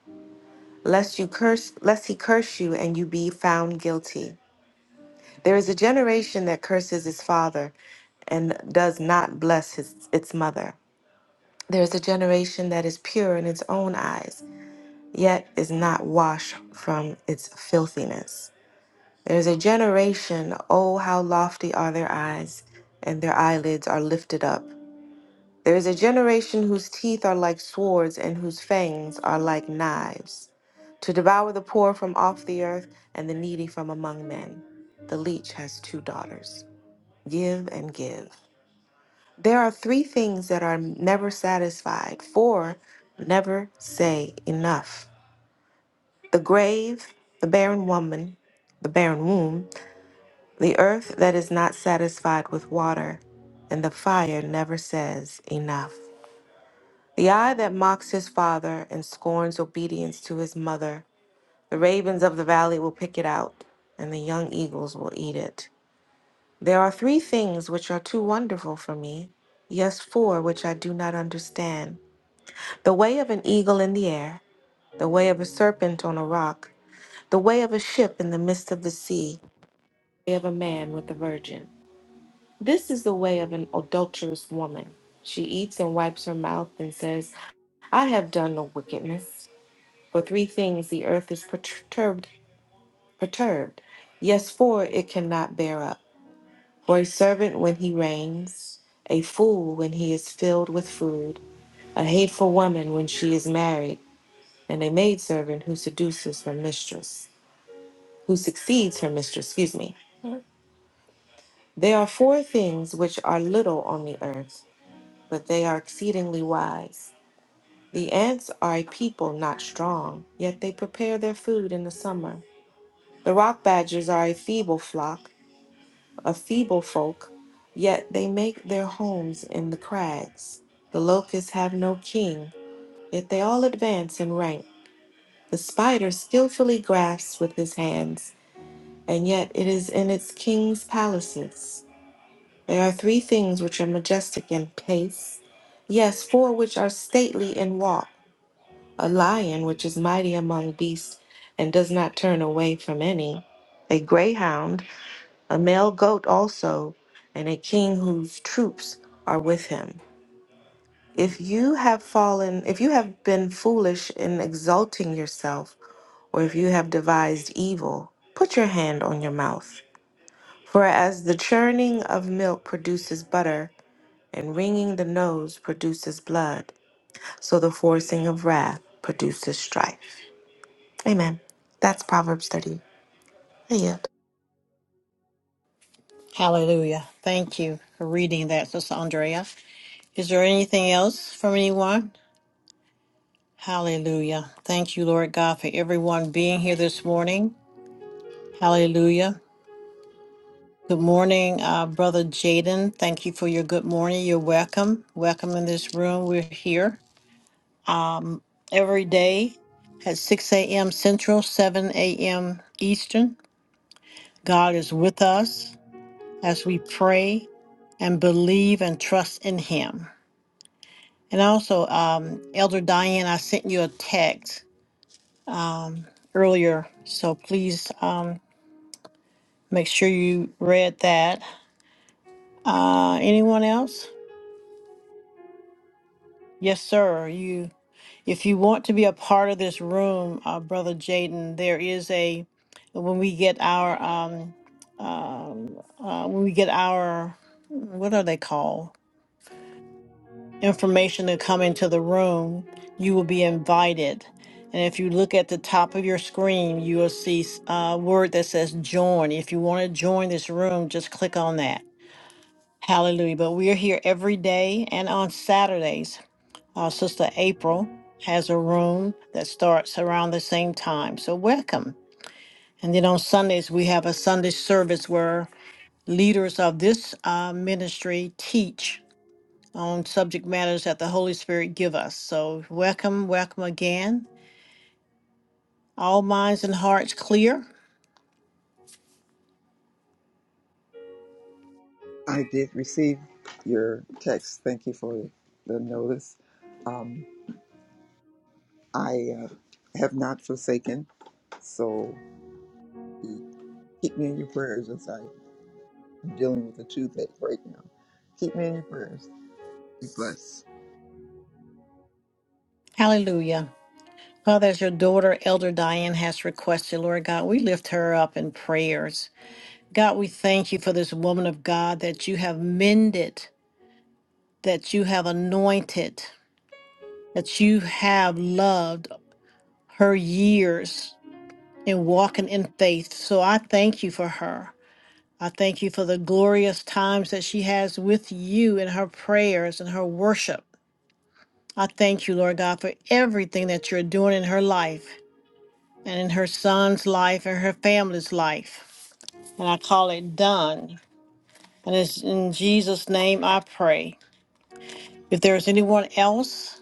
Speaker 3: lest you curse lest he curse you and you be found guilty. There is a generation that curses his father and does not bless his, its mother. There is a generation that is pure in its own eyes, yet is not washed from its filthiness. There is a generation, oh, how lofty are their eyes, and their eyelids are lifted up. There is a generation whose teeth are like swords, and whose fangs are like knives, to devour the poor from off the earth, and the needy from among men. The leech has two daughters. Give and give. There are three things that are never satisfied, four never say enough the grave, the barren woman, the barren womb, the earth that is not satisfied with water, and the fire never says enough. The eye that mocks his father and scorns obedience to his mother, the ravens of the valley will pick it out, and the young eagles will eat it. There are three things which are too wonderful for me, yes, four which I do not understand. The way of an eagle in the air, the way of a serpent on a rock, the way of a ship in the midst of the sea, the way of a man with a virgin. This is the way of an adulterous woman. She eats and wipes her mouth and says, I have done no wickedness. For three things the earth is perturbed, perturbed. Yes, four it cannot bear up. For a servant when he reigns, a fool when he is filled with food, a hateful woman when she is married and a maidservant who seduces her mistress, who succeeds her mistress, excuse me. There are four things which are little on the earth, but they are exceedingly wise. The ants are a people not strong, yet they prepare their food in the summer. The rock badgers are a feeble flock, a feeble folk, yet they make their homes in the crags. The locusts have no king, yet they all advance in rank. The spider skillfully grasps with his hands and yet it is in its king's palaces. There are three things which are majestic in pace, yes, four which are stately in walk a lion which is mighty among beasts and does not turn away from any, a greyhound, a male goat also, and a king whose troops are with him. If you have fallen, if you have been foolish in exalting yourself, or if you have devised evil, put your hand on your mouth. For as the churning of milk produces butter, and wringing the nose produces blood, so the forcing of wrath produces strife. Amen. That's Proverbs 30. I yield.
Speaker 2: Hallelujah. Thank you for reading that, Sister Andrea. Is there anything else from anyone? Hallelujah. Thank you, Lord God, for everyone being here this morning. Hallelujah. Good morning, uh, Brother Jaden. Thank you for your good morning. You're welcome. Welcome in this room. We're here every day at 6 a.m. Central, 7 a.m. Eastern. God is with us as we pray and believe and trust in Him. And also, um, Elder Diane, I sent you a text earlier, so please um, make sure you read that. Uh, anyone else? Yes, sir. You, if you want to be a part of this room, uh, Brother Jaden, there is a when we get our um, um, uh, when we get our what are they called? information to come into the room, you will be invited. And if you look at the top of your screen, you will see s- a word that says join. If you want to join this room, just click on that. Hallelujah. But we are here every day and on Saturdays. Our sister April has a room that starts around the same time. So welcome. And then on Sundays, we have a Sunday service where leaders of this uh, ministry teach on subject matters that the Holy Spirit give us. So welcome, welcome again. All minds and hearts clear.
Speaker 10: I did receive your text. Thank you for the notice. Um, I uh, have not forsaken, so keep me in your prayers as I'm dealing with a toothache right now. Keep me in your prayers. Be blessed.
Speaker 2: Hallelujah. Father, as your daughter, Elder Diane, has requested, Lord God, we lift her up in prayers. God, we thank you for this woman of God that you have mended, that you have anointed, that you have loved her years in walking in faith. So I thank you for her. I thank you for the glorious times that she has with you in her prayers and her worship. I thank you, Lord God, for everything that you're doing in her life and in her son's life and her family's life. And I call it done. And it's in Jesus' name I pray. If there's anyone else,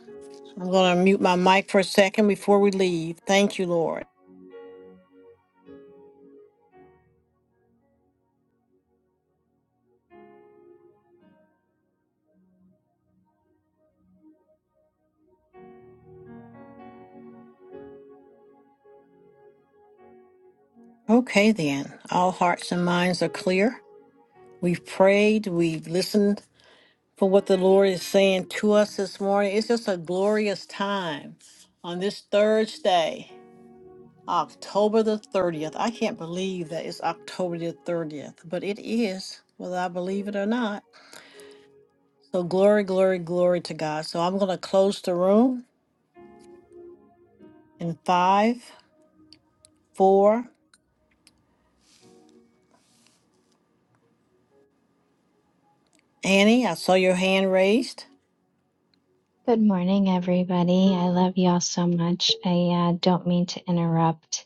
Speaker 2: I'm going to mute my mic for a second before we leave. Thank you, Lord. Okay, then. All hearts and minds are clear. We've prayed, we've listened for what the Lord is saying to us this morning. It's just a glorious time on this Thursday, October the 30th. I can't believe that it's October the 30th, but it is, whether I believe it or not. So, glory, glory, glory to God. So, I'm going to close the room in five, four. Annie, I saw your hand raised.
Speaker 11: Good morning, everybody. I love y'all so much. I uh, don't mean to interrupt.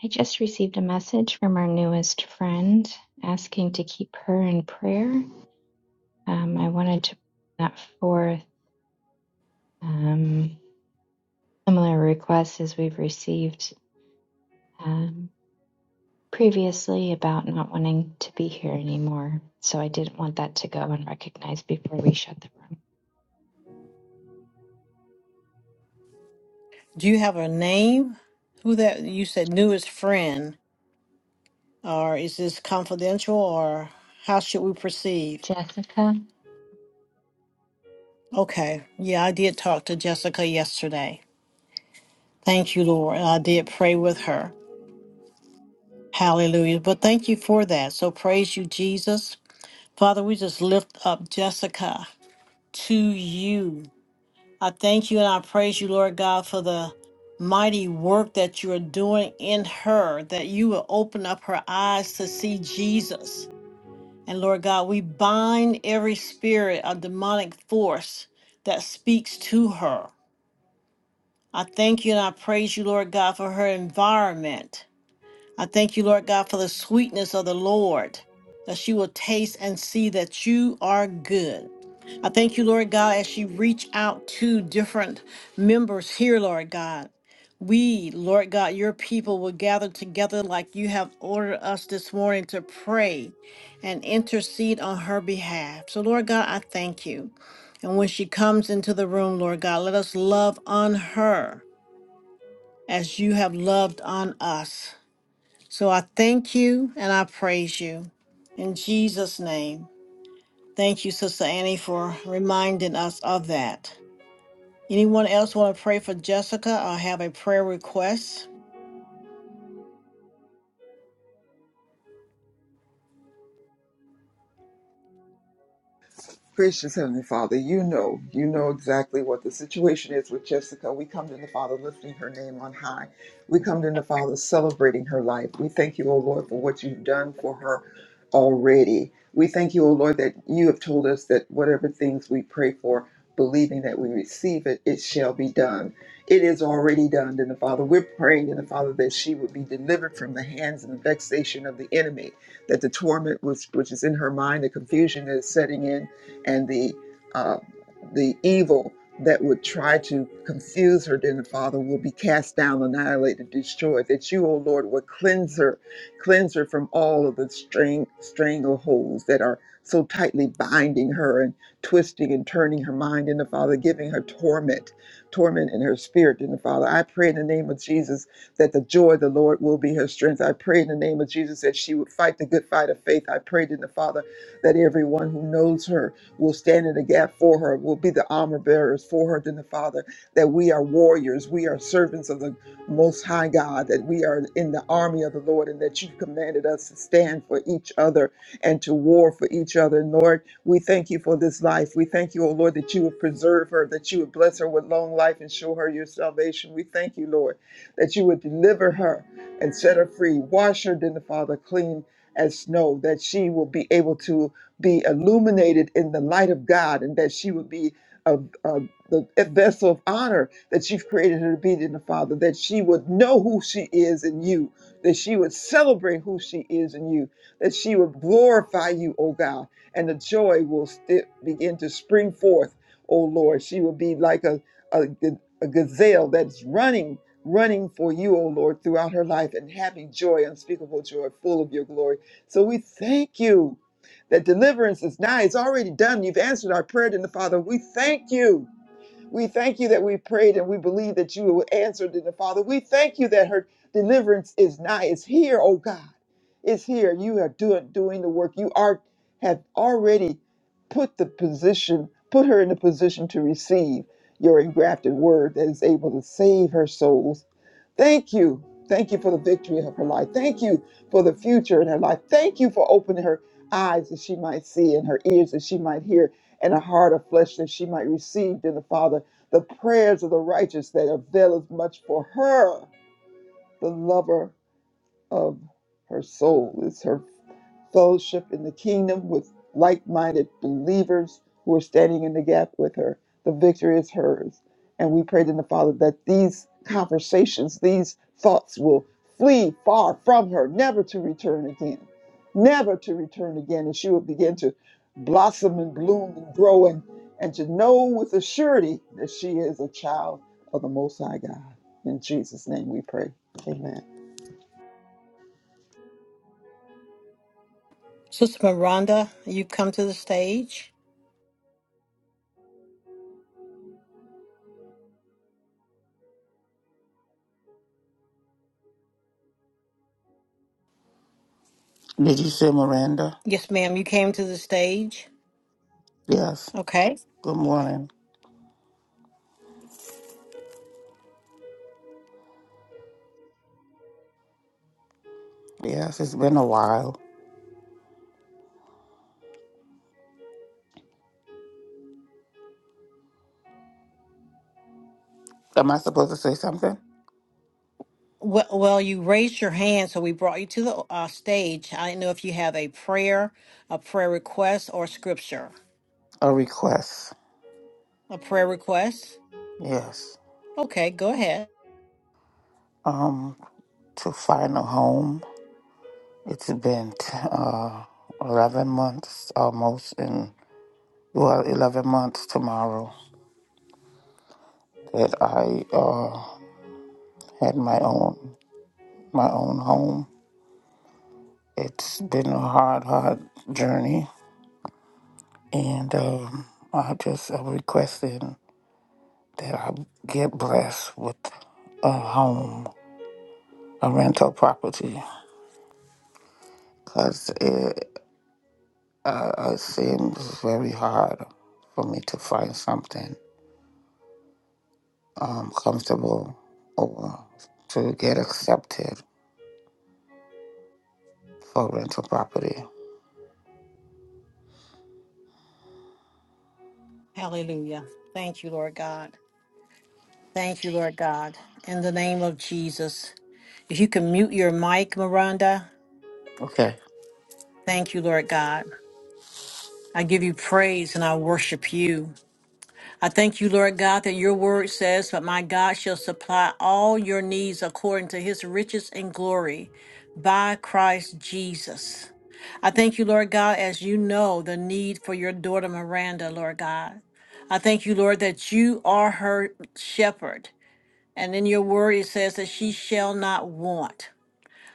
Speaker 11: I just received a message from our newest friend asking to keep her in prayer. Um, I wanted to bring that forth. Um, similar requests as we've received um, previously about not wanting to be here anymore. So I didn't want that to go unrecognized before we shut the room.
Speaker 2: Do you have a name? Who that you said newest friend, or is this confidential, or how should we proceed?
Speaker 11: Jessica?
Speaker 2: Okay. Yeah, I did talk to Jessica yesterday. Thank you, Lord. I did pray with her. Hallelujah. But thank you for that. So praise you, Jesus. Father, we just lift up Jessica to you. I thank you and I praise you, Lord God, for the mighty work that you are doing in her, that you will open up her eyes to see Jesus. And Lord God, we bind every spirit of demonic force that speaks to her. I thank you and I praise you, Lord God, for her environment. I thank you, Lord God, for the sweetness of the Lord, that she will taste and see that you are good. I thank you, Lord God, as she reach out to different members here, Lord God. We, Lord God, your people will gather together like you have ordered us this morning to pray and intercede on her behalf. So, Lord God, I thank you. And when she comes into the room, Lord God, let us love on her as you have loved on us. So I thank you and I praise you in Jesus' name. Thank you, Sister Annie, for reminding us of that. Anyone else want to pray for Jessica or have a prayer request?
Speaker 10: Gracious Heavenly Father, you know, you know exactly what the situation is with Jessica. We come to the Father lifting her name on high. We come to the Father celebrating her life. We thank you, O Lord, for what you've done for her already. We thank you, O Lord, that you have told us that whatever things we pray for, believing that we receive it, it shall be done. It is already done, in the Father. We're praying in the Father that she would be delivered from the hands and the vexation of the enemy, that the torment which, which is in her mind, the confusion that is setting in, and the uh, the evil that would try to confuse her, then the Father will be cast down, annihilated, destroyed. That you, O Lord, will cleanse her, cleanse her from all of the string strangleholds that are so tightly binding her and twisting and turning her mind in the Father, giving her torment, torment in her spirit in the Father. I pray in the name of Jesus that the joy of the Lord will be her strength. I pray in the name of Jesus that she would fight the good fight of faith. I prayed in the Father that everyone who knows her will stand in the gap for her, will be the armor bearers for her, then the Father, that we are warriors, we are servants of the Most High God, that we are in the army of the Lord, and that you've commanded us to stand for each other and to war for each other. And Lord, we thank you for this life. We thank you, O Lord, that you would preserve her, that you would bless her with long life and show her your salvation. We thank you, Lord, that you would deliver her and set her free. Wash her, then the Father, clean as snow, that she will be able to be illuminated in the light of God and that she would be a, a, the vessel of honor that you've created her to be in the Father, that she would know who she is in you, that she would celebrate who she is in you, that she would glorify you, O God, and the joy will sti- begin to spring forth, O Lord. She will be like a, a, g- a gazelle that's running, running for you, O Lord, throughout her life and having joy, unspeakable joy, full of your glory. So we thank you that deliverance is nigh. It's already done. You've answered our prayer, dear Father. We thank you. We thank you that we prayed and we believe that you would answer, dear Father. We thank you that her deliverance is nigh. It's here, oh God. It's here. You are doing doing the work. You are have already put the position, put her in the position to receive your engrafted word that is able to save her souls Thank you. Thank you for the victory of her life. Thank you for the future in her life. Thank you for opening her eyes that she might see and her ears that she might hear and a heart of flesh that she might receive in the Father. The prayers of the righteous that avail as much for her, the lover of her soul is her fellowship in the kingdom with like minded believers who are standing in the gap with her. The victory is hers. And we pray to the Father that these conversations, these thoughts will flee far from her, never to return again, never to return again. And she will begin to blossom and bloom and grow and, and to know with a surety that she is a child of the Most High God. In Jesus' name we pray. Amen.
Speaker 2: Sister Miranda, you come to the stage.
Speaker 12: Did you say Miranda?
Speaker 2: Yes, ma'am, you came to the stage.
Speaker 12: Yes.
Speaker 2: Okay.
Speaker 12: Good morning. Yes, it's been a while. Am I supposed to say something?
Speaker 2: Well, well, you raised your hand, so we brought you to the uh, stage. I didn't know if you have a prayer, a prayer request, or scripture.
Speaker 12: A request.
Speaker 2: A prayer request?
Speaker 12: Yes.
Speaker 2: Okay, go ahead.
Speaker 12: Um, to find a home. It's been t- uh eleven months almost, and well, eleven months tomorrow that I uh had my own my own home. It's been a hard, hard journey, and um, I just uh, requested. that I get blessed with a home, a rental property, because it, uh, it seems very hard for me to find something um, comfortable or to get accepted for rental property.
Speaker 2: Hallelujah. Thank you, Lord God. Thank you, Lord God. In the name of Jesus. If you can mute your mic, Miranda,
Speaker 12: Okay.
Speaker 2: thank you, Lord God. I give you praise and I worship you. I thank you, Lord God, that your word says, But my God shall supply all your needs according to his riches and glory by Christ Jesus. I thank you, Lord God, as you know the need for your daughter Miranda, Lord God. I thank you, Lord, that you are her shepherd And in your word, it says that she shall not want.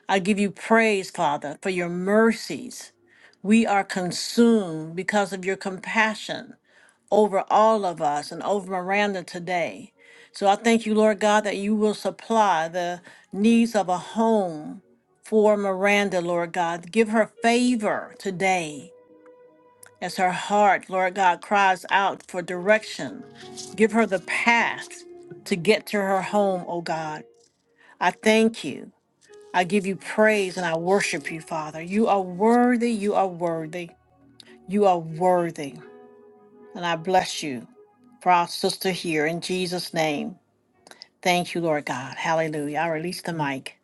Speaker 2: I give you praise, Father, for your mercies. We are consumed because of your compassion over all of us and over Miranda today. So I thank you, Lord God, that you will supply the needs of a home for Miranda, Lord God. Give her favor today as her heart, Lord God, cries out for direction. Give her the path to get to her home, oh God. I thank you. I give you praise and I worship you, Father. You are worthy. You are worthy. You are worthy. And I bless you for our sister here in Jesus' name. Thank you, Lord God. Hallelujah. I release the mic.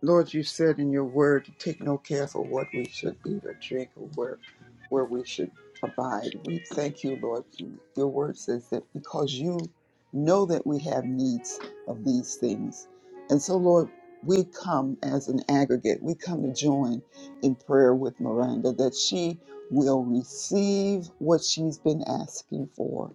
Speaker 10: Lord, you said in your word to take no care for what we should eat or drink or where, where we should abide. We thank you, Lord. You- Your word says that because you know that we have needs of these things. And so, Lord, we come as an aggregate. We come to join in prayer with Miranda that she will receive what she's been asking for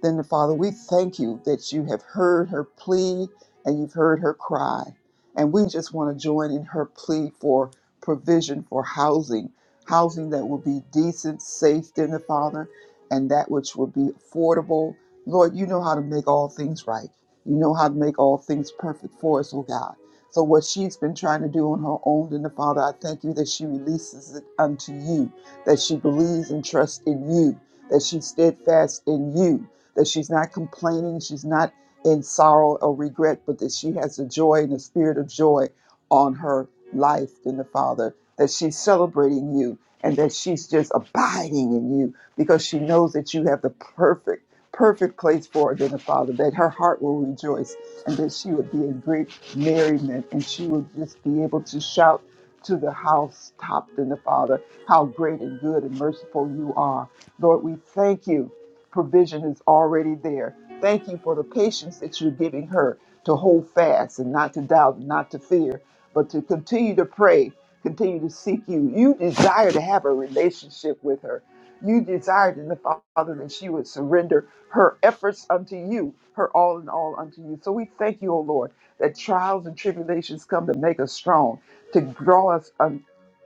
Speaker 10: then, Father, we thank you that you have heard her plea and you've heard her cry. And we just want to join in her plea for provision for housing, housing that will be decent, safe, then, the Father, and that which will be affordable. Lord, you know how to make all things right. You know how to make all things perfect for us, oh God. So, what she's been trying to do on her own, then, the Father, I thank you that she releases it unto you, that she believes and trusts in you, that she's steadfast in you, that she's not complaining, she's not in sorrow or regret, but that she has the joy and the spirit of joy on her life in the Father, that she's celebrating you and that she's just abiding in you because she knows that you have the perfect, perfect place for her in the Father, that her heart will rejoice and that she would be in great merriment and she would just be able to shout to the house topped in the Father, how great and good and merciful you are. Lord, we thank you provision is already there. Thank you for the patience that you're giving her to hold fast and not to doubt, not to fear, but to continue to pray, continue to seek you. You desire to have a relationship with her. You desired in the Father that she would surrender her efforts unto you, her all in all unto you. So we thank you, O Lord, that trials and tribulations come to make us strong, to draw us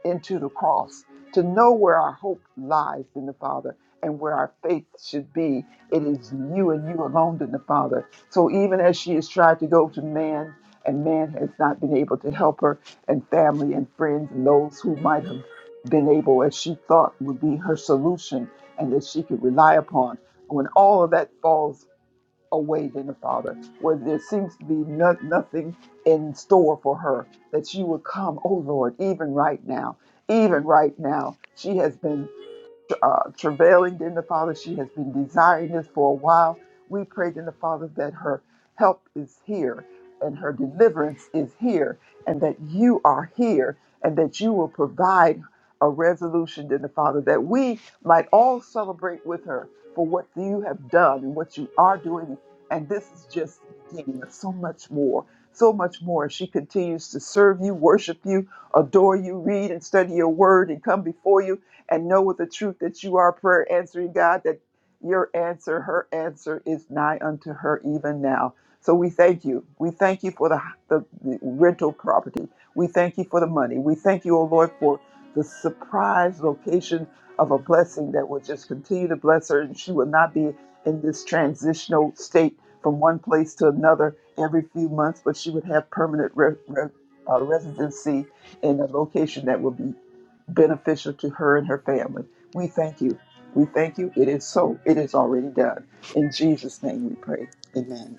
Speaker 10: into the cross, to know where our hope lies in the Father and where our faith should be. It is you and you alone in the Father. So even as she has tried to go to man, and man has not been able to help her, and family and friends and those who might have been able, as she thought would be her solution and that she could rely upon. When all of that falls away than the Father, where there seems to be no, nothing in store for her, that she would come, oh Lord, even right now, even right now. She has been uh, travailing in the Father, she has been desiring this for a while. We prayed in the Father that her help is here and her deliverance is here, and that you are here, and that you will provide a resolution, to the Father, that we might all celebrate with her for what you have done and what you are doing. And this is just the beginning of so much more, so much more. She continues to serve you, worship you, adore you, read and study your word, and come before you and know with the truth that you are a prayer answering God, that. Your answer, her answer is nigh unto her even now. So we thank you. We thank you for the, the, the rental property. We thank you for the money. We thank you, O Lord, for the surprise location of a blessing that will just continue to bless her and she will not be in this transitional state from one place to another every few months, but she would have permanent re- re- uh, residency in a location that will be beneficial to her and her family. We thank you. We thank you. It is so. It is already done. In Jesus' name we pray. Amen.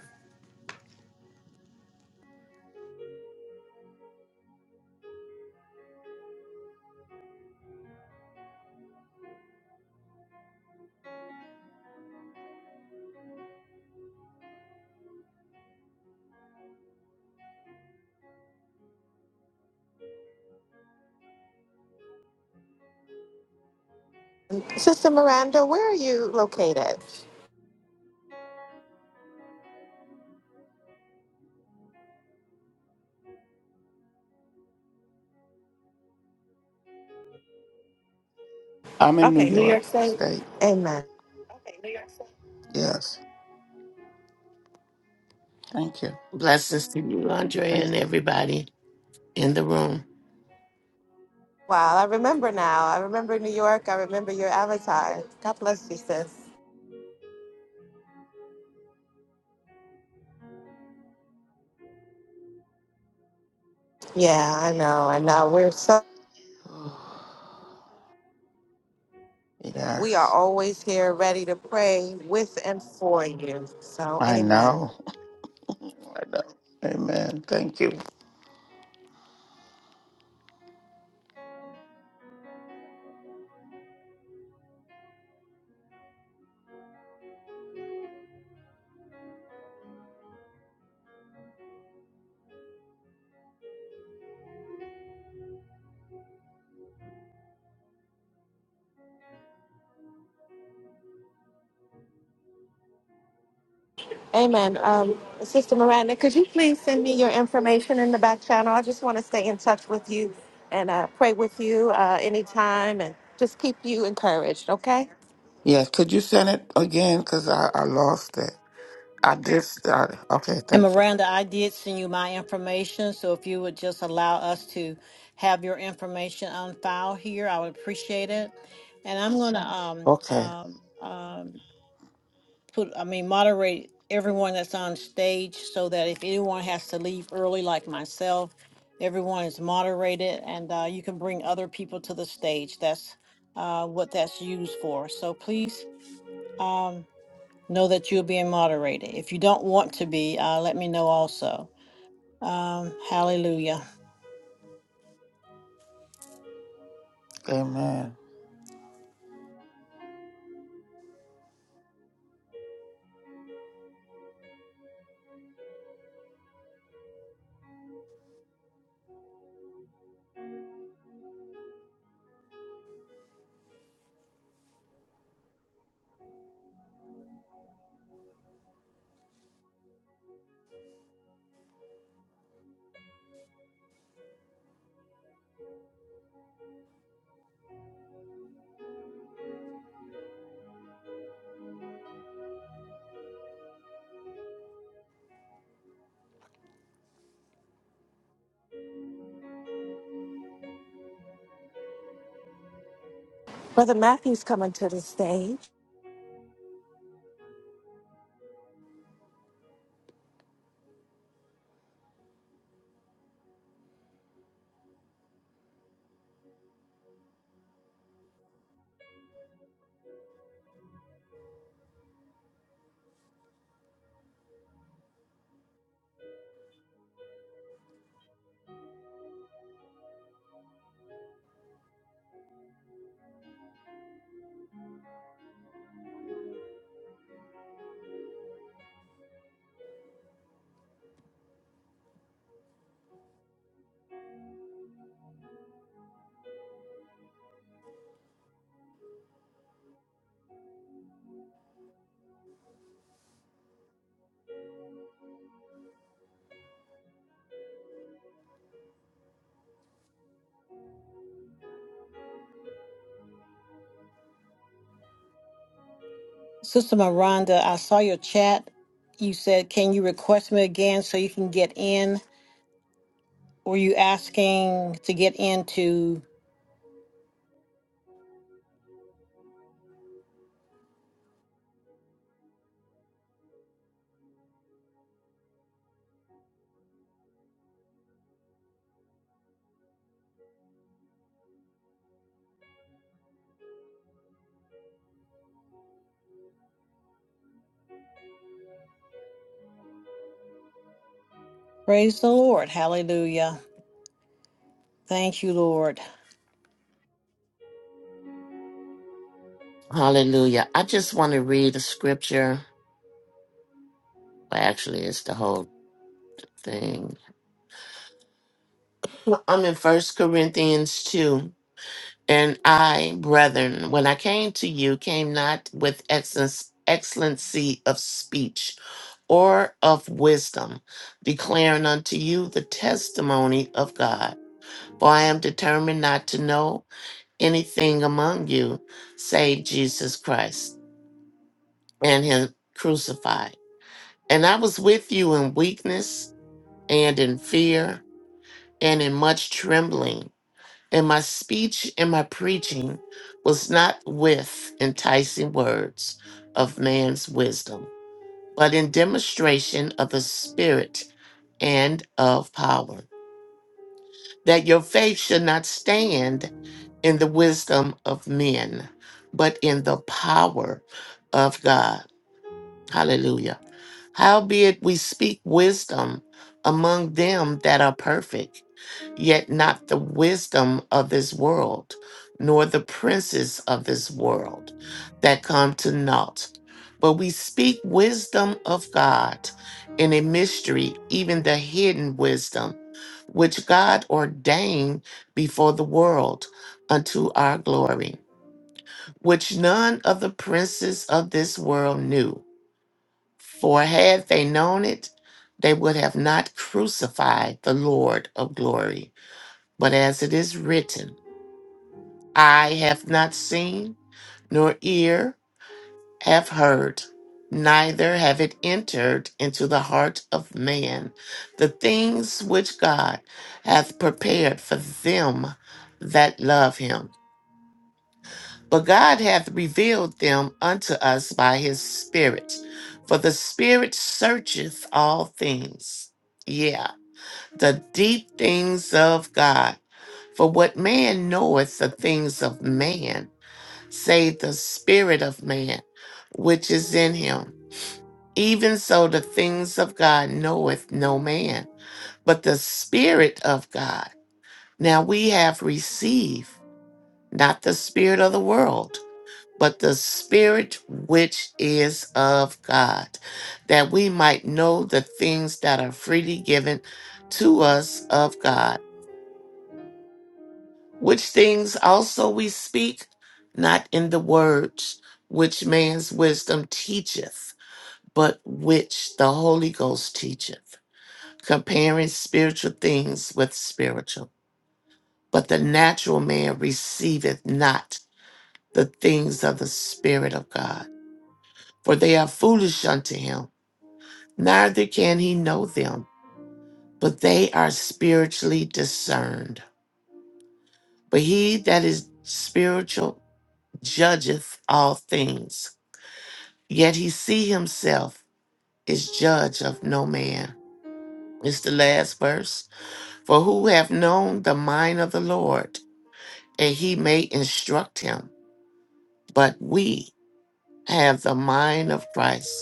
Speaker 3: Sister Miranda, where are you located?
Speaker 12: I'm in New
Speaker 3: Okay, New
Speaker 12: York
Speaker 3: York State.
Speaker 12: State.
Speaker 3: Amen.
Speaker 12: Yes. Thank you.
Speaker 13: Blessings to you, Andrea,
Speaker 12: Thank
Speaker 13: and everybody in the room.
Speaker 3: Wow, I remember now. I remember New York. I remember your avatar. God bless you, sis. Yeah, I know. I know. We're so
Speaker 12: you.
Speaker 3: we are
Speaker 12: Yes.
Speaker 3: always here ready to pray with and for you. So
Speaker 12: I
Speaker 3: amen.
Speaker 12: know. [laughs] I know. Amen. Thank you.
Speaker 3: Amen. Um, Sister Miranda, could you please send me your information in the back channel? I just want to stay in touch with you and uh, pray with you uh, anytime and just keep you encouraged, okay?
Speaker 12: Yes. Could you send it again? Because I, I lost it. I did start. Okay,
Speaker 2: And
Speaker 12: thank you.
Speaker 2: Miranda, I did send you my information. So if you would just allow us to have your information on file here, I would appreciate it. And I'm going to um,
Speaker 12: Okay,
Speaker 2: um, um, put, I mean, moderate everyone that's on stage so that if anyone has to leave early, like myself, everyone is moderated and uh, you can bring other people to the stage. That's uh, what that's used for. So please um, know that you're being moderated. If you don't want to be, uh, let me know also. Um, hallelujah.
Speaker 12: amen.
Speaker 3: Brother Matthew's coming to the stage.
Speaker 2: Sister Miranda, I saw your chat. You said, can you request me again so you can get in? Were you asking to get into? Praise the Lord. Hallelujah. Thank you, Lord.
Speaker 13: Hallelujah. I just want to read a scripture. Well, actually, it's the whole thing. Well, I'm in First Corinthians 2. And I, brethren, when I came to you, came not with excellence, excellency of speech or of wisdom, declaring unto you the testimony of God. For I am determined not to know anything among you save Jesus Christ and him crucified. And I was with you in weakness and in fear and in much trembling. And my speech and my preaching was not with enticing words of man's wisdom, but in demonstration of the Spirit and of power, that your faith should not stand in the wisdom of men, but in the power of God. Hallelujah. Howbeit we speak wisdom among them that are perfect, yet not the wisdom of this world, nor the princes of this world that come to naught. But we speak wisdom of God in a mystery, even the hidden wisdom, which God ordained before the world unto our glory, which none of the princes of this world knew. For had they known it, they would have not crucified the Lord of glory. But as it is written, I have not seen, nor ear have heard, neither have it entered into the heart of man, the things which God hath prepared for them that love him. But God hath revealed them unto us by his Spirit. For the Spirit searcheth all things. Yeah, the deep things of God. For what man knoweth the things of man, save the Spirit of man, which is in him. Even so, the things of God knoweth no man, but the Spirit of God. Now we have received not the Spirit of the world but the Spirit which is of God, that we might know the things that are freely given to us of God, which things also we speak, not in the words which man's wisdom teacheth, but which the Holy Ghost teacheth, comparing spiritual things with spiritual. But the natural man receiveth not the things of the Spirit of God, for they are foolish unto him neither can he know them, but they are spiritually discerned. But he that is spiritual judgeth all things, yet he see himself is judge of no man. It's the last verse. For who have known the mind of the Lord, and he may instruct him, but we have the mind of Christ.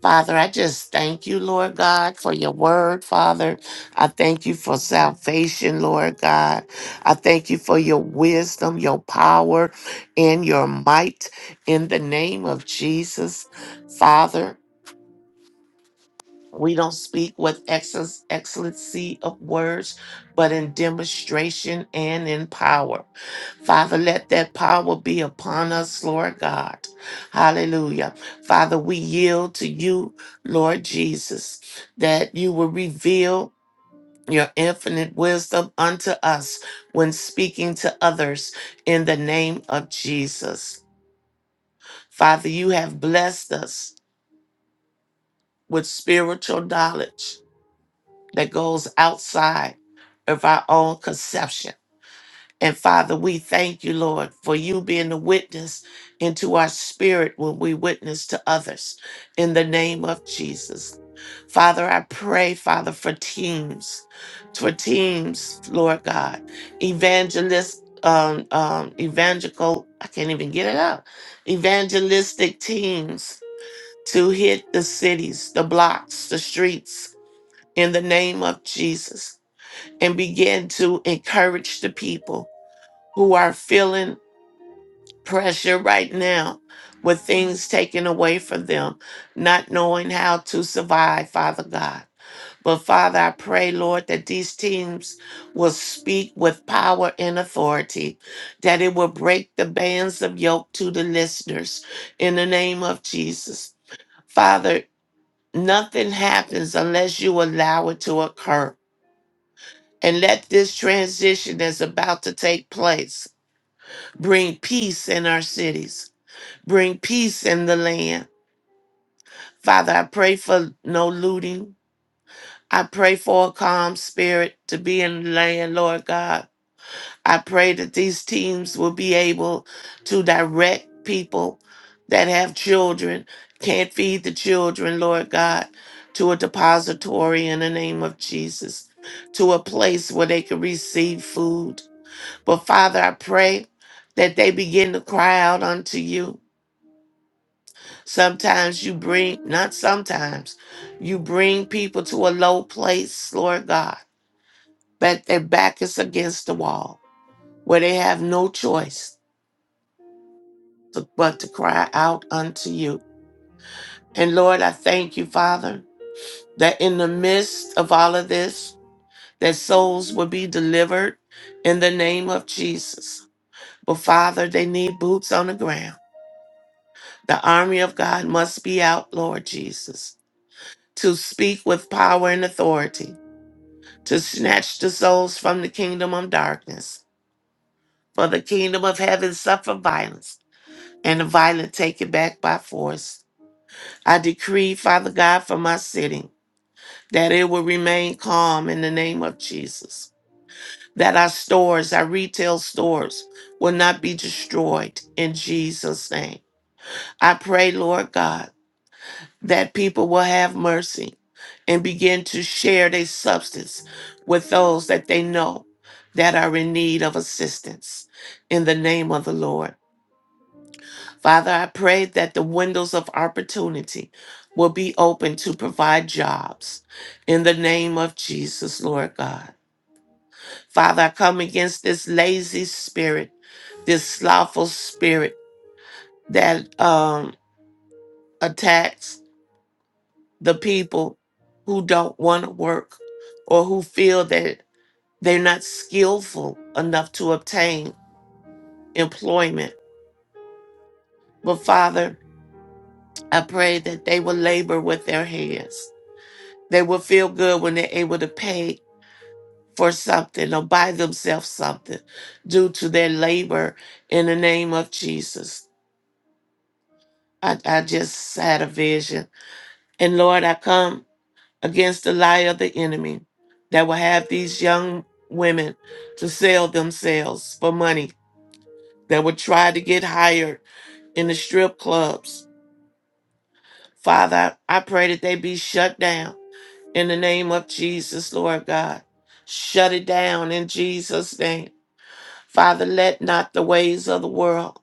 Speaker 13: Father, I just thank you, Lord God, for your word, Father. I thank you for salvation, Lord God. I thank you for your wisdom, your power, and your might in the name of Jesus, Father. We don't speak with excess, excellency of words, but in demonstration and in power. Father, let that power be upon us, Lord God. Hallelujah. Father, we yield to you, Lord Jesus, that you will reveal your infinite wisdom unto us when speaking to others in the name of Jesus. Father, you have blessed us with spiritual knowledge that goes outside of our own conception. And Father, we thank you, Lord, for you being the witness into our spirit when we witness to others in the name of Jesus. Father, I pray, Father, for teams, for teams, Lord God, evangelist, um, um, evangelical, I can't even get it out, evangelistic teams to hit the cities, the blocks, the streets in the name of Jesus and begin to encourage the people who are feeling pressure right now with things taken away from them, not knowing how to survive, Father God. But Father, I pray, Lord, that these teams will speak with power and authority, that it will break the bands of yoke to the listeners in the name of Jesus. Father, nothing happens unless you allow it to occur. And let this transition that's about to take place bring peace in our cities, bring peace in the land. Father, I pray for no looting. I pray for a calm spirit to be in the land, Lord God. I pray that these teams will be able to direct people that have children, can't feed the children, Lord God, to a depository in the name of Jesus, to a place where they can receive food But Father, I pray that they begin to cry out unto you. Sometimes you bring, not sometimes, you bring people to a low place, Lord God, that their back is against the wall, where they have no choice to- but to cry out unto you. And Lord, I thank you, Father, that in the midst of all of this, that souls will be delivered in the name of Jesus. But Father, they need boots on the ground. The army of God must be out, Lord Jesus, to speak with power and authority, to snatch the souls from the kingdom of darkness. For the kingdom of heaven suffer violence, and the violent take it back by force. I decree, Father God, for my city, that it will remain calm in the name of Jesus, that our stores, our retail stores, will not be destroyed in Jesus' name. I pray, Lord God, that people will have mercy and begin to share their substance with those that they know that are in need of assistance in the name of the Lord. Father, I pray that the windows of opportunity will be open to provide jobs in the name of Jesus, Lord God. Father, I come against this lazy spirit, this slothful spirit that um, attacks the people who don't want to work or who feel that They're not skillful enough to obtain employment. But Father, I pray that they will labor with their hands. They will feel good when they're able to pay for something or buy themselves something due to their labor in the name of Jesus. I, I just had a vision. And Lord, I come against the lie of the enemy that will have these young women to sell themselves for money, that will try to get hired in the strip clubs. Father, I I pray that they be shut down in the name of Jesus, Lord God. Shut it down in Jesus' name. Father, let not the ways of the world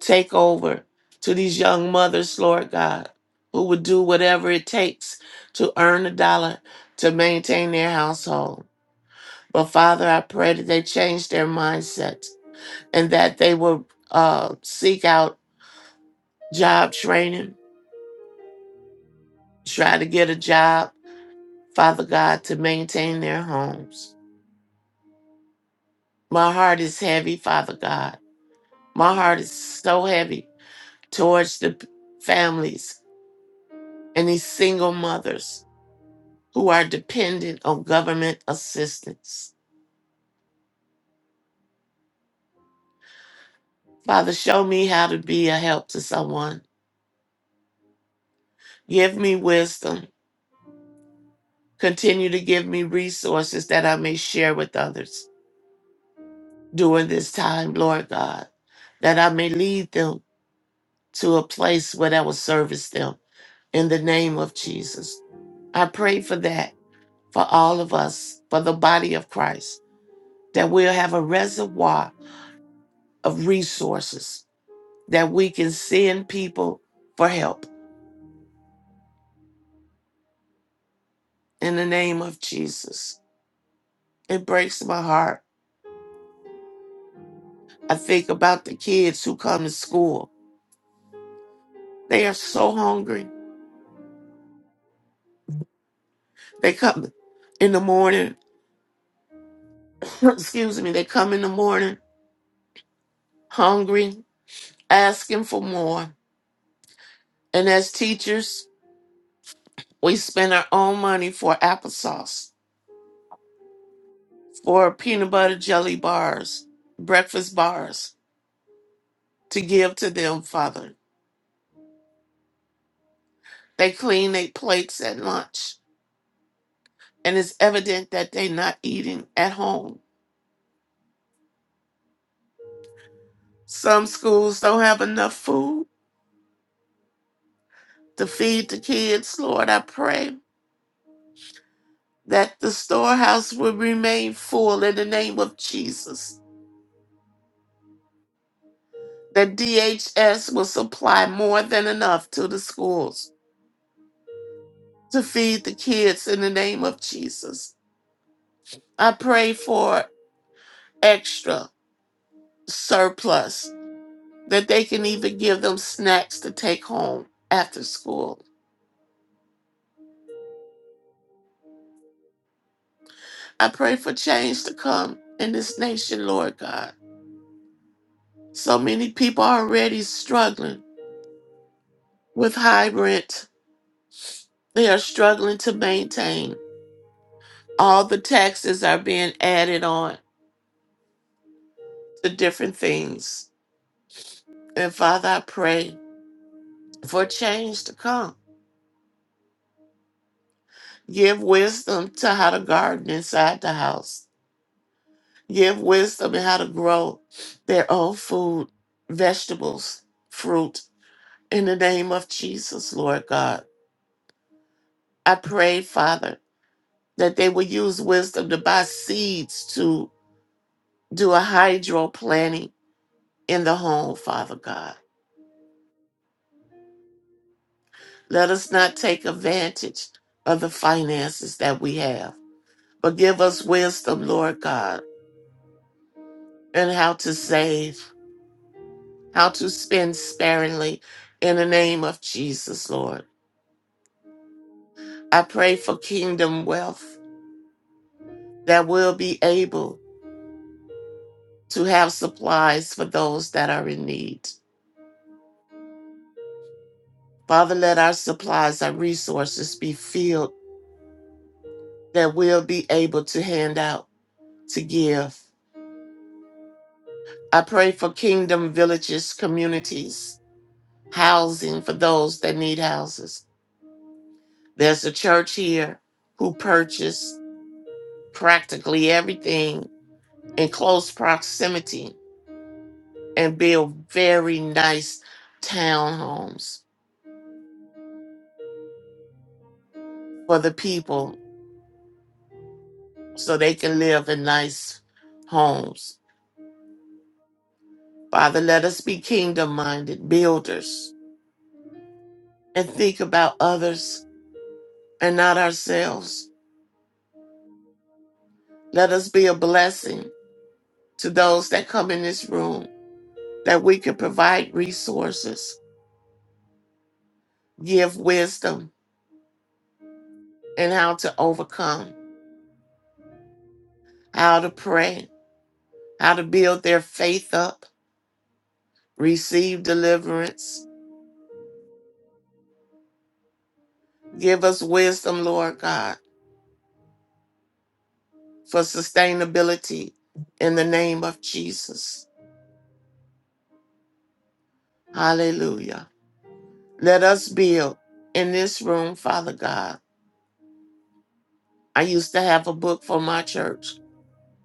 Speaker 13: take over to these young mothers, Lord God, who would do whatever it takes to earn a dollar to maintain their household. But Father, I pray that they change their mindset and that they will uh, seek out job training, try to get a job Father God, to maintain their homes. My heart is heavy, Father God. My heart is so heavy towards the p- families and these single mothers who are dependent on government assistance. Father, show me how to be a help to someone. Give me wisdom. Continue to give me resources that I may share with others during this time, Lord God, that I may lead them to a place where that will service them in the name of Jesus. I pray for that for all of us, for the body of Christ, that we'll have a reservoir of resources that we can send people for help in the name of Jesus. It breaks my heart. I think about the kids who come to school. They are so hungry. They come in the morning, [clears throat] excuse me, they come in the morning hungry, asking for more. And as teachers, we spend our own money for applesauce for peanut butter jelly bars, breakfast bars to give to them, Father. They clean their plates at lunch, and it's evident that they're not eating at home. Some schools don't have enough food to feed the kids, Lord. I pray that the storehouse will remain full in the name of Jesus, that DHS will supply more than enough to the schools to feed the kids in the name of Jesus. I pray for extra surplus that they can even give them snacks to take home after school. I pray for change to come in this nation, Lord God. So many people are already struggling with high rent. They are struggling to maintain. All the taxes are being added on to different things. And Father, I pray for change to come. Give wisdom to how to garden inside the house Give wisdom in how to grow their own food, vegetables, fruit. In the name of Jesus, Lord God. I pray, Father, that they will use wisdom to buy seeds to do a hydro planting in the home, Father God. Let us not take advantage of the finances that we have, but give us wisdom, Lord God, and how to save, how to spend sparingly in the name of Jesus, Lord. I pray for kingdom wealth that we'll be able to have supplies for those that are in need. Father, let our supplies, our resources be filled that we'll be able to hand out, to give. I pray for kingdom villages, communities, housing for those that need houses. There's a church here who purchased practically everything in close proximity and built very nice townhomes for the people so they can live in nice homes. Father, let us be kingdom minded builders and think about others and not ourselves. Let us be a blessing to those that come in this room that we can provide resources, give wisdom and how to overcome, how to pray, how to build their faith up, receive deliverance. Give us wisdom, Lord God for sustainability in the name of Jesus. Hallelujah. Let us build in this room, Father God. I used to have a book for my church,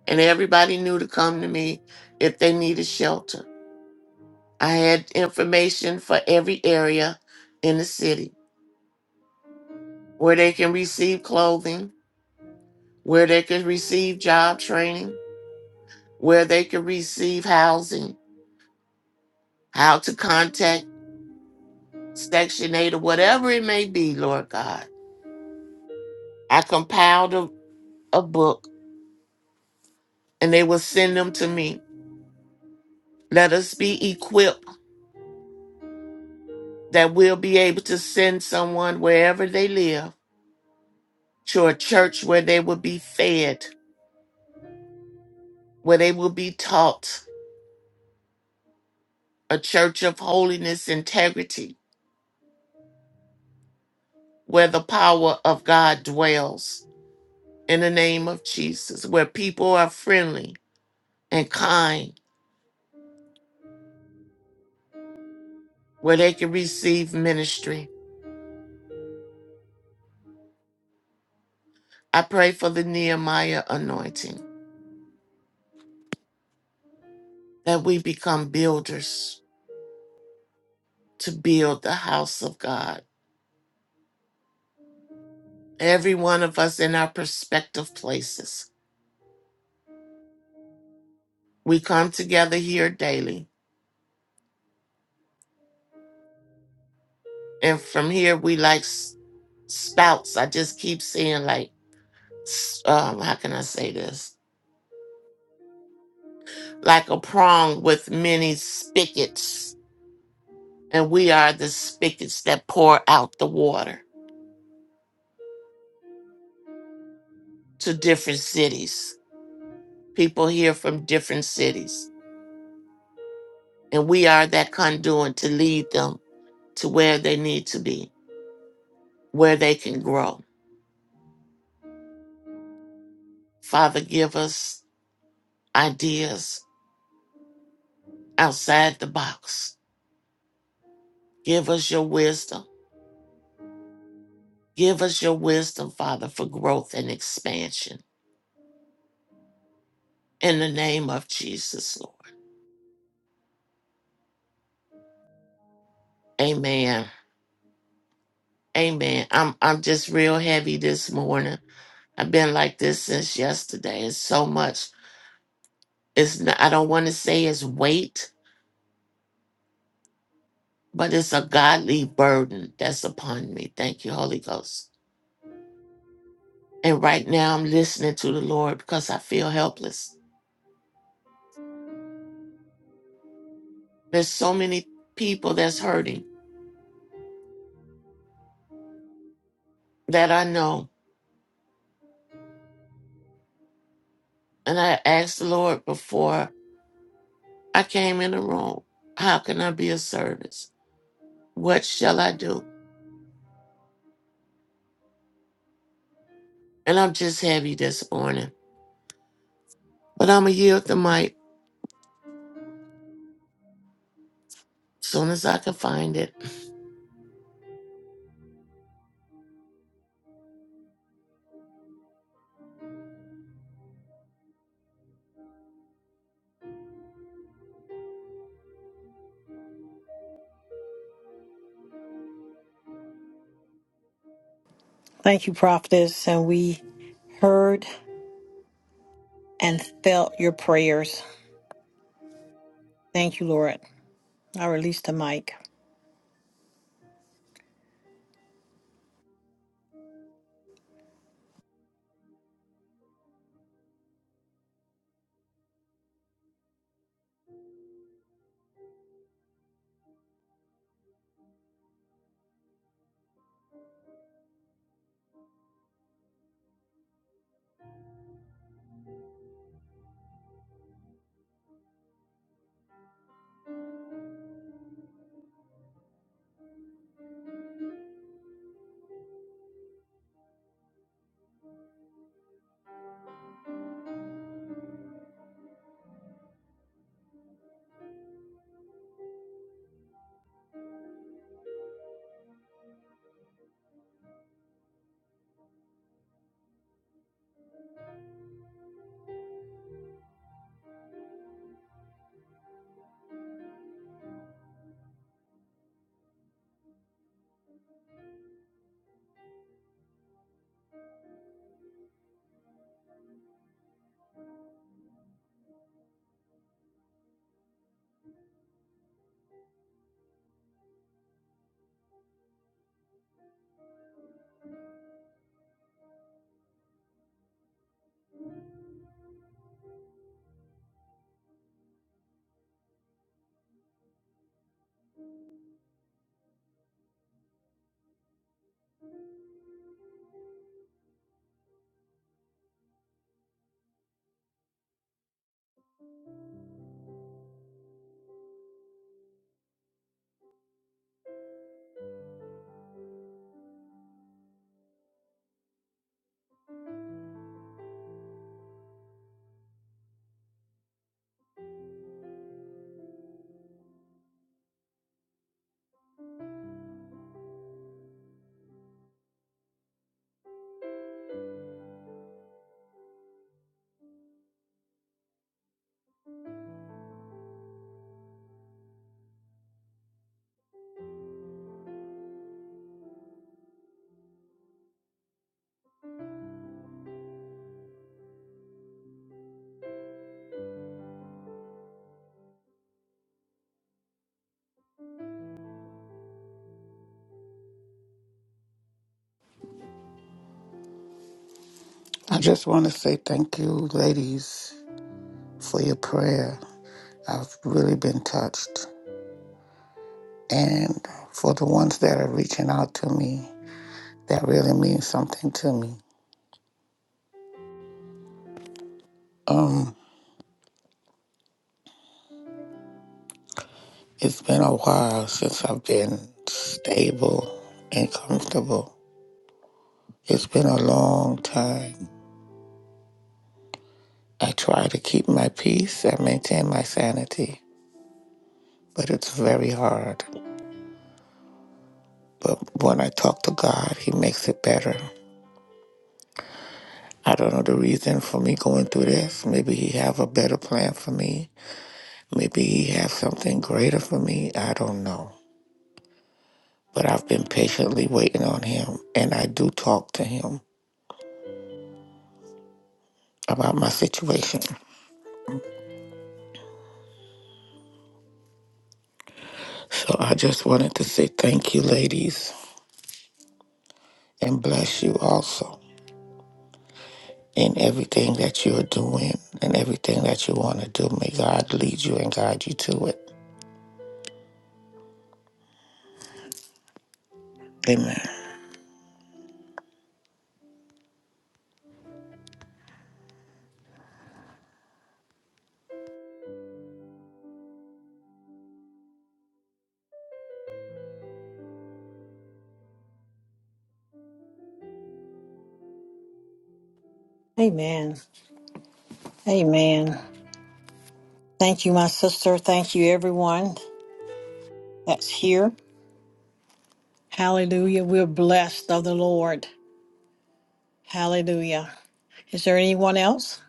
Speaker 13: and everybody knew to come to me if they needed shelter. I had information for every area in the city where they can receive clothing, where they can receive job training, where they can receive housing, how to contact Section 8 or whatever it may be, Lord God. I compiled a, a book and they will send them to me. Let us be equipped that we'll be able to send someone wherever they live to a church where they will be fed, where they will be taught, a church of holiness, integrity, where the power of God dwells in the name of Jesus, where people are friendly and kind, where they can receive ministry. I pray for the Nehemiah anointing that we become builders to build the house of God. Every one of us in our prospective places. We come together here daily. And from here, we like s- spouts. I just keep seeing, like, s- um, how can I say this? Like a prong with many spigots. And we are the spigots that pour out the water to different cities. People here from different cities. And we are that conduit to lead them to where they need to be, where they can grow Father, give us ideas outside the box. Give us your wisdom. Give us your wisdom, Father, for growth and expansion. In the name of Jesus, Lord. Amen. Amen. I'm I'm just real heavy this morning. I've been like this since yesterday. It's so much. It's not, I don't want to say it's weight, but it's a godly burden that's upon me. Thank you, Holy Ghost. And right now I'm listening to the Lord because I feel helpless. There's so many people that's hurting that I know. And I asked the Lord before I came in the room, how can I be of service? What shall I do? And I'm just heavy this morning. But I'm going to yield the mic soon as I can find it.
Speaker 2: Thank you, prophetess. And we heard and felt your prayers. Thank you, Lord. I release the mic.
Speaker 12: I just want to say thank you, ladies, for your prayer. I've really been touched. And for the ones that are reaching out to me, that really means something to me. Um, it's been a while since I've been stable and comfortable. It's been a long time. I try to keep my peace and maintain my sanity, but it's very hard. But when I talk to God, He makes it better. I don't know the reason for me going through this. Maybe He have a better plan for me. Maybe He has something greater for me. I don't know. But I've been patiently waiting on Him, and I do talk to Him about my situation. So I just wanted to say thank you, ladies, and bless you also in everything that you're doing and everything that you want to do. May God lead you and guide you to it. Amen.
Speaker 2: Amen. Amen. Thank you, my sister. Thank you, everyone that's here. Hallelujah. We're blessed of the Lord. Hallelujah. Is there anyone else?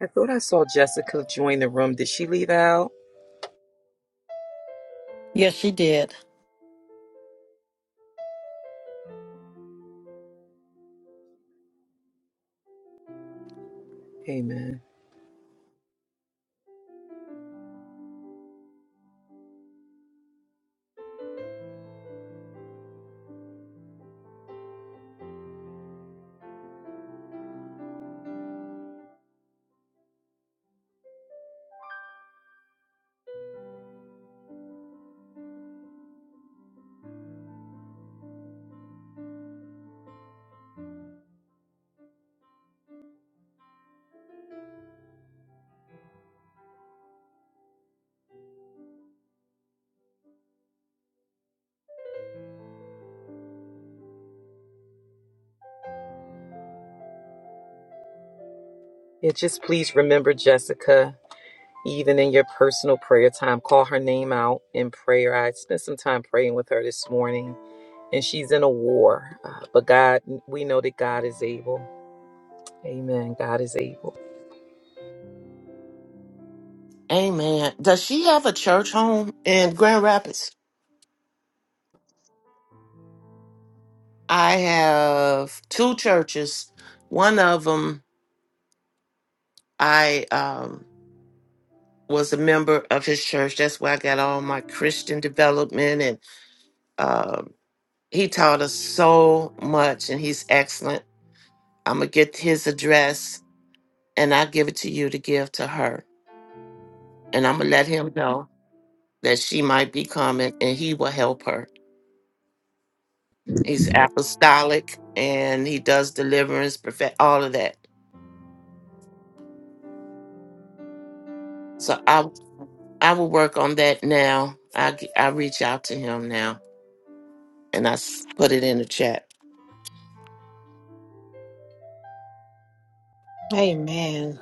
Speaker 5: I thought I saw Jessica join the room. Did she leave out?
Speaker 2: Yes, she did.
Speaker 5: Amen. Yeah, just please remember Jessica, even in your personal prayer time. Call her name out in prayer. I spent some time praying with her this morning, and she's in a war. Uh, but God, we know that God is able. Amen. God is able.
Speaker 13: Amen. Does she have a church home in Grand Rapids? I have two churches. One of them, I um, was a member of his church. That's where I got all my Christian development and He taught us so much and he's excellent. I'm going to get his address and I'll give it to you to give to her. And I'm going to let him know that she might be coming and he will help her. He's apostolic and he does deliverance, perfect all of that. So I I will work on that now. I g- I reach out to him now and I s- put it in the chat.
Speaker 2: Amen.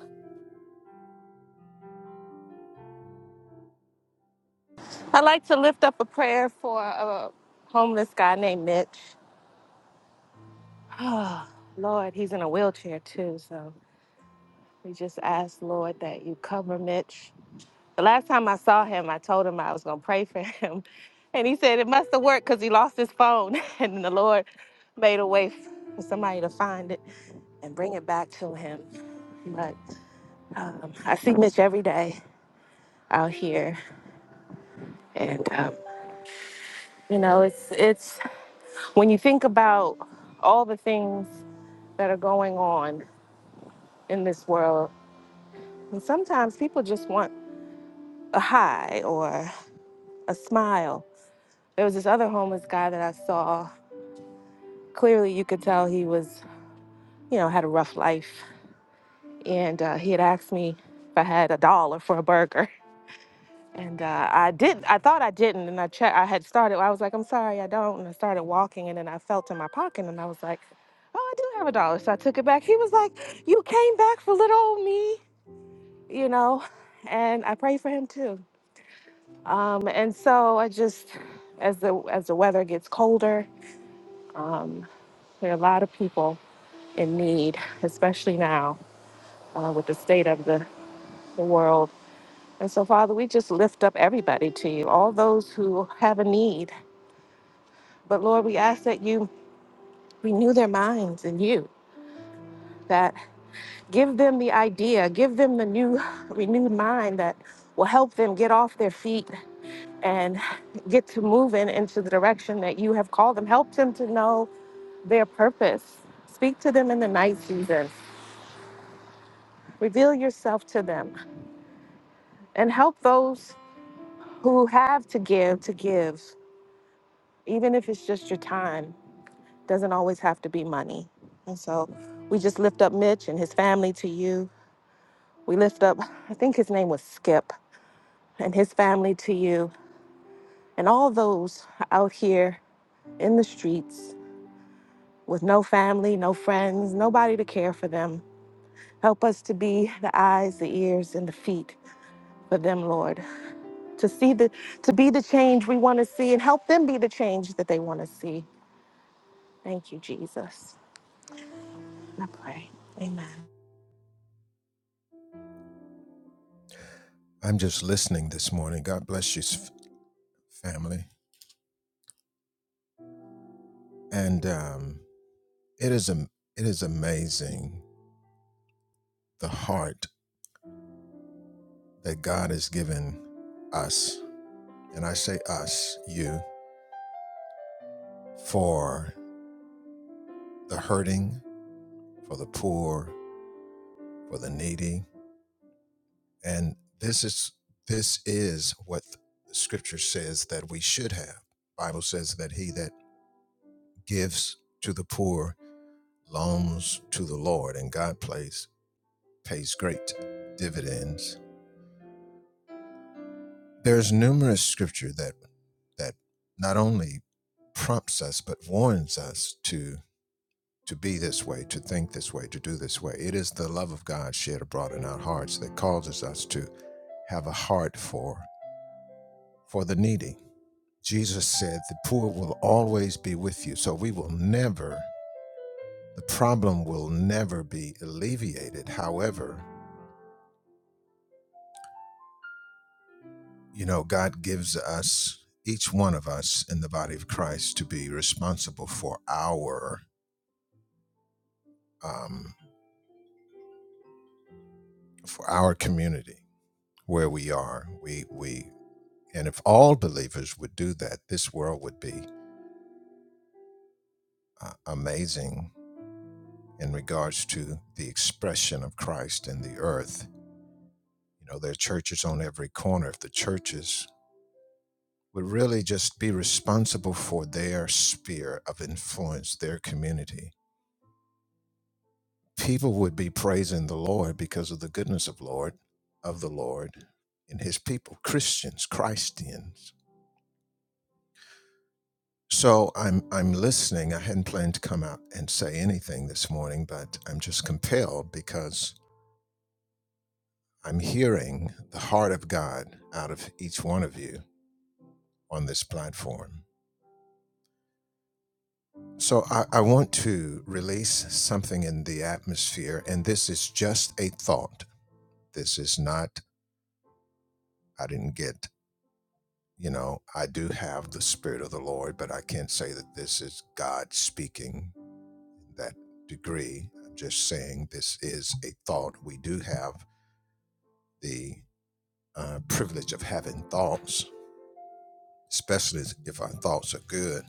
Speaker 3: I'd like to lift up a prayer for a homeless guy named Mitch. [sighs] Oh, Lord, he's in a wheelchair too, so we just ask, Lord, that you cover Mitch. The last time I saw him, I told him I was going to pray for him. [laughs] And he said it must have worked because he lost his phone. [laughs] And the Lord made a way for somebody to find it and bring it back to him. But um, I see Mitch every day out here. And, um, you know, it's, it's when you think about all the things that are going on in this world, and sometimes people just want a high or a smile. There was this other homeless guy that I saw Clearly, you could tell he was, you know, had a rough life. And uh, he had asked me if I had a dollar for a burger. [laughs] And uh, I didn't. I thought I didn't. And I checked. I had started. I was like, I'm sorry, I don't. And I started walking. And then I felt in my pocket. And I was like, Oh, I do have a dollar. So I took it back. He was like, You came back for little old me, you know. And I prayed for him too. Um, and so I just, as the as the weather gets colder, um, there are a lot of people in need, especially now. uh, with the state of the, the world. And so, Father, we just lift up everybody to you, all those who have a need. But Lord, we ask that you renew their minds in you, that give them the idea, give them the new, renewed mind that will help them get off their feet and get to moving into the direction that you have called them. Help them to know their purpose. Speak to them in the night season. Reveal yourself to them and help those who have to give to give even if it's just your time, doesn't always have to be money. And so we just lift up Mitch and his family to you. We lift up, I think his name was Skip, and his family to you, and all those out here in the streets with no family, no friends, nobody to care for them. Help us to be the eyes, the ears, and the feet for them, Lord. To see the to be the change we want to see and help them be the change that they want to see. Thank you, Jesus. I pray. Amen.
Speaker 14: I'm just listening this morning. God bless you, s- family. And um, it is a it is amazing the heart that God has given us, and I say us, you, for the hurting, for the poor, for the needy, and this is this is what the Scripture says that we should have. Bible says that he that gives to the poor loans to the Lord, and God plays pays great dividends. There's numerous scripture that that not only prompts us but warns us to to be this way, to think this way, to do this way. It is the love of God shed abroad in our hearts that causes us to have a heart for for the needy. Jesus said, "The poor will always be with you." So we will never the problem will never be alleviated. However, You know, God gives us, each one of us in the body of Christ, to be responsible for our um, for our community where we are. We we and if all believers would do that, this world would be uh, amazing in regards to the expression of Christ in the earth. You know, there are churches on every corner. If the churches would really just be responsible for their sphere of influence, their community, people would be praising the Lord because of the goodness of Lord of the Lord and his people, Christians, Christians. So I'm I'm listening. I hadn't planned to come out and say anything this morning, but I'm just compelled because I'm hearing the heart of God out of each one of you on this platform. So I, I want to release something in the atmosphere, and this is just a thought. This is not I didn't get you know, I do have the Spirit of the Lord, but I can't say that this is God speaking in that degree. I'm just saying this is a thought. We do have the uh, privilege of having thoughts, especially if our thoughts are good.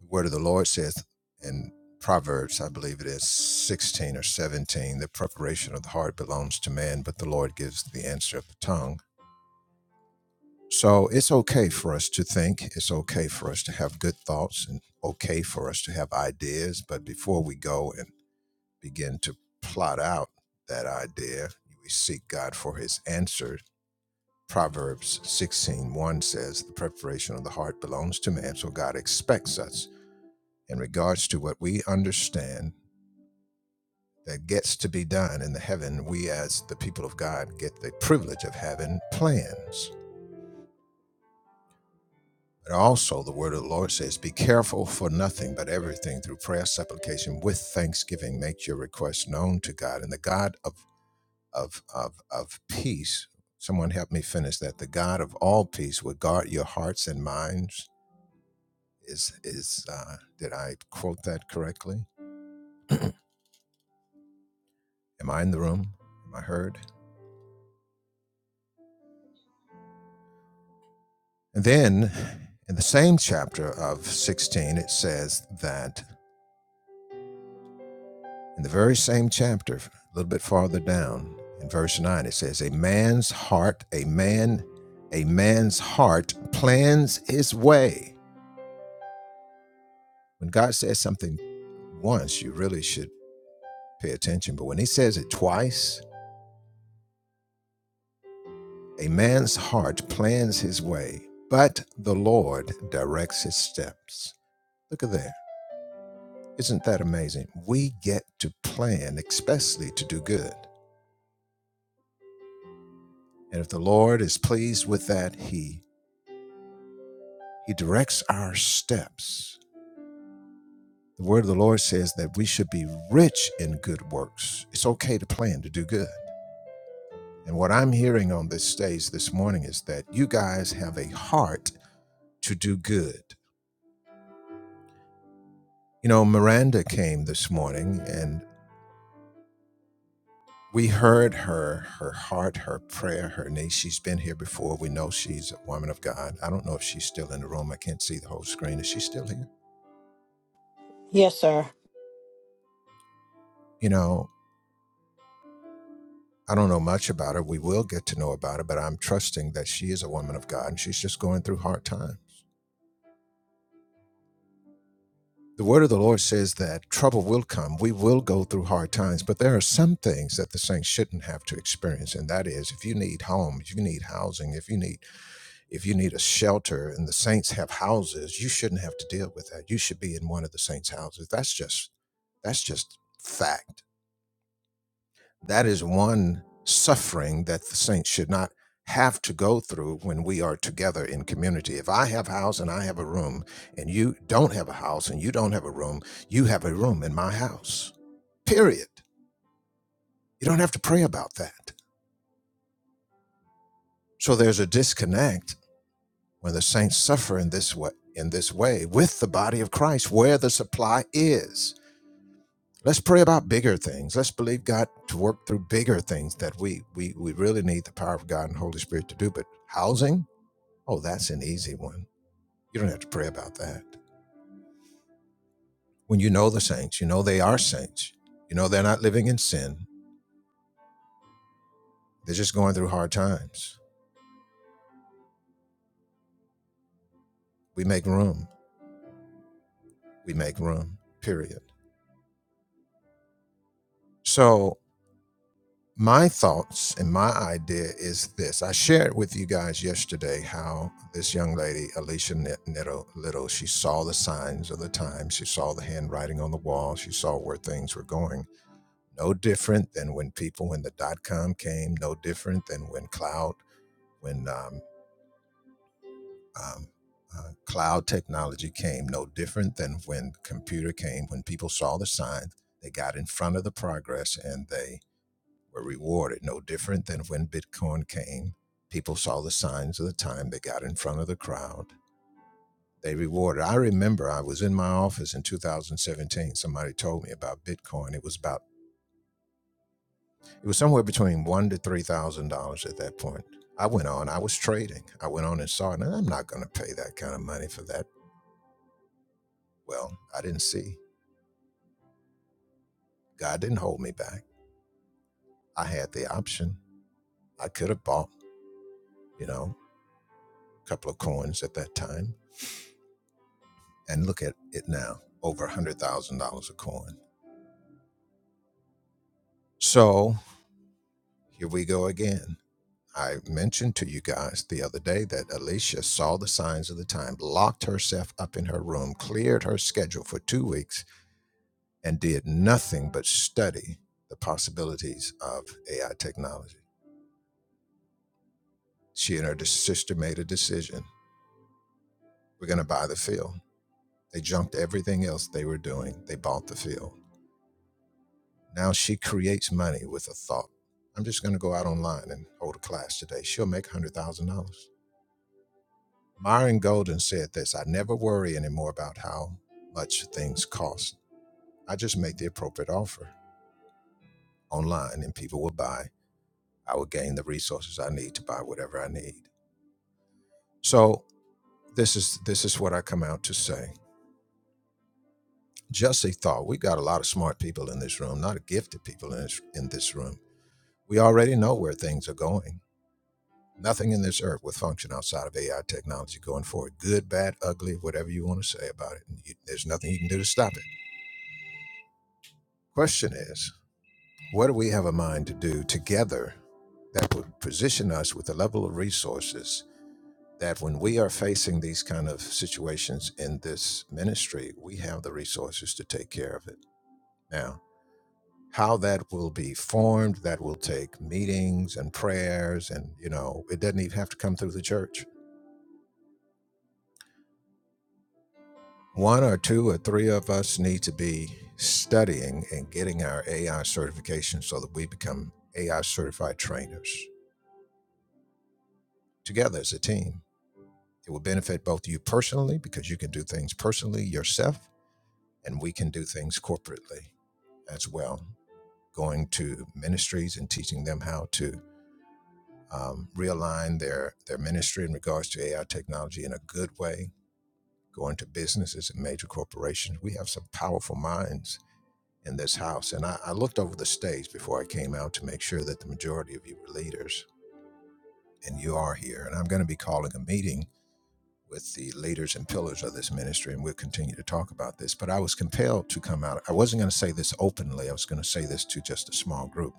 Speaker 14: The Word of the Lord says in Proverbs, I believe it is 16 or 17, the preparation of the heart belongs to man, but the Lord gives the answer of the tongue So it's okay for us to think. It's okay for us to have good thoughts and okay for us to have ideas. But before we go and begin to plot out that idea, we seek God for his answer. Proverbs sixteen one says, The preparation of the heart belongs to man. So God expects us in regards to what we understand that gets to be done in the heaven. We, as the people of God, get the privilege of having plans But also, the word of the Lord says, Be careful for nothing, but everything through prayer, supplication, with thanksgiving, make your requests known to God. And the God of, of, of, of peace, someone help me finish that. The God of all peace will guard your hearts and minds. Is, is uh, did I quote that correctly? Am I in the room? Am I heard? And then in the same chapter of 16, it says that. In the very same chapter, a little bit farther down, in verse 9, it says, A man's heart, a man, a man's heart plans his way. When God says something once, you really should pay attention. But when he says it twice, a man's heart plans his way, but the Lord directs his steps. Look at there. Isn't that amazing? We get to plan, especially to do good. And if the Lord is pleased with that, he He directs our steps. The word of the Lord says that we should be rich in good works. It's okay to plan to do good. And what I'm hearing on this stage this morning is that you guys have a heart to do good. You know, Miranda came this morning and we heard her, her heart, her prayer, her needs. She's been here before. We know she's a woman of God. I don't know if she's still in the room. I can't see the whole screen. Is she still here?
Speaker 2: Yes, sir.
Speaker 14: You know, I don't know much about her. We will get to know about her, but I'm trusting that she is a woman of God and she's just going through hard times. The word of the Lord says that trouble will come. We will go through hard times, but there are some things that the saints shouldn't have to experience. And that is if you need home, if you need housing, if you need if you need a shelter and the saints have houses, you shouldn't have to deal with that. You should be in one of the saints' houses. That's just that's just fact That is one suffering that the saints should not have to go through when we are together in community. If I have a house and I have a room, and you don't have a house and you don't have a room, you have a room in my house. Period. You don't have to pray about that. So there's a disconnect when the saints suffer in this way in this way with the body of Christ where the supply is. Let's pray about bigger things. Let's believe God to work through bigger things that we we we really need the power of God and Holy Spirit to do. But housing Oh, that's an easy one. You don't have to pray about that. When you know the saints, you know they are saints. You know they're not living in sin. They're just going through hard times. We make room. We make room, period. So, my thoughts and my idea is this. I shared with you guys yesterday how this young lady, Alicia Nitto Little, she saw the signs of the times. She saw the handwriting on the wall. She saw where things were going. No different than when people, when the dot com came, no different than when cloud when um, um, uh, cloud technology came, no different than when computer came. When people saw the signs, they got in front of the progress and they were rewarded. No different than when Bitcoin came. People saw the signs of the time. They got in front of the crowd. They rewarded. I remember I was in my office in 2017. Somebody told me about Bitcoin. It was about it was somewhere between one to three thousand dollars at that point. I went on. I was trading. I went on and saw it, and I'm not going to pay that kind of money for that. Well, I didn't see. God didn't hold me back. I had the option. I could have bought, you know, a couple of coins at that time. And look at it now over $100,000 a coin. So here we go again. I mentioned to you guys the other day that Alicia saw the signs of the time, locked herself up in her room, cleared her schedule for two weeks, and did nothing but study the possibilities of AI technology. She and her sister made a decision. We're going to buy the field They junked everything else they were doing. They bought the field. Now she creates money with a thought. I'm just going to go out online and hold a class today. She'll make $100,000. Myron Golden said this I never worry anymore about how much things cost. I just make the appropriate offer online and people will buy. I will gain the resources I need to buy whatever I need. So this is this is what I come out to say. Just a thought. We got a lot of smart people in this room, not gifted people in this in this room We already know where things are going. Nothing in this earth will function outside of AI technology going forward. Good, bad, ugly, whatever you want to say about it. You- there's nothing you can do to stop it. Question is, what do we have a mind to do together that would position us with a level of resources that when we are facing these kind of situations in this ministry, we have the resources to take care of it. Now, how that will be formed, that will take meetings and prayers, and you know, it doesn't even have to come through the church one or two or three of us need to be studying and getting our AI certification so that we become AI certified trainers together as a team. It will benefit both you personally because you can do things personally yourself, and we can do things corporately as well, going to ministries and teaching them how to um, realign their, their ministry in regards to AI technology in a good way, going to businesses and major corporations. We have some powerful minds in this house. And I, I looked over the stage before I came out to make sure that the majority of you were leaders, and you are here. And I'm going to be calling a meeting with the leaders and pillars of this ministry, and we'll continue to talk about this. But I was compelled to come out. I wasn't going to say this openly, I was going to say this to just a small group.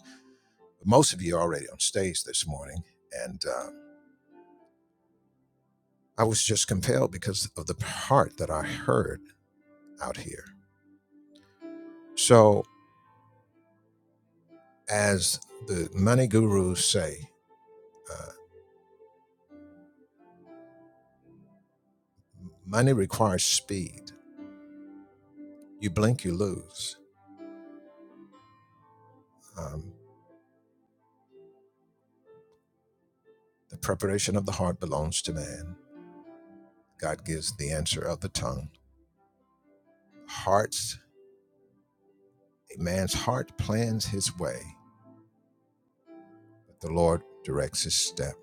Speaker 14: But most of you are already on stage this morning, and uh, I was just compelled because of the part that I heard out here. So, as the money gurus say, uh, money requires speed You blink, you lose. Um, the preparation of the heart belongs to man. God gives the answer of the tongue. Hearts, a man's heart plans his way, but the Lord directs his step.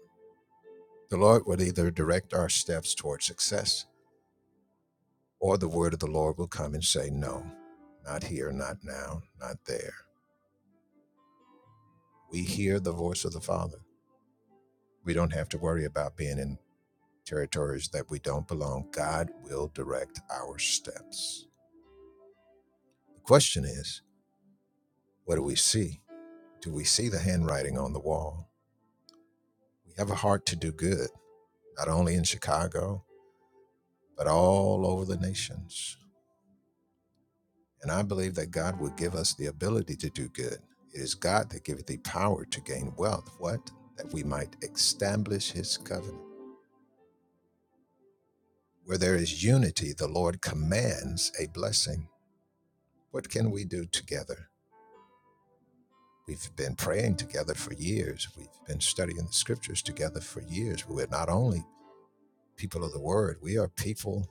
Speaker 14: The Lord will either direct our steps toward success, or the word of the Lord will come and say, No, not here, not now, not there. We hear the voice of the Father. We don't have to worry about being in territories that we don't belong. God will direct our steps. The question is, What do we see? Do we see the handwriting on the wall? We have a heart to do good, not only in Chicago, but all over the nations. And I believe that God will give us the ability to do good. It is God that giveth thee power to gain wealth. What? That we might establish his covenant. Where there is unity, the Lord commands a blessing. What can we do together? We've been praying together for years. We've been studying the scriptures together for years. We're not only people of the word. We are people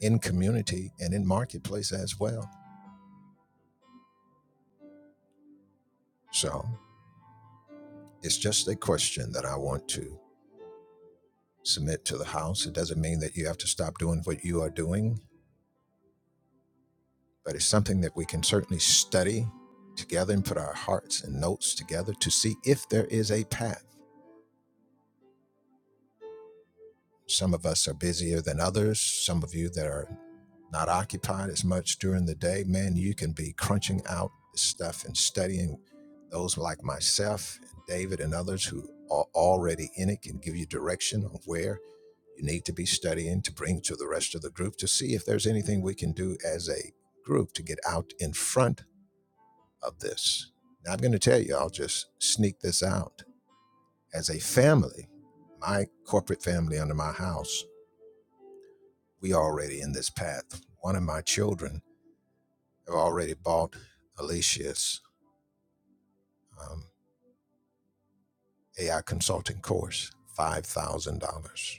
Speaker 14: in community and in marketplace as well. So it's just a question that I want to submit to the House. It doesn't mean that you have to stop doing what you are doing, but it's something that we can certainly study together and put our hearts and notes together to see if there is a path. Some of us are busier than others. Some of you that are not occupied as much during the day, man, you can be crunching out this stuff and studying. Those like myself, and David, and others who are already in it can give you direction on where you need to be studying to bring to the rest of the group to see if there's anything we can do as a group to get out in front of this. Now, I'm going to tell you, I'll just sneak this out. As a family, my corporate family under my house, we already in this path. One of my children I've already bought Alicia's um, AI consulting course, $5,000.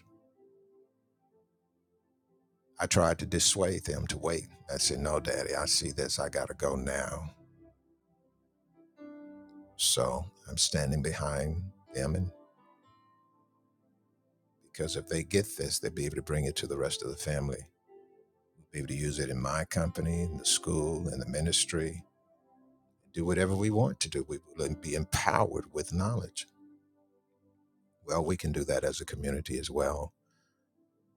Speaker 14: I tried to dissuade them to wait. I said, no, daddy, I see this. I got to go now. So I'm standing behind them. And because if they get this, they'll be able to bring it to the rest of the family, We'll be able to use it in my company, in the school, in the ministry, do whatever we want to do. We will be empowered with knowledge. Well, we can do that as a community as well,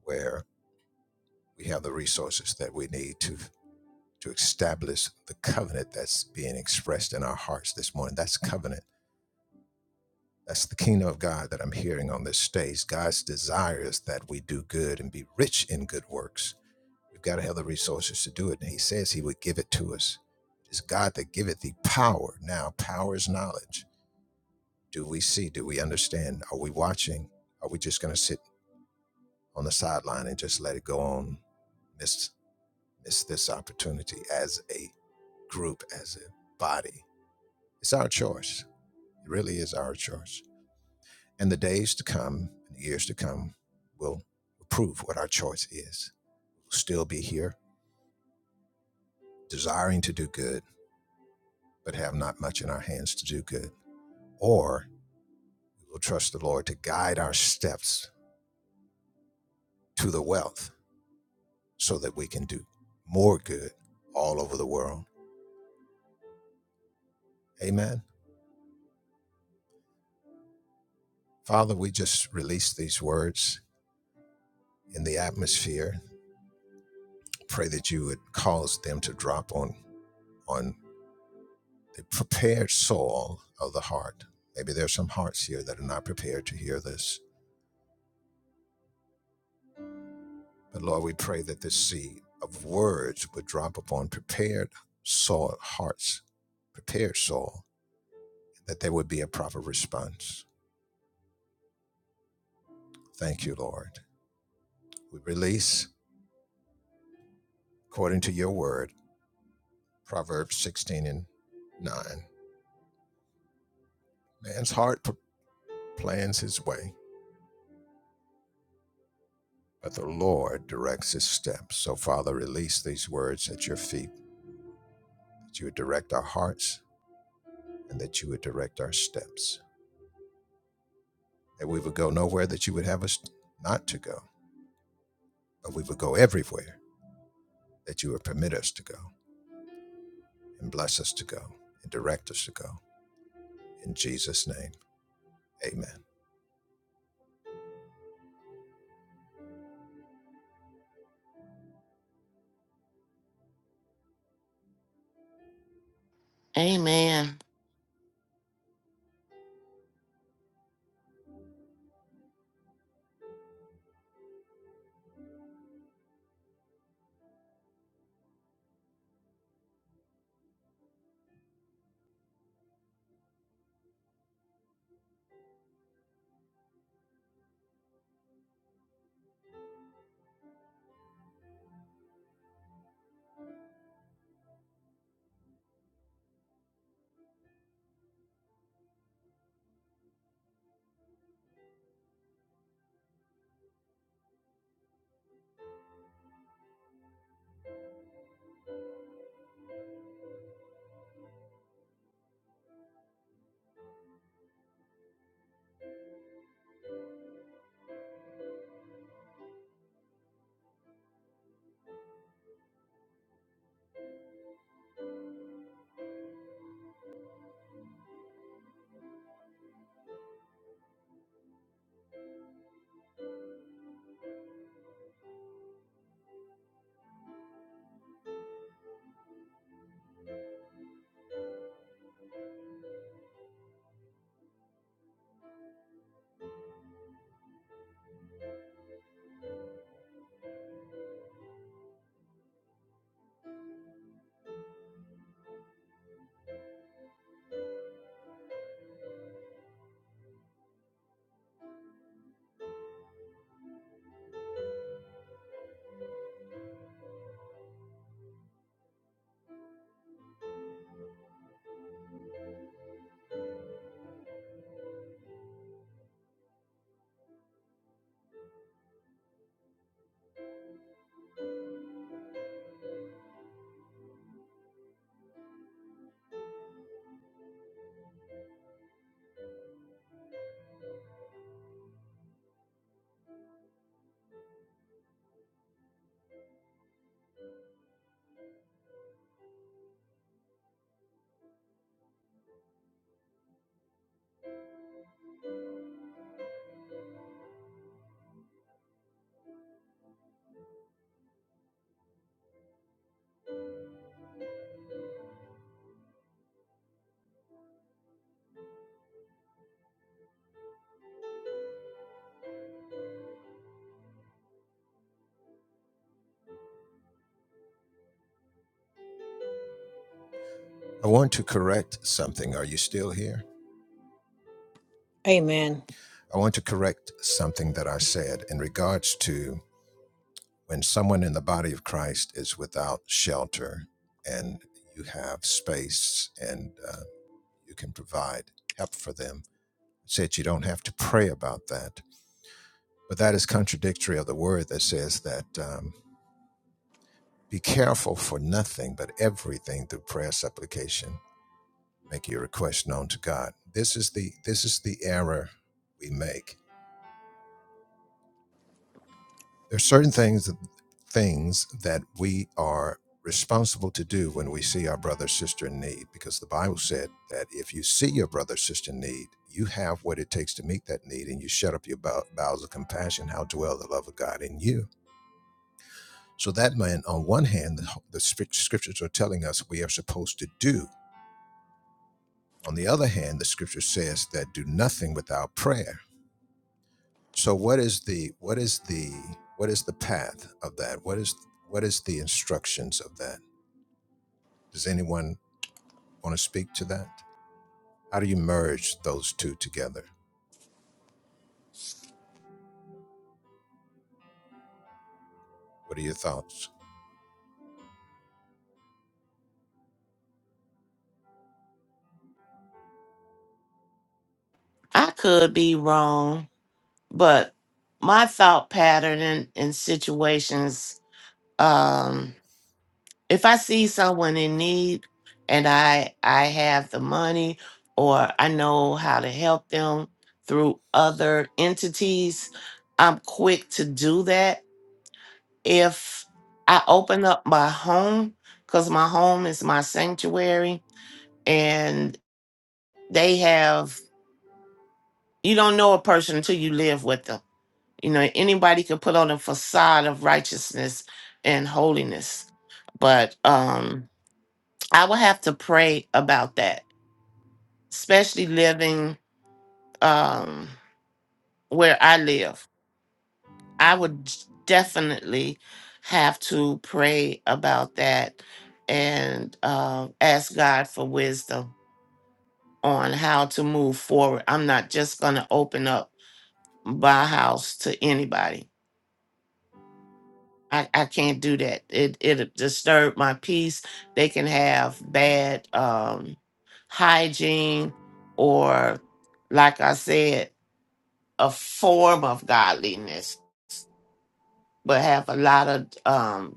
Speaker 14: where we have the resources that we need to to establish the covenant that's being expressed in our hearts this morning. That's covenant. That's the kingdom of God that I'm hearing on this stage. God's desire is that we do good and be rich in good works. We've got to have the resources to do it. And he says he would give it to us. It is God that giveth thee power. Now, power is knowledge. Do we see? Do we understand? Are we watching? Are we just going to sit on the sideline and just let it go on? Miss, miss this opportunity as a group, as a body It's our choice. It really is our choice. And the days to come and the years to come will prove what our choice is. We'll still be here, desiring to do good, but have not much in our hands to do good. Or we'll trust the Lord to guide our steps to the wealth so that we can do more good all over the world. Amen. Father, we just release these words in the atmosphere. Pray that you would cause them to drop on on prepared soul of the heart. Maybe there's some hearts here that are not prepared to hear this. But Lord, we pray that this seed of words would drop upon prepared soul hearts, prepared soul, that there would be a proper response. Thank you, Lord. We release, according to your word, Proverbs 16 and 9. Man's heart p- plans his way, but the Lord directs his steps. So, Father, release these words at your feet, that you would direct our hearts and that you would direct our steps, that we would go nowhere that you would have us not to go, but we would go everywhere that you would permit us to go and bless us to go and direct us to go. In Jesus' name, amen.
Speaker 13: Amen.
Speaker 14: I want to correct something. Are you still here?
Speaker 2: Amen.
Speaker 14: I want to correct something that I said in regards to when someone in the body of Christ is without shelter and you have space and uh, you can provide help for them. I said you don't have to pray about that But that is contradictory of the word that says that um, be careful for nothing, but everything through prayer, supplication, make your request known to God. This is the this is the error we make. There are certain things things that we are responsible to do when we see our brother or sister in need, because the Bible said that if you see your brother or sister in need, you have what it takes to meet that need, and you shut up your bow- bowels of compassion. How dwell the love of God in you? So that meant, on one hand, the, the scriptures are telling us we are supposed to do. On the other hand, the scripture says that do nothing without prayer. So what is the what is the what is the path of that? What is what is the instructions of that? Does anyone want to speak to that? How do you merge those two together? What are your thoughts?
Speaker 13: I could be wrong, but my thought pattern in, in situations, um, if I see someone in need and I I have the money or I know how to help them through other entities, I'm quick to do that. If I open up my home, because my home is my sanctuary and they have You don't know a person until you live with them. You know, anybody could put on a facade of righteousness and holiness. But um I will have to pray about that, especially living um where I live. I would definitely have to pray about that and uh, ask God for wisdom on how to move forward. I'm not just going to open up my house to anybody I, I can't do that. It it disturbed my peace. They can have bad um hygiene or like I said, a form of godliness, but have a lot of um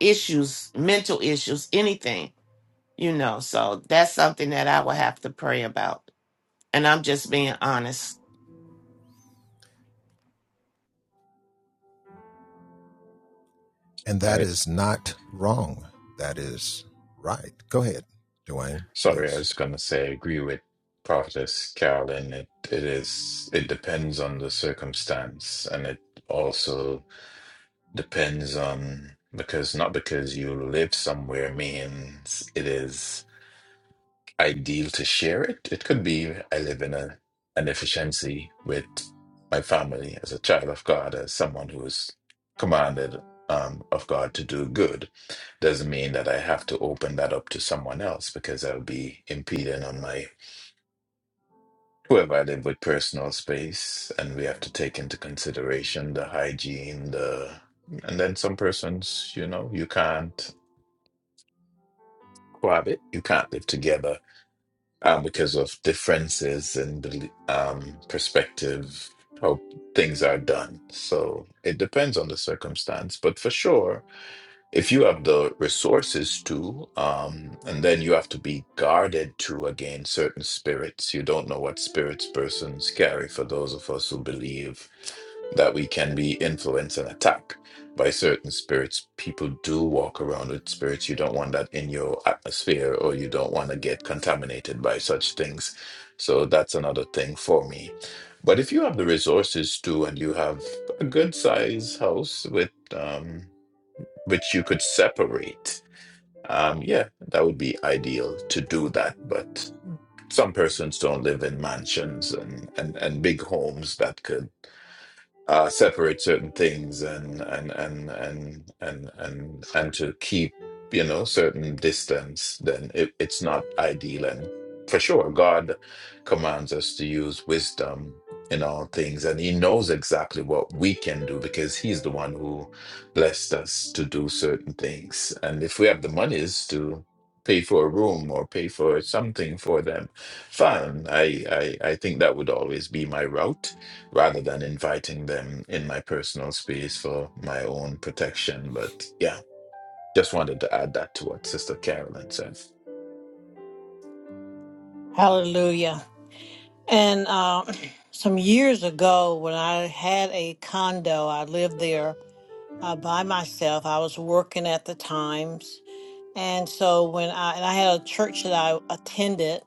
Speaker 13: issues, mental issues, anything, you know. So that's something that I will have to pray about. And I'm just being honest.
Speaker 14: And that
Speaker 4: I
Speaker 14: is not wrong. That is right. Go ahead, Dwayne,
Speaker 4: sorry,
Speaker 14: please.
Speaker 4: I was gonna say I agree with Prophetess Carolyn. It it is it depends on the circumstance and it also depends on because not because you live somewhere means it is. ideal to share it. It could be I live in a an efficiency with my family as a child of God, as someone who is commanded um, of God to do good. Doesn't mean that I have to open that up to someone else because I'll be impeding on my whoever I live with personal space, and we have to take into consideration the hygiene, the and then some persons, you know, you can't cohabit, you can't live together um, because of differences in bel- um, perspective, how things are done. So it depends on the circumstance, but for sure, if you have the resources to, um, and then you have to be guarded to against certain spirits. You don't know what spirits persons carry for those of us who believe that we can be influenced and attacked by certain spirits. People do walk around with spirits. You don't want that in your atmosphere, or you don't want to get contaminated by such things. So that's another thing for me. But if you have the resources to, and you have a good size house with, um, which you could separate. Um, yeah, that would be ideal to do that. But some persons don't live in mansions and, and, and big homes that could uh, separate certain things and and and and and and and to keep you know certain distance, then it, it's not ideal. And for sure, God commands us to use wisdom in all things, and He knows exactly what we can do because He's the one who blessed us to do certain things. And if we have the monies to pay for a room or pay for something for them, fine. I I, I think that would always be my route rather than inviting them in my personal space for my own protection. But yeah, just wanted to add that to what Sister Carolyn said.
Speaker 2: Hallelujah. And uh, some years ago, when I had a condo, I lived there uh, by myself. I was working at the times, and so when I and I had a church that I attended,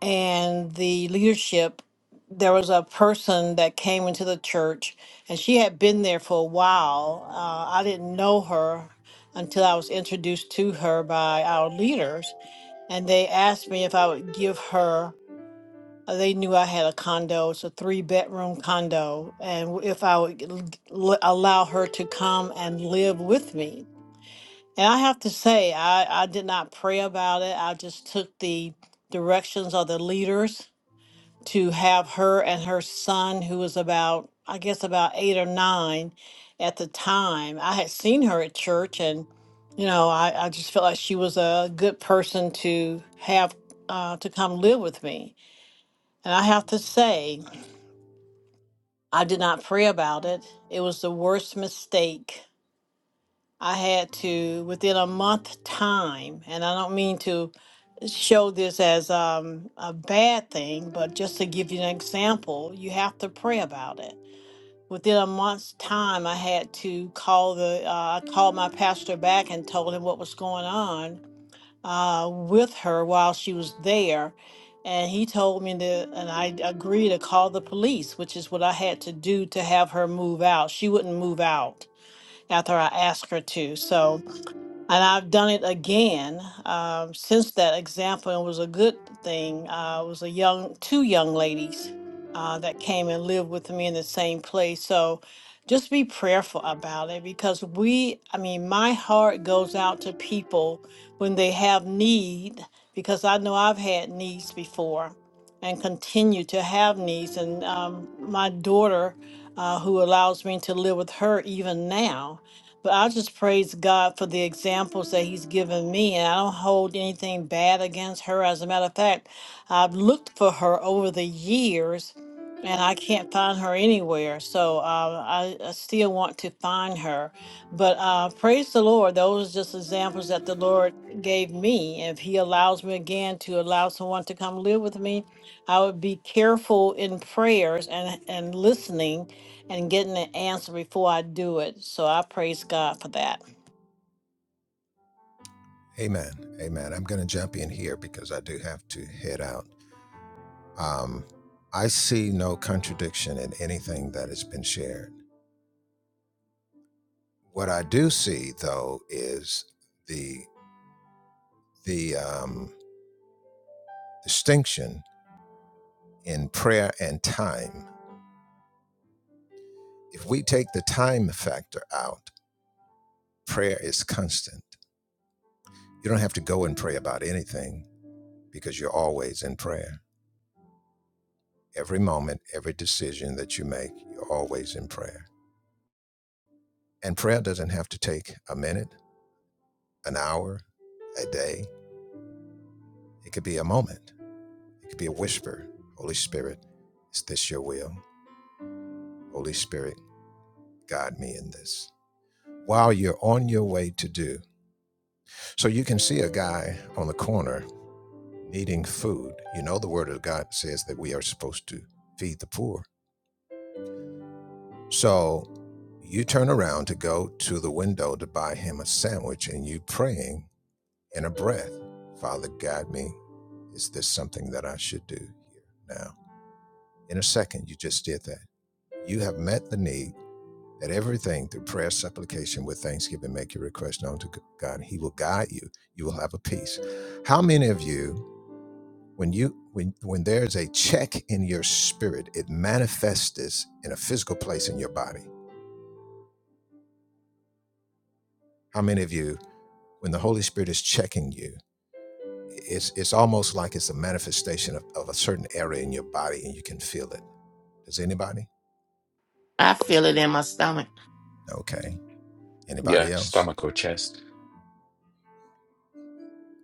Speaker 2: and the leadership, there was a person that came into the church, and she had been there for a while. Uh, I didn't know her until I was introduced to her by our leaders, and they asked me if I would give her. Uh, They knew I had a condo. It's a three bedroom condo. And w- if I would l- l- allow her to come and live with me. And I have to say, I, I did not pray about it. I just took the directions of the leaders to have her and her son, who was about, I guess, about eight or nine at the time. I had seen her at church and you know, I, I just felt like she was a good person to have uh, to come live with me. And I have to say, I did not pray about it. It was the worst mistake. I had to, within a month time, and I don't mean to show this as um, a bad thing, but just to give you an example, you have to pray about it. Within a month's time, I had to call the, uh, I called my pastor back and told him what was going on uh, with her while she was there. And he told me to, and I agreed to call the police, which is what I had to do to have her move out. She wouldn't move out after I asked her to. So and I've done it again um, since that example. It was a good thing. Uh, it was a young, two young ladies uh, that came and lived with me in the same place. So just be prayerful about it because we, I mean, my heart goes out to people when they have need because I know I've had needs before and continue to have needs. And um, my daughter, uh, who allows me to live with her even now but I just praise God for the examples that He's given me, and I don't hold anything bad against her. As a matter of fact, I've looked for her over the years, and I can't find her anywhere. So uh, I, I still want to find her. But uh, praise the Lord. Those are just examples that the Lord gave me. If He allows me again to allow someone to come live with me, I would be careful in prayers and, and listening and getting the answer before I do it. So I praise God for that.
Speaker 14: Amen. Amen. I'm going to jump in here because I do have to head out. Um, I see no contradiction in anything that has been shared. What I do see, though, is the the um, distinction in prayer and time. If we take the time factor out, prayer is constant. You don't have to go and pray about anything because you're always in prayer. Every moment, every decision that you make, you're always in prayer. And prayer doesn't have to take a minute an hour, a day. It could be a moment. It could be a whisper. Holy Spirit, is this your will? Holy Spirit, guide me in this. While you're on your way to do. So you can see a guy on the corner needing food. You know, the word of God says that we are supposed to feed the poor. So you turn around to go to the window to buy him a sandwich and you praying in a breath, Father, guide me. Is this something that I should do here now? In a second, you just did that. You have met the need that everything through prayer, supplication, with thanksgiving, make your request known to God. He will guide you. You will have a peace. How many of you, when you when when there's a check in your spirit, it manifests this in a physical place in your body? How many of you, when the Holy Spirit is checking you, it's it's almost like it's a manifestation of, of a certain area in your body and you can feel it. Does anybody?
Speaker 13: I feel it in my stomach.
Speaker 14: Okay.
Speaker 4: Yeah,
Speaker 14: Anybody else?
Speaker 4: stomach or chest.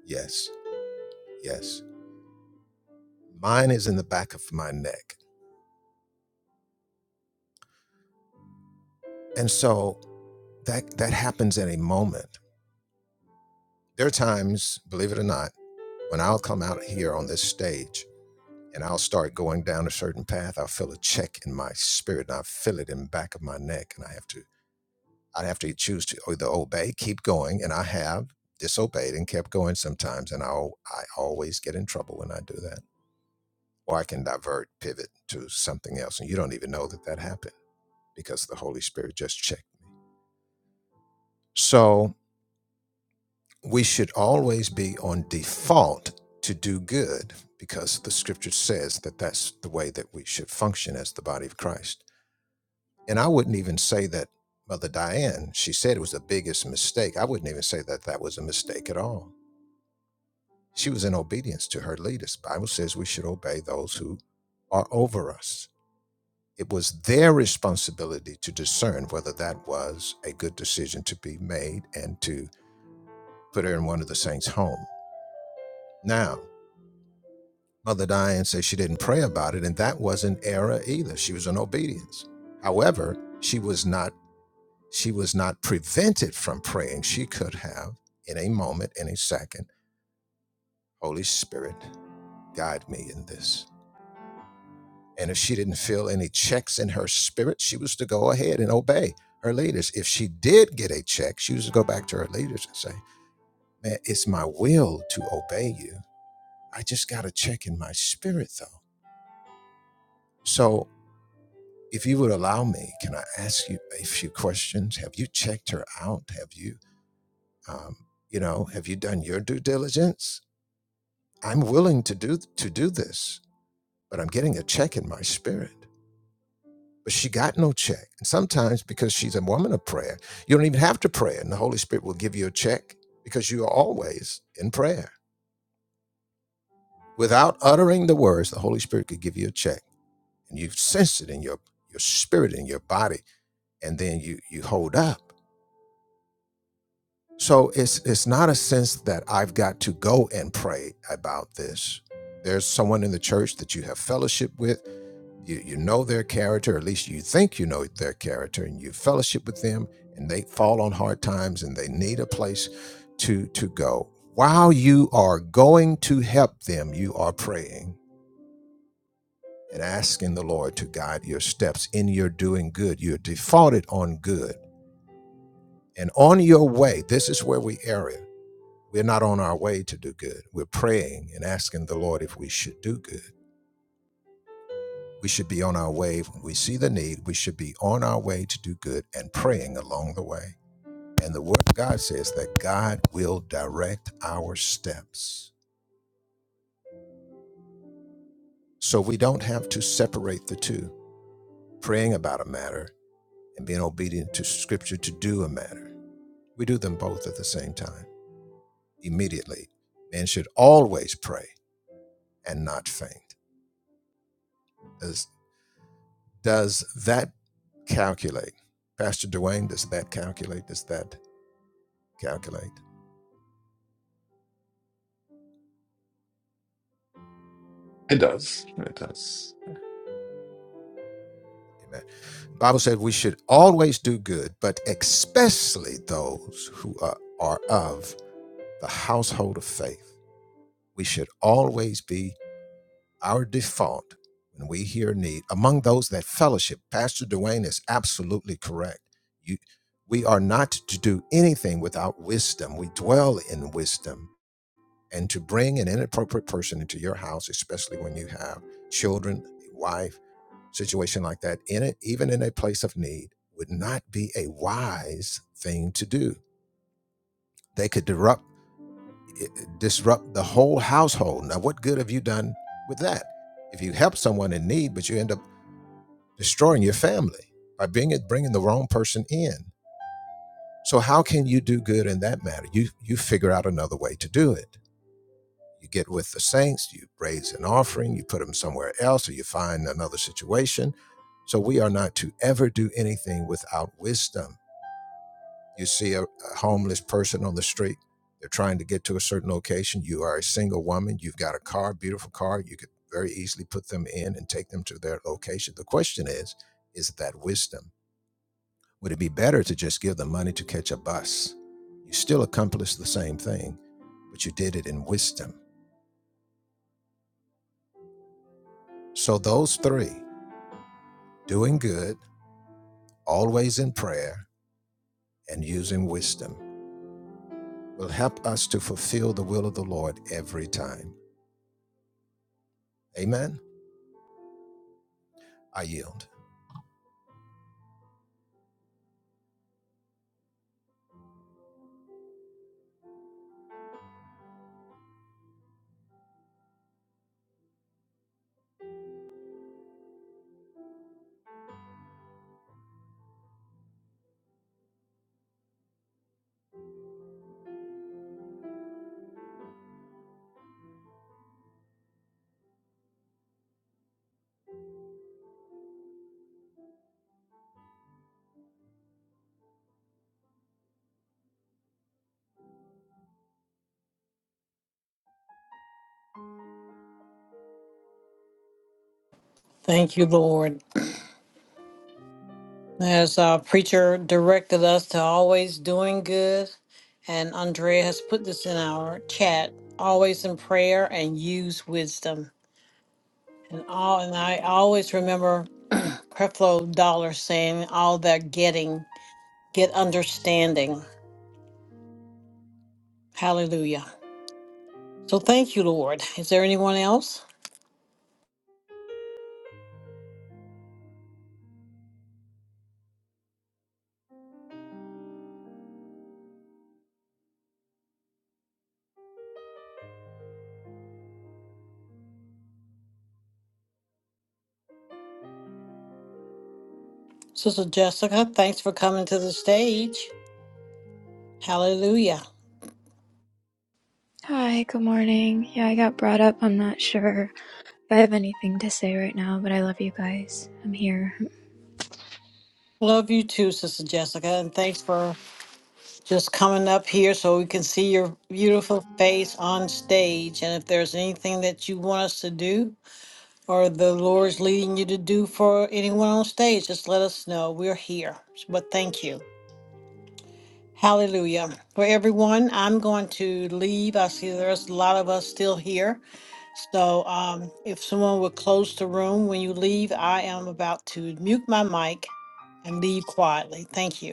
Speaker 14: Yes. Yes. Mine is in the back of my neck. And so that that happens in a moment. There are times, believe it or not, when I'll come out here on this stage and I'll start going down a certain path, I'll feel a check in my spirit and I feel it in the back of my neck and I have to I have to choose to either obey, keep going, and I have disobeyed and kept going sometimes and I will I always get in trouble when I do that. Or I can divert, pivot to something else and you don't even know that that happened because the Holy Spirit just checked. So, we should always be on default to do good because the scripture says that that's the way that we should function as the body of Christ. And I wouldn't even say that Mother Diane, she said it was the biggest mistake. I wouldn't even say that that was a mistake at all. She was in obedience to her leaders. The Bible says we should obey those who are over us. It was their responsibility to discern whether that was a good decision to be made and to put her in one of the saints' home. Now, Mother Diane says she didn't pray about it, and that was an error either. She was in obedience. However, she was not she was not prevented from praying. She could have, in a moment, in a second, Holy Spirit, guide me in this. And if she didn't feel any checks in her spirit, she was to go ahead and obey her leaders. If she did get a check, she was to go back to her leaders and say, Man, it's my will to obey you. I just got a check in my spirit though. So If you would allow me, can I ask you a few questions? Have you checked her out? Have you, um, you know, have you done your due diligence? I'm willing to do to do this, but I'm getting a check in my spirit. But she got no check. And sometimes because she's a woman of prayer, you don't even have to pray, and the Holy Spirit will give you a check because you are always in prayer. Without uttering the words, the Holy Spirit could give you a check, and you sense it in your your spirit in your body, and then you you hold up So it's it's not a sense that I've got to go and pray about this. There's someone in the church that you have fellowship with. You you know their character, or at least you think you know their character, and you fellowship with them, and they fall on hard times and they need a place to to go. While you are going to help them, you are praying and asking the Lord to guide your steps in your doing good. You're defaulted on good. And on your way, this is where we err. it. We're not on our way to do good. We're praying and asking the Lord if we should do good. We should be on our way. When we see the need, we should be on our way to do good and praying along the way. And the Word of God says that God will direct our steps. So we don't have to separate the two praying about a matter and being obedient to Scripture to do a matter. We do them both at the same time, immediately. Men should always pray and not faint There's Does that calculate? Pastor Dwayne, does that calculate? Does that calculate?
Speaker 4: It does. It does.
Speaker 14: Amen. The Bible said we should always do good, but especially those who are, are of the household of faith. We should always be our default when we hear need among those that fellowship pastor duane is absolutely correct you we are not to do anything without wisdom we dwell in wisdom and to bring an inappropriate person into your house especially when you have children wife situation like that in it even in a place of need would not be a wise thing to do they could disrupt disrupt the whole household. Now, what good have you done with that? If you help someone in need, but you end up destroying your family by being bringing the wrong person in. So, how can you do good in that matter? You you figure out another way to do it. You get with the saints, you raise an offering, you put them somewhere else, or you find another situation. So, we are not to ever do anything without wisdom you see a, a homeless person on the street they're trying to get to a certain location you are a single woman you've got a car beautiful car you could very easily put them in and take them to their location the question is is that wisdom would it be better to just give them money to catch a bus you still accomplished the same thing but you did it in wisdom so those three doing good always in prayer and using wisdom will help us to fulfill the will of the lord every time amen i yield
Speaker 2: Thank you, Lord. As our preacher directed us to always doing good, and Andrea has put this in our chat always in prayer and use wisdom. And all and I always remember Creflo Dollar saying, All that getting, get understanding. Hallelujah. So thank you, Lord. Is there anyone else? Sister Jessica, thanks for coming to the stage. Hallelujah.
Speaker 15: Hi, good morning. Yeah, I got brought up. I'm not sure if I have anything to say right now, but I love you guys. I'm here.
Speaker 2: Love you too, Sister Jessica, and thanks for just coming up here so we can see your beautiful face on stage. And if there's anything that you want us to do or the Lord's leading you to do for anyone on stage, just let us know. We're here. But thank you. Hallelujah. For everyone, I'm going to leave. I see there's a lot of us still here. So um, if someone would close the room when you leave, I am about to mute my mic and leave quietly. Thank you.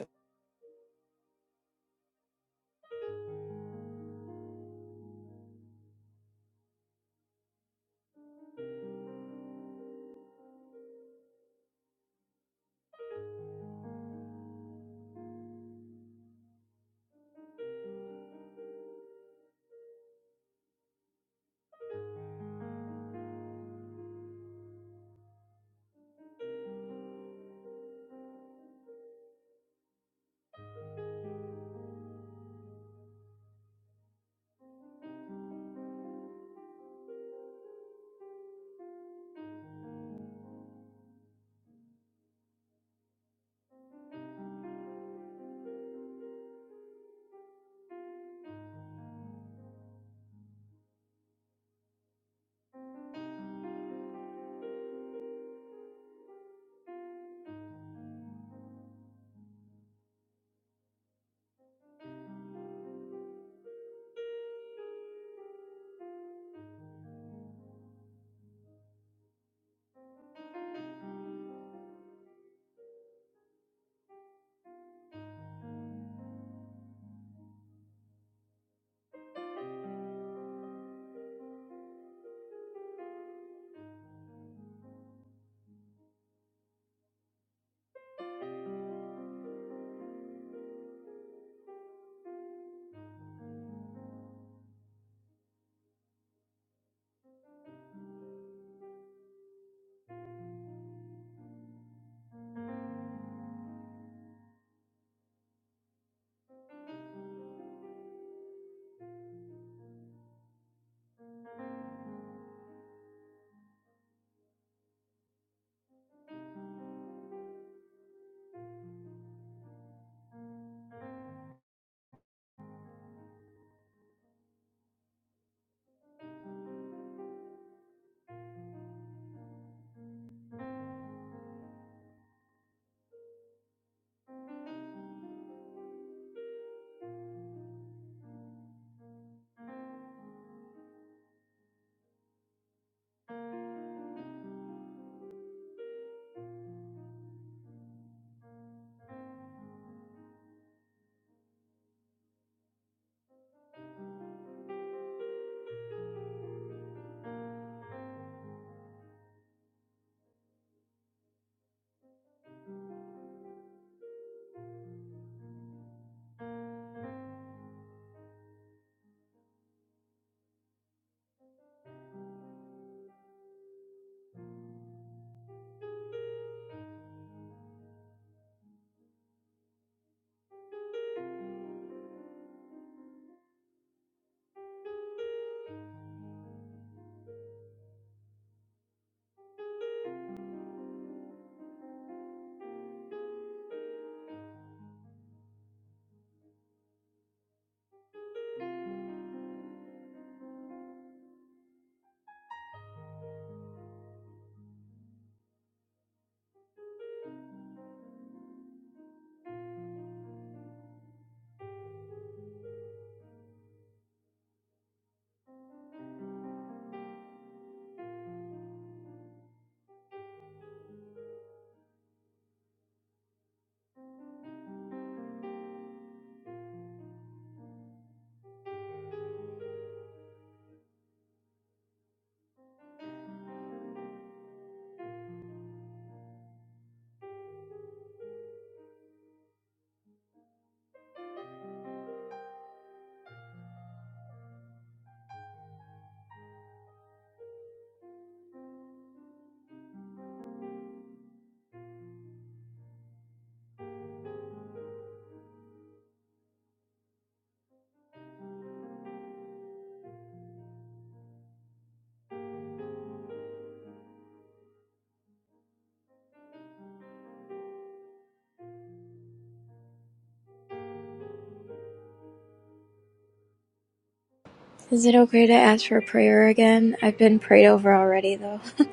Speaker 15: Is it okay to ask for prayer again? I've been prayed over already, though. [laughs]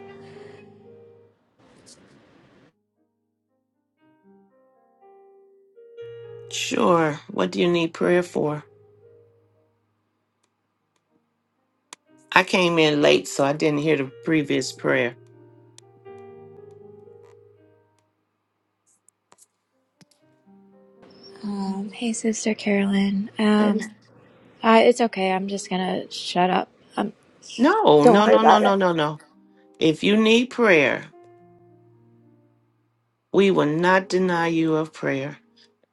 Speaker 13: Sure. What do you need prayer for? I came in late, so I didn't hear the previous prayer.
Speaker 15: Um, hey, Sister Carolyn.
Speaker 13: And-
Speaker 15: Um, I, it's okay. I'm just gonna shut up. Um,
Speaker 13: No,
Speaker 15: don't
Speaker 13: no,
Speaker 15: worry
Speaker 13: no, no,
Speaker 15: about it.
Speaker 13: no, no, no. If you need prayer, we will not deny you of prayer.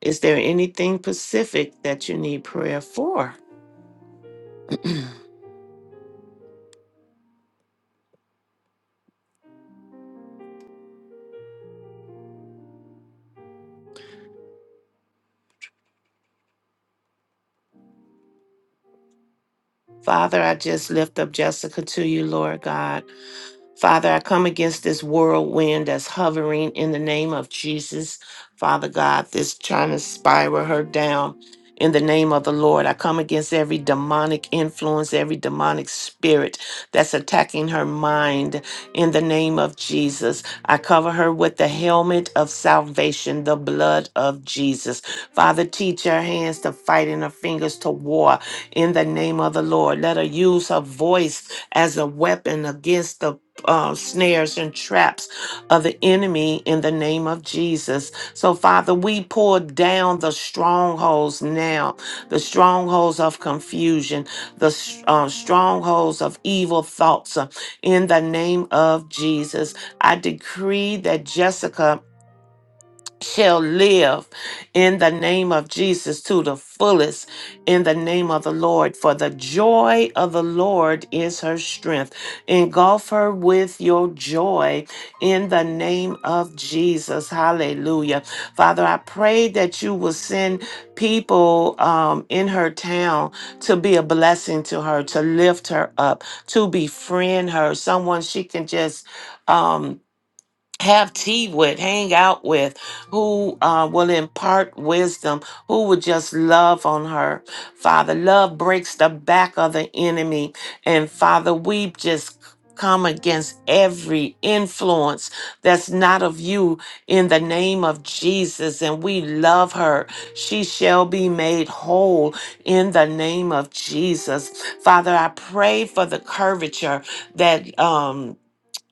Speaker 13: Is there anything specific that you need prayer for? [clears throat] Father, I just lift up Jessica to you, Lord God. Father, I come against this whirlwind that's hovering in the name of Jesus. Father God, this trying to spiral her down in the name of the Lord. I come against every demonic influence, every demonic spirit that's attacking her mind in the name of Jesus. I cover her with the helmet of salvation, the blood of Jesus. Father, teach her hands to fight and her fingers to war in the name of the Lord. Let her use her voice as a weapon against the uh, snares and traps of the enemy in the name of Jesus. So, Father, we pull down the strongholds now, the strongholds of confusion, the s- uh, strongholds of evil thoughts uh, in the name of Jesus. I decree that Jessica shall live in the name of Jesus to the fullest in the name of the Lord. For the joy of the Lord is her strength. Engulf her with your joy in the name of Jesus. Hallelujah. Father, I pray that you will send people um, in her town to be a blessing to her, to lift her up, to befriend her, someone she can just. Um, have tea with, hang out with, who uh, will impart wisdom, who would just love on her. Father, love breaks the back of the enemy. And Father, we just come against every influence that's not of you in the name of Jesus. And we love her. She shall be made whole in the name of Jesus. Father, I pray for the curvature that. Um,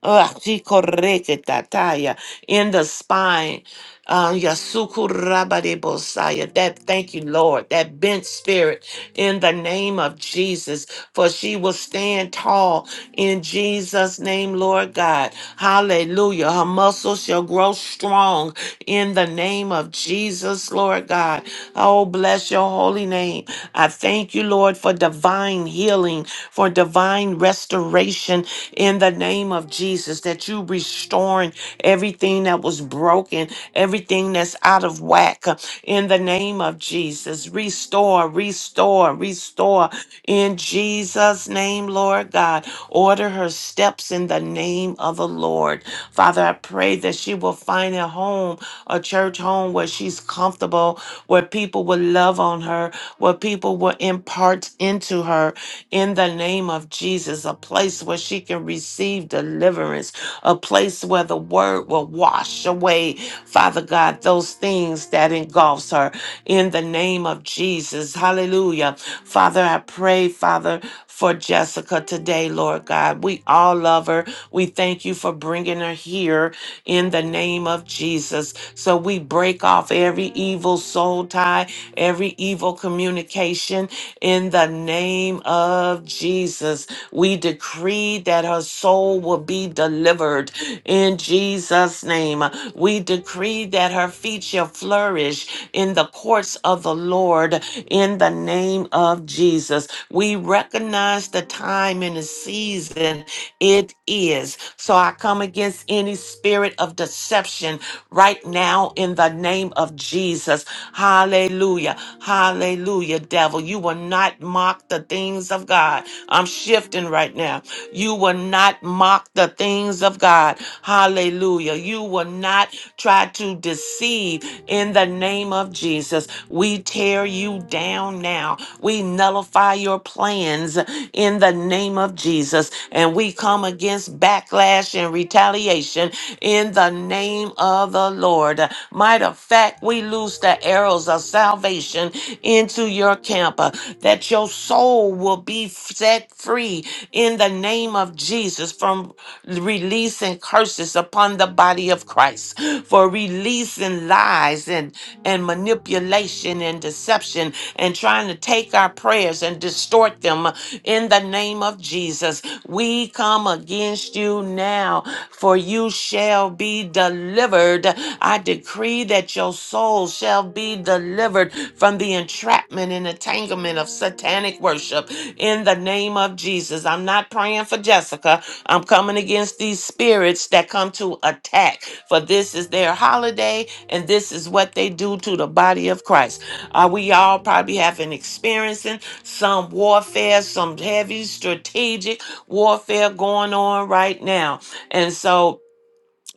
Speaker 13: Ugh, chikoreketataya, in the spine. Uh, yasukurabadebosaya. that thank you, Lord. That bent spirit in the name of Jesus, for she will stand tall in Jesus' name, Lord God. Hallelujah. Her muscles shall grow strong in the name of Jesus, Lord God. Oh, bless your holy name. I thank you, Lord, for divine healing, for divine restoration in the name name of Jesus that you restoring everything that was broken, everything that's out of whack. uh, In the name of Jesus, restore, restore, restore. In Jesus' name, Lord God, order her steps in the name of the Lord. Father, I pray that she will find a home, a church home where she's comfortable, where people will love on her, where people will impart into her in the name of Jesus, a place where she can receive deliverance, a place where the word will wash away, Father God, those things that engulfs her in the name of Jesus. Hallelujah. Father, I pray, Father, for Jessica today, Lord God. We all love her. We thank you for bringing her here in the name of Jesus. So we break off every evil soul tie, every evil communication in the name name of Jesus. We decree that her soul will be delivered in Jesus' name. We decree that her feet shall flourish in the courts of the Lord in the name of Jesus. We recognize the time and the season it is. So I come against any spirit of deception right now in the name name of Jesus. Hallelujah. Hallelujah, devil. You will not mock the things of God. I'm shifting right now. You will not mock the things of God. Hallelujah. You will not try to deceive in the name of Jesus. We tear you down now. We nullify your plans in the name of Jesus. And we come against backstabbing backlash and retaliation in the name of the Lord. Might of fact, we loose the arrows of salvation into your camp, uh, that your soul will be set free in the name of Jesus from releasing curses upon the body of Christ, for releasing lies and, and manipulation and deception and trying to take our prayers and distort them in the name of Jesus. We come against you now, for you shall be delivered. I decree that your soul shall be delivered from the entrapment and entanglement of satanic worship in the name of Jesus. I'm not praying for Jessica. I'm coming against these spirits that come to attack, for this is their holiday and this is what they do to the body of Christ. Uh, we all probably have been experiencing some warfare, some heavy strategic warfare going on right now. And so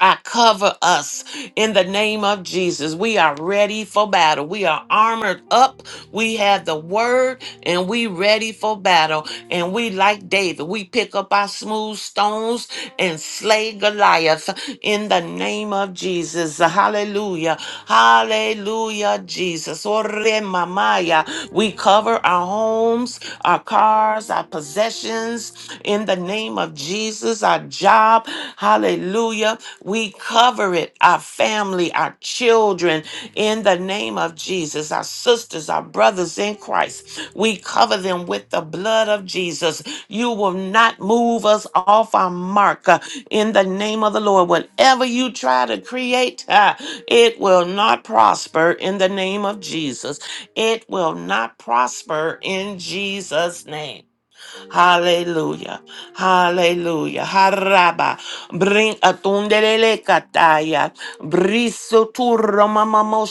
Speaker 13: I cover us in the name of Jesus. We are ready for battle. We are armored up. We have the word and we ready for battle. And we, like David, we pick up our smooth stones and slay Goliath in the name of Jesus. Hallelujah. Hallelujah, Jesus. Ore mamaya. We cover our homes, our cars, our possessions in the name of Jesus, our job. Hallelujah. We cover it, our families family, our children, in the name of Jesus, our sisters, our brothers in Christ. We cover them with the blood of Jesus. You will not move us off our mark uh, in the name of the Lord. Whatever you try to create, uh, it will not prosper in the name of Jesus. It will not prosper in Jesus' name. Hallelujah. Hallelujah. Haraba. Bring atundelele kataya. Briso turro mamamo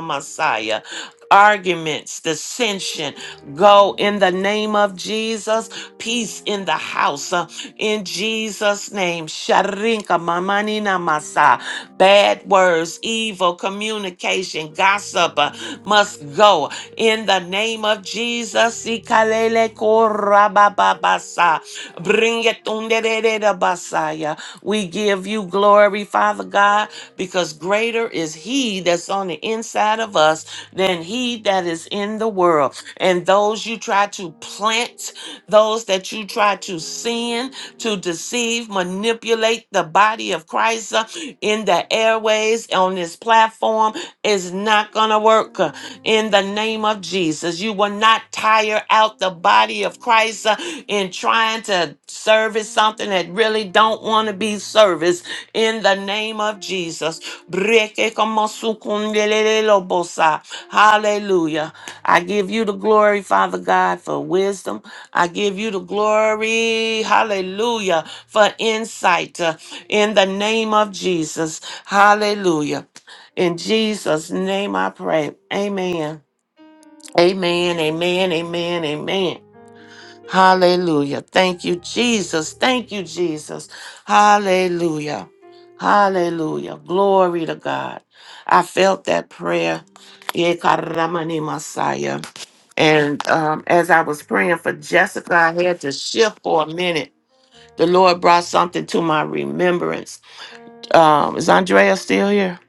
Speaker 13: masaya. Arguments, dissension, go in the name of Jesus. Peace in the house, uh, in Jesus' name. Sharinka mamani masa. Bad words, evil communication, gossip uh, must go. In the name of Jesus, ikalele korabababasa. bring it underereda basaya. We give you glory, Father God, because greater is He that's on the inside of us than He that is in the world. And those those you try to plant, those that you try to sin, to deceive, manipulate the body of Christ uh, in the airways, on this platform, is not going to work uh, in the name of Jesus. You will not tire out the body of Christ uh, in trying to service something that really don't want to be serviced in the name of Jesus. Breke como sukundelele lobosa. Hallelujah. I give you the glory, Father God, for wisdom. I give you the glory, hallelujah, for insight uh, in the name of Jesus. Hallelujah. In Jesus' name I pray. Amen. Amen. Amen. Amen. Amen. Hallelujah. Thank you, Jesus. Thank you, Jesus. Hallelujah. Hallelujah. Glory to God. I felt that prayer. Yekaramani Messiah. And um, as I was praying for Jessica, I had to shift for a minute. The Lord brought something to my remembrance. Um, is Andrea still here?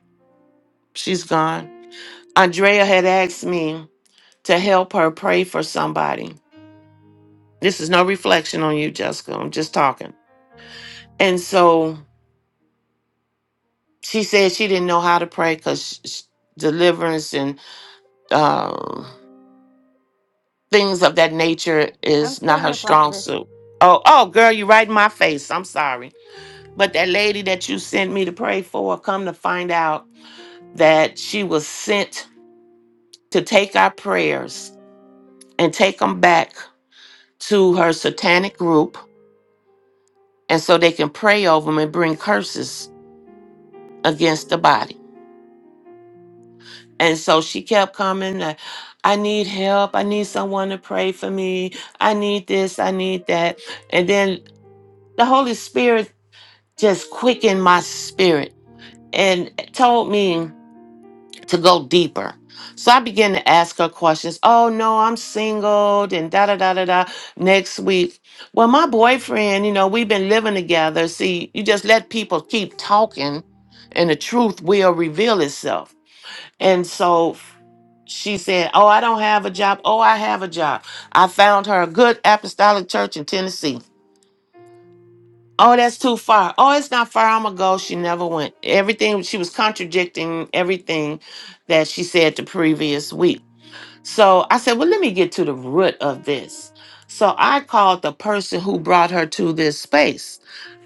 Speaker 13: She's gone. Andrea had asked me to help her pray for somebody. This is no reflection on you, Jessica. I'm just talking. And so she said she didn't know how to pray because deliverance and um, things of that nature is not her
Speaker 3: Here,
Speaker 13: strong
Speaker 3: prophetess.
Speaker 13: suit. Oh, oh, girl, you right in my face. I'm sorry. But that lady that you sent me to pray for, come to find out that she was sent to take our prayers and take them back to her satanic group. And so they can pray over them and bring curses against the body. And so she kept coming, uh, I need help. I need someone to pray for me. I need this. I need that. And then the Holy Spirit just quickened my spirit and told me to go deeper. So I began to ask her questions. Oh no, I'm single, and da da da da da. Next week, well, my boyfriend, you know, we've been living together. See, you just let people keep talking, and the truth will reveal itself. And so she said, "Oh, I don't have a job. Oh, I have a job. I found her a good apostolic church in Tennessee." Oh, that's too far. Oh, it's not far. I'm gonna go. She never went. Everything she was contradicting everything that she said the previous week. So I said, well, let me get to the root of this. So I called the person who brought her to this space,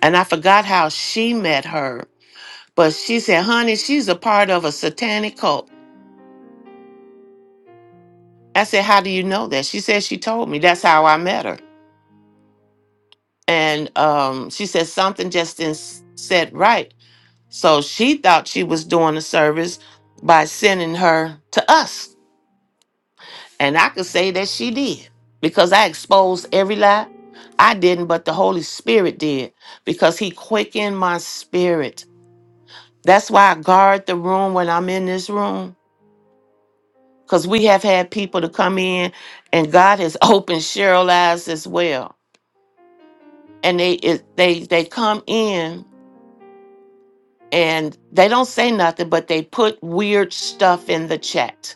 Speaker 13: and I forgot how she met her. But she said, honey, she's a part of a satanic cult. I said, how do you know that? She said she told me. That's how I met her. And um, she said something just didn't s- set right. So she thought she was doing a service by sending her to us. And I could say that she did because I exposed every lie. I didn't, but the Holy Spirit did because He quickened my spirit. That's why I guard the room when I'm in this room because we have had people to come in and God has [laughs] opened Cheryl's eyes as well. And they it, they they come in and they don't say nothing, but they put weird stuff in the chat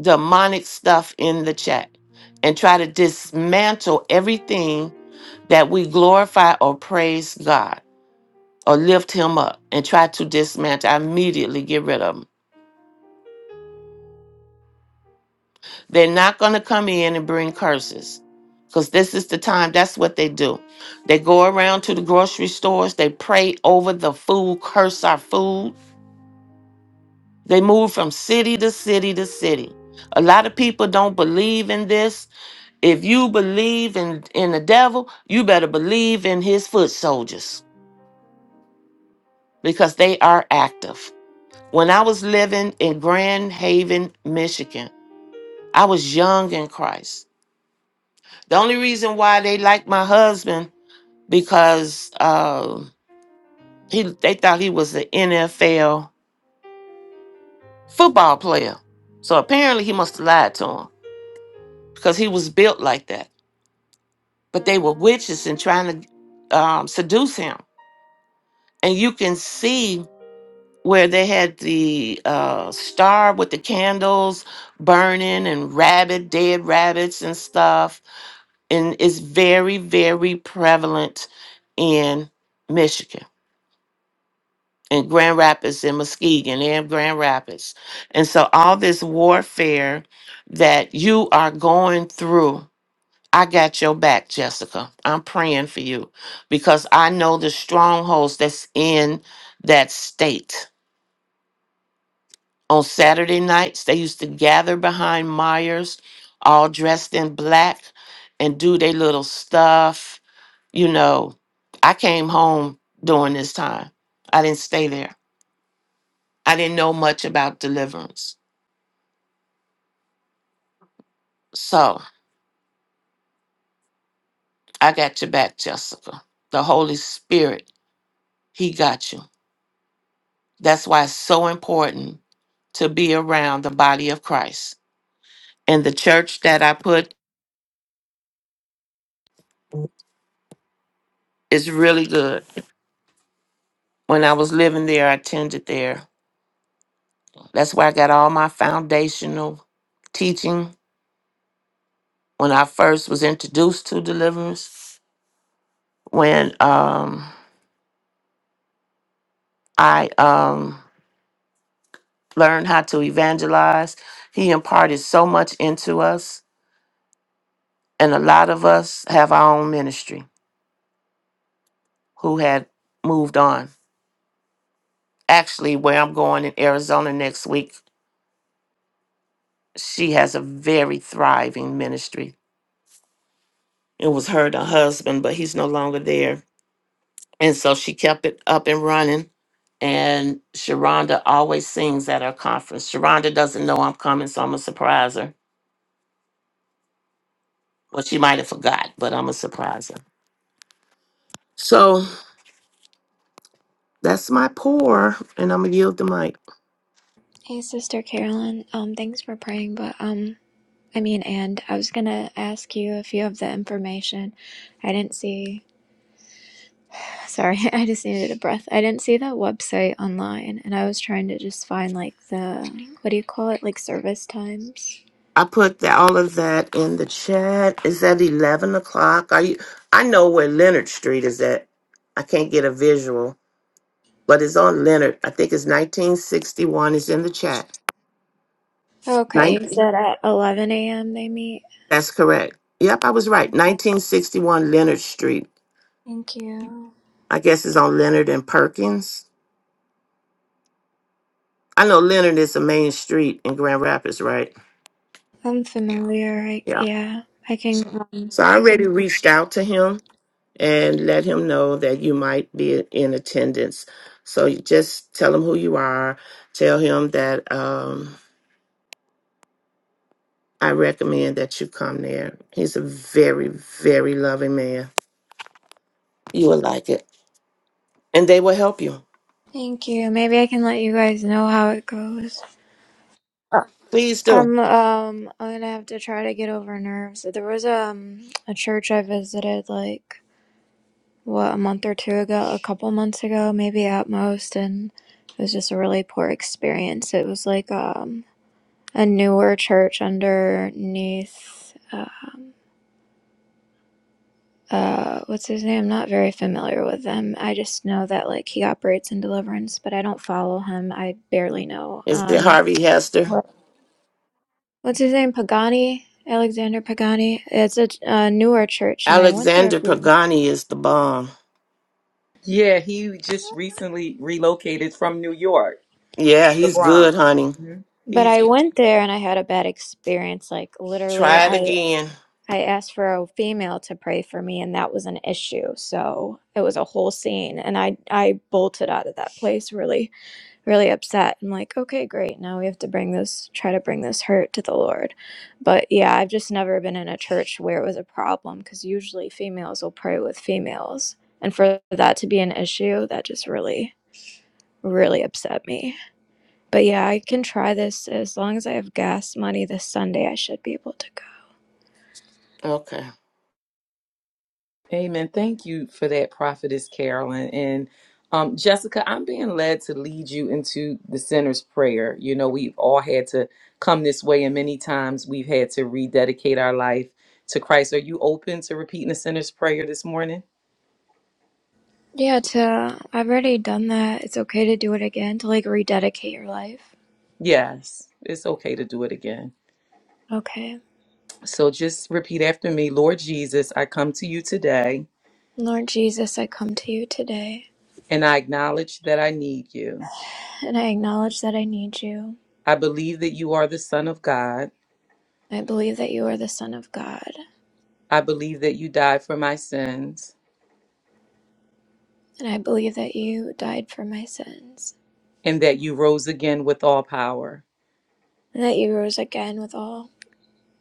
Speaker 13: demonic stuff in the chat and try to dismantle everything that we glorify or praise God or lift Him up and try to dismantle. I immediately get rid of them. They're not going to come in and bring curses because this is the time. That's what they do. They go around to the grocery stores, they pray over the food, curse our food. They move from city to city to city. A lot of people don't believe in this If you believe in in the devil, you better believe in his foot soldiers because they are active. When I was living in Grand Haven, Michigan, I was young in Christ. The only reason why they liked my husband because uh, he they thought he was an NFL football player. So apparently he must have lied to him because he was built like that. But they were witches and trying to um, seduce him, and you can see where they had the uh, star with the candles burning and rabbit, dead rabbits and stuff. And it's very, very prevalent in Michigan, in Grand Rapids, in Muskegon, in Grand Rapids. And so all this warfare that you are going through. I got your back, Jessica. I'm praying for you because I know the strongholds that's in that state. On Saturday nights, they used to gather behind Myers, all dressed in black, and do their little stuff. You know, I came home during this time. I didn't stay there. I didn't know much about deliverance. So I got your back, Jessica. The Holy Spirit, He got you. That's why it's so important to be around the body of Christ. And the church that I put is really good. When I was living there, I attended there That's where I got all my foundational teaching when I first was introduced to deliverance, when um, I um, learned how to evangelize. He imparted so much into us, and a lot of us have our own ministry who had moved on. Actually, where I'm going in Arizona next week, she has a very thriving ministry. It was her and her husband, but he's no longer there And so she kept it up and running. And Sharonda always sings at our conference. Sharonda doesn't know I'm coming, so I'm going to surprise her. Well, she might have forgot, but I'm going to surprise her. So that's my pour, and I'm going to yield the mic.
Speaker 15: Hey, Sister Carolyn. Um, thanks for praying, but um, I mean, and I was gonna ask you if you have the information. I didn't see. Sorry, [laughs] I just needed a breath. I didn't see that website online and I was trying to just find like the, what do you call it? Like service times.
Speaker 13: I put the, all of that in the chat. Is that 11 o'clock? Are you, I know where Leonard Street is at. I can't get a visual, but it's on Leonard. I think it's 1961. It's in the chat.
Speaker 15: Okay, you said at 11 a.m. they meet.
Speaker 13: That's correct. Yep, I was right. 1961 Leonard Street.
Speaker 15: Thank you.
Speaker 13: I guess it's on Leonard and Perkins. I know Leonard is a main street in Grand Rapids, right?
Speaker 15: I'm familiar, right?
Speaker 13: Yeah.
Speaker 15: Yeah, I can. Um,
Speaker 13: So I already reached out to him and let him know that you might be in attendance. So you just tell him who you are. Tell him that um, I recommend that you come there. He's a very, very loving man. You will like it. And they will help you.
Speaker 15: thank you. Maybe I can let you guys know how it goes. Uh,
Speaker 13: Please do.
Speaker 15: I'm um I'm gonna have to try to get over nerves. There was um a church I visited like what, a month or two ago, a couple months ago, maybe at most, and it was just a really poor experience. It was like um, a newer church underneath. Um, uh, what's his name? I'm not very familiar with them. I just know that like he operates in deliverance, but I don't follow him. I barely know.
Speaker 13: Is it
Speaker 15: Um,
Speaker 13: Harvey Hester?
Speaker 15: Right. what's his name? Pagani, Alexander Pagani. It's a, a newer church, and I went there a
Speaker 13: Alexander
Speaker 15: few months.
Speaker 13: Pagani is the bomb.
Speaker 5: Yeah, he just recently relocated from New York,
Speaker 13: Yeah,
Speaker 5: the
Speaker 13: he's good,
Speaker 5: Bronx.
Speaker 13: honey.
Speaker 15: But
Speaker 5: Mhm.
Speaker 15: I went there and I had a bad experience. Like literally,
Speaker 13: Try it
Speaker 15: I
Speaker 13: again.
Speaker 15: I asked for a female to pray for me, and that was an issue. So it was a whole scene, and I I bolted out of that place really really upset. I'm like, okay, great. Now we have to bring this try to bring this hurt to the Lord. But yeah, I've just never been in a church where it was a problem because usually females will pray with females, and for that to be an issue, that just really really upset me. But yeah, I can try this as long as I have gas money this Sunday. I should be able to go.
Speaker 13: Okay.
Speaker 5: Amen. Thank you for that, Prophetess Carolyn. And um, Jessica, I'm being led to lead you into the sinner's prayer. You know, we've all had to come this way, and many times we've had to rededicate our life to Christ. Are you open to repeating the sinner's prayer this morning?
Speaker 15: Yeah, to I've already done that. It's okay to do it again, to like rededicate your life.
Speaker 5: Yes, it's okay to do it again.
Speaker 15: Okay.
Speaker 5: So just repeat after me Lord Jesus, I come to you today,
Speaker 15: Lord Jesus, I come to you today
Speaker 5: and I acknowledge that I need you.
Speaker 15: and I acknowledge that I need you.
Speaker 5: I believe that you are the Son of God.
Speaker 15: I believe that you are the Son of God,
Speaker 5: I believe that you died for my sins.
Speaker 15: and I believe that you died for my sins,
Speaker 5: and that you rose again with all power.
Speaker 15: and that you rose again with all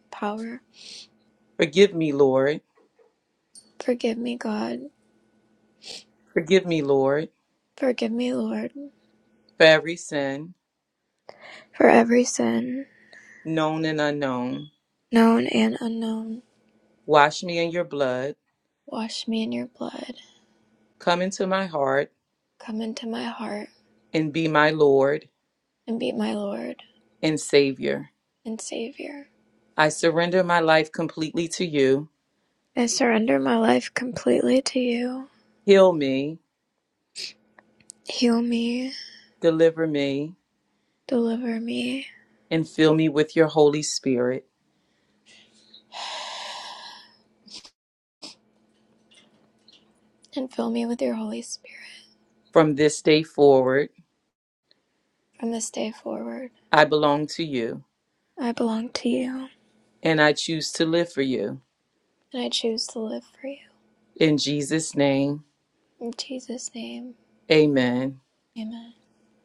Speaker 15: power.
Speaker 5: Forgive me, Lord.
Speaker 15: Forgive me, God.
Speaker 5: Forgive me, Lord,
Speaker 15: Forgive me, Lord,
Speaker 5: for every sin,
Speaker 15: for every sin,
Speaker 5: known and unknown.
Speaker 15: known and unknown.
Speaker 5: Wash me in your blood.
Speaker 15: Wash me in your blood.
Speaker 5: Come into my heart
Speaker 15: Come into my heart
Speaker 5: and be my Lord
Speaker 15: and be my Lord
Speaker 5: and Savior.
Speaker 15: and Savior.
Speaker 5: I surrender my life completely to you.
Speaker 15: I surrender my life completely to you.
Speaker 5: Heal me,
Speaker 15: Heal me,
Speaker 5: deliver me,
Speaker 15: deliver me,
Speaker 5: and fill me with your Holy Spirit.
Speaker 15: and fill me with your Holy Spirit.
Speaker 5: From this day forward,
Speaker 15: From this day forward,
Speaker 5: I belong to you
Speaker 15: I belong to you,
Speaker 5: and I choose to live for you.
Speaker 15: and I choose to live for you.
Speaker 5: In Jesus' name,
Speaker 15: In Jesus' name,
Speaker 5: amen.
Speaker 15: amen.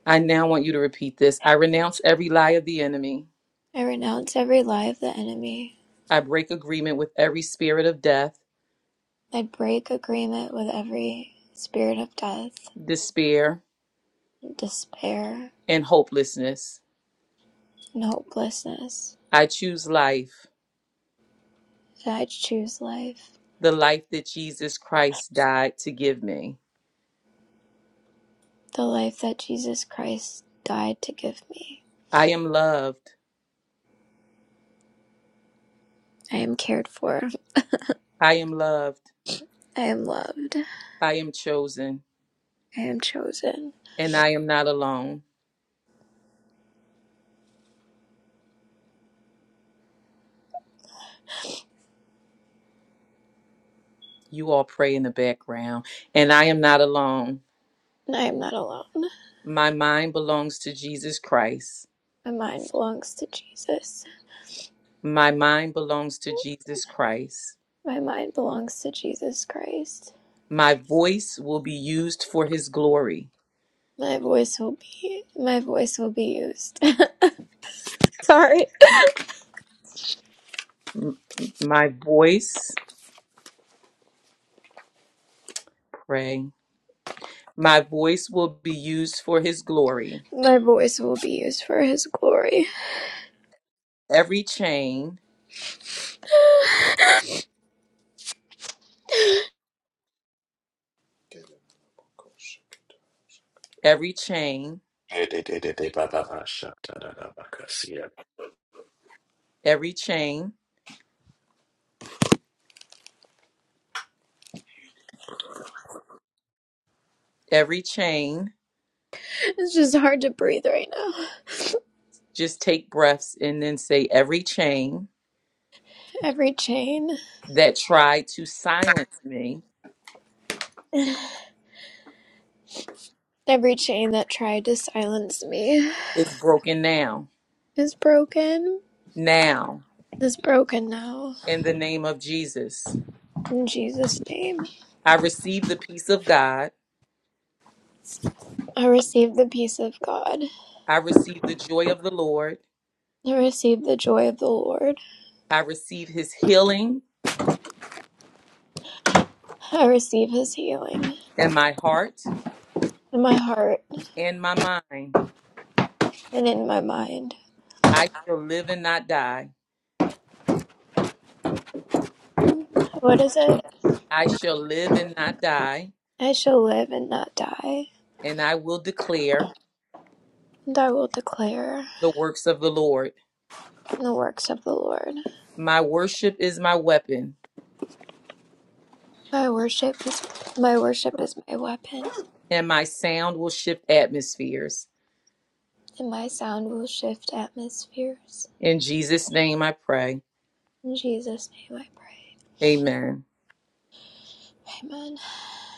Speaker 5: I now want you to repeat this. I renounce every lie of the enemy.
Speaker 15: I renounce every lie of the enemy.
Speaker 5: I break agreement with every spirit of death,
Speaker 15: I break agreement with every spirit of death,
Speaker 5: despair,
Speaker 15: despair,
Speaker 5: and hopelessness.
Speaker 15: and hopelessness.
Speaker 5: I choose life,
Speaker 15: And I choose life,
Speaker 5: the life that Jesus Christ died to give me.
Speaker 15: the life that Jesus Christ died to give me.
Speaker 5: I am loved.
Speaker 15: I am cared for.
Speaker 5: I am loved.
Speaker 15: I am loved.
Speaker 5: I am chosen.
Speaker 15: I am chosen,
Speaker 5: And I am not alone. You all pray in the background. And I am not alone.
Speaker 15: and I am not alone.
Speaker 5: My mind belongs to Jesus Christ.
Speaker 15: My mind belongs to Jesus.
Speaker 5: My mind belongs to Jesus Christ.
Speaker 15: My mind belongs to Jesus Christ.
Speaker 5: My voice will be used for his glory.
Speaker 15: My voice will be my voice will be used. [laughs] Sorry.
Speaker 5: My voice, pray. My voice will be used for his glory.
Speaker 15: My voice will be used for his glory.
Speaker 5: Every chain, every chain, every chain, every chain.
Speaker 15: It's just hard to breathe right now. [sighs]
Speaker 5: Just take breaths and then say, every chain
Speaker 15: Every chain
Speaker 5: that tried to silence me
Speaker 15: every chain that tried to silence me
Speaker 5: is broken now.
Speaker 15: is broken.
Speaker 5: Now,
Speaker 15: Is broken now.
Speaker 5: in the name of Jesus,
Speaker 15: In Jesus' name.
Speaker 5: I receive the peace of God.
Speaker 15: I receive the peace of God.
Speaker 5: I receive the joy of the Lord.
Speaker 15: I receive the joy of the Lord.
Speaker 5: I receive his healing
Speaker 15: I receive his healing
Speaker 5: in my heart
Speaker 15: in my heart
Speaker 5: and my mind.
Speaker 15: and in my mind.
Speaker 5: I shall live and not die.
Speaker 15: What is it?
Speaker 5: I shall live and not die,
Speaker 15: I shall live and not die,
Speaker 5: and I will declare
Speaker 15: and I will declare
Speaker 5: the works of the Lord.
Speaker 15: the works of the Lord.
Speaker 5: My worship is my weapon,
Speaker 15: My worship is my worship is my weapon,
Speaker 5: and my sound will shift atmospheres.
Speaker 15: and my sound will shift atmospheres.
Speaker 5: In Jesus' name I pray.
Speaker 15: In Jesus' name I pray.
Speaker 5: Amen.
Speaker 15: Amen.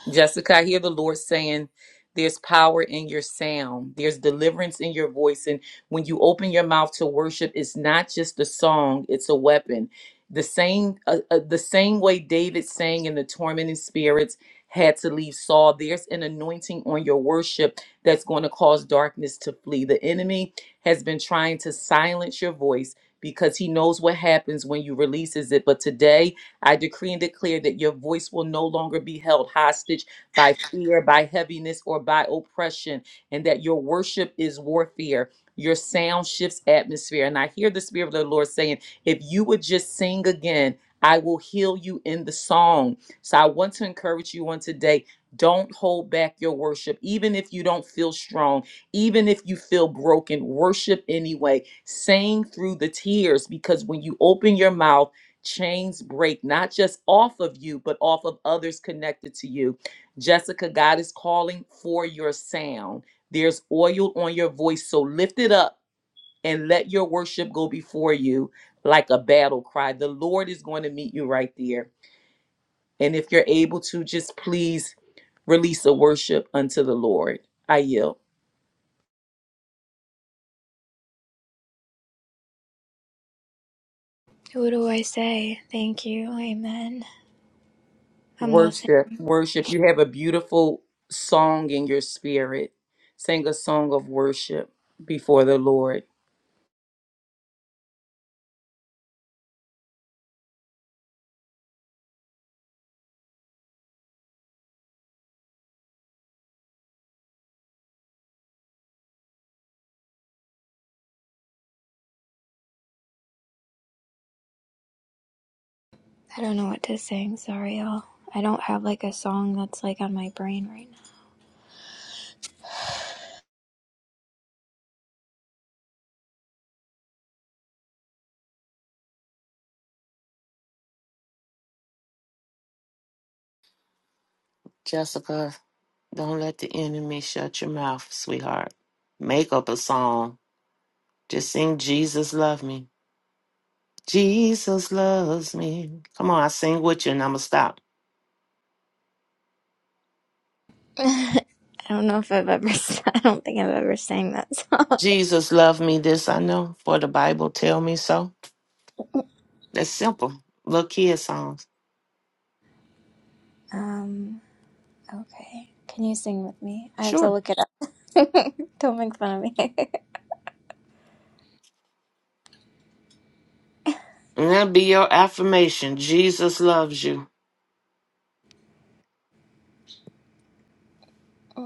Speaker 5: Jessica, I hear the Lord saying, There's power in your sound, there's deliverance in your voice. And when you open your mouth to worship, it's not just a song, it's a weapon. The same, uh, uh, the same way David sang in the tormented spirits had to leave Saul. There's an anointing on your worship that's going to cause darkness to flee. The enemy has been trying to silence your voice because he knows what happens when you releases it. But today I decree and declare that your voice will no longer be held hostage by fear, by heaviness, or by oppression, and that your worship is warfare. Your sound shifts atmosphere. And I hear the Spirit of the Lord saying, if you would just sing again, I will heal you in the song. So I want to encourage you on today. Don't hold back your worship, even if you don't feel strong, even if you feel broken. Worship anyway. Sing through the tears because when you open your mouth, chains break, not just off of you, but off of others connected to you. Jessica, God is calling for your sound. There's oil on your voice, so lift it up and let your worship go before you like a battle cry. The Lord is going to meet you right there. And if you're able to, just please release a worship unto the Lord. I yield.
Speaker 15: What do I say? Thank you. Amen. I'm listening.
Speaker 5: Worship, worship. You have a beautiful song in your spirit. Sing a song of worship before the Lord.
Speaker 15: I don't know what to sing. Sorry, y'all. I don't have like a song that's like on my brain right now.
Speaker 13: Jessica, don't let the enemy shut your mouth, sweetheart. Make up a song. Just sing Jesus Love Me. Jesus loves me. Come on, I sing with you and I'ma stop.
Speaker 15: [laughs] I don't know if I've ever. [laughs] I don't think I've ever sang that song.
Speaker 13: Jesus love me, this I know, for the Bible tell me so. That's simple. Little kid songs.
Speaker 15: Um. Okay. Can you sing with me? I have to
Speaker 13: Sure.
Speaker 15: look it up. [laughs] don't make fun of me.
Speaker 13: And that'll be your affirmation. Jesus loves you.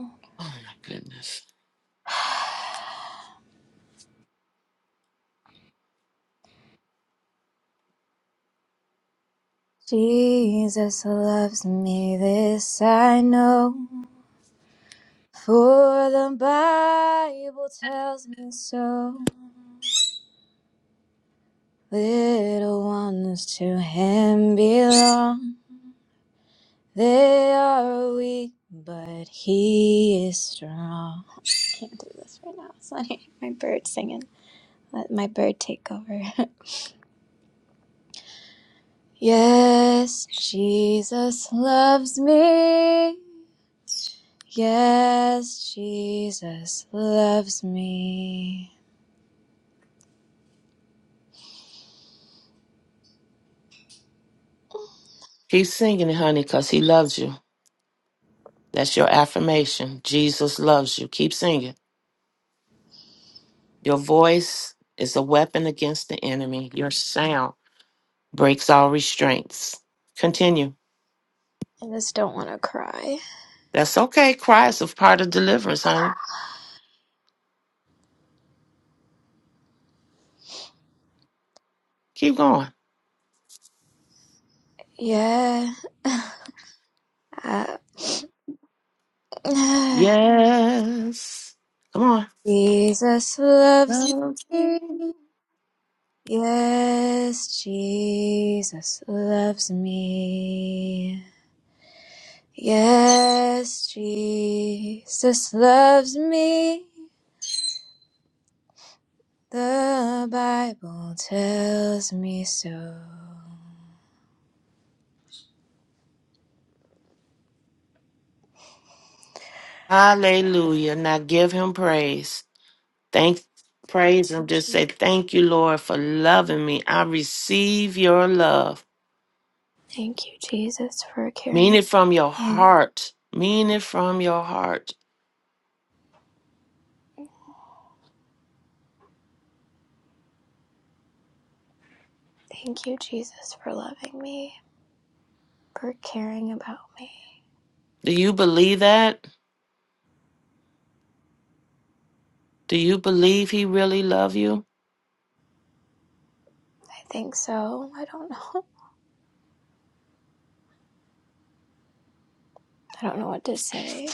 Speaker 15: [laughs]
Speaker 13: Oh my goodness.
Speaker 15: Jesus loves me, this I know, for the Bible tells me so. Little ones to Him belong. They are weak, but he is strong. I can't do this right now. It's not [laughs] my bird singing. Let my bird take over. [laughs] yes, Jesus loves me. Yes, Jesus loves me.
Speaker 13: Keep singing, honey, because he loves you. That's your affirmation. Jesus loves you. Keep singing. Your voice is a weapon against the enemy. Your sound breaks all restraints. Continue.
Speaker 15: I just don't want to cry.
Speaker 13: That's okay. Cry is a part of deliverance, honey. Keep going.
Speaker 15: Yeah. uh, [sighs]
Speaker 13: Yes. Come on.
Speaker 15: Jesus loves
Speaker 13: Loves me.
Speaker 15: me. Yes, Jesus loves me. Yes, Jesus loves me. The Bible tells me so.
Speaker 13: Hallelujah. Now give him praise. Thank praise him. Just
Speaker 15: Je-
Speaker 13: say, Thank you, Lord, for loving me. I receive your love.
Speaker 15: Thank you, Jesus, for
Speaker 13: Mean
Speaker 15: caring.
Speaker 13: it from your
Speaker 15: Thank
Speaker 13: heart. Mean it from your heart.
Speaker 15: Thank you, Jesus, for loving me, for caring about me.
Speaker 13: Do you believe that? Do you believe he really love you?
Speaker 15: I think so. I don't know. [laughs] I don't know what to say.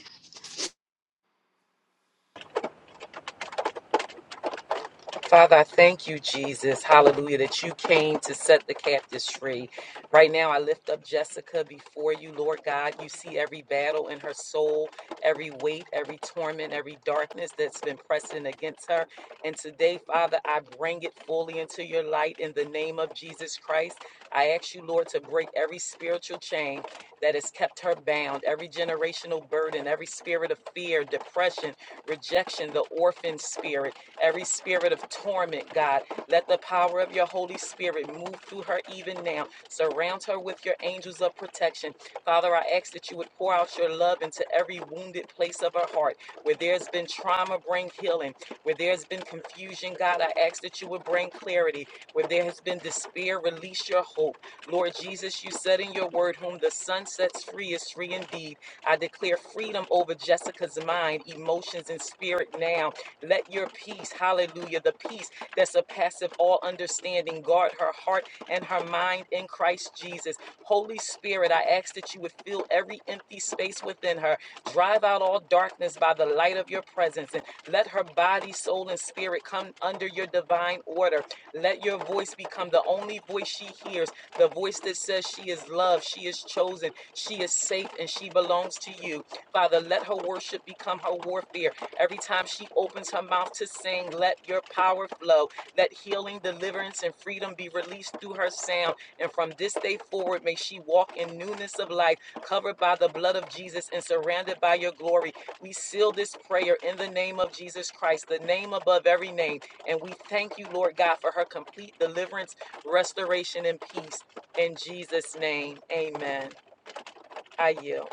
Speaker 5: Father, I thank you, Jesus. Hallelujah, that you came to set the captives free. Right now, I lift up Jessica before you, Lord God. You see every battle in her soul, every weight, every torment, every darkness that's been pressing against her. And today, Father, I bring it fully into your light in the name of Jesus Christ. I ask you, Lord, to break every spiritual chain that has kept her bound, every generational burden, every spirit of fear, depression, rejection, the orphan spirit. Every spirit of torment, God, let the power of your Holy Spirit move through her even now. Surround her with your angels of protection. Father, I ask that you would pour out your love into every wounded place of her heart. Where there's been trauma, bring healing. Where there's been confusion, God, I ask that you would bring clarity. Where there has been despair, release your hope. Lord Jesus, you said in your word, Whom the sun sets free is free indeed. I declare freedom over Jessica's mind, emotions, and spirit now let your peace, hallelujah, the peace that surpasses all understanding, guard her heart and her mind in Christ Jesus. Holy Spirit, I ask that you would fill every empty space within her. Drive out all darkness by the light of your presence and let her body, soul, and spirit come under your divine order. Let your voice become the only voice she hears, the voice that says she is loved, she is chosen, she is safe, and she belongs to you. Father, let her worship become her warfare. Every time she opens her mouth to sing, let your power flow. Let healing, deliverance, and freedom be released through her sound. And from this day forward, may she walk in newness of life, covered by the blood of Jesus and surrounded by your glory. We seal this prayer in the name of Jesus Christ, the name above every name. And we thank you, Lord God, for her complete deliverance, restoration, and peace. In Jesus' name, amen. I yield.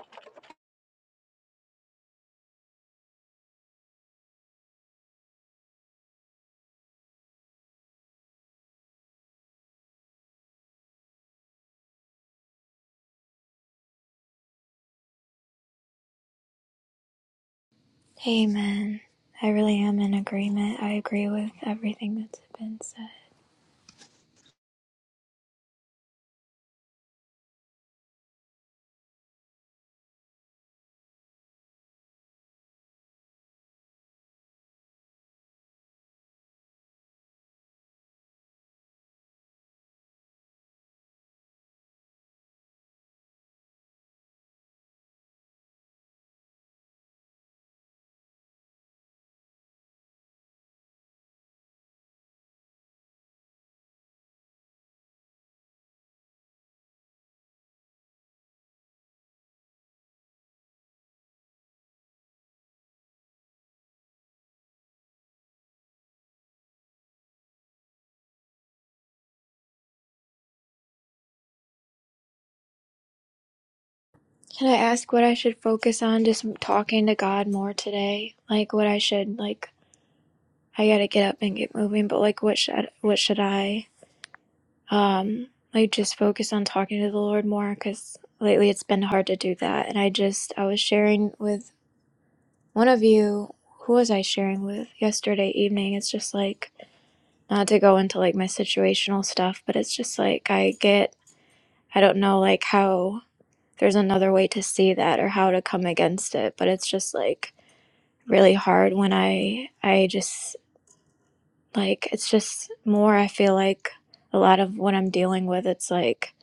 Speaker 15: Amen. I really am in agreement. I agree with everything that's been said. Can I ask what I should focus on just talking to God more today? Like what I should like I got to get up and get moving, but like what should what should I um like just focus on talking to the Lord more cuz lately it's been hard to do that. And I just I was sharing with one of you who was I sharing with yesterday evening? It's just like not to go into like my situational stuff, but it's just like I get I don't know like how there's another way to see that or how to come against it, but it's just like really hard when I I just like it's just more I feel like a lot of what I'm dealing with it's like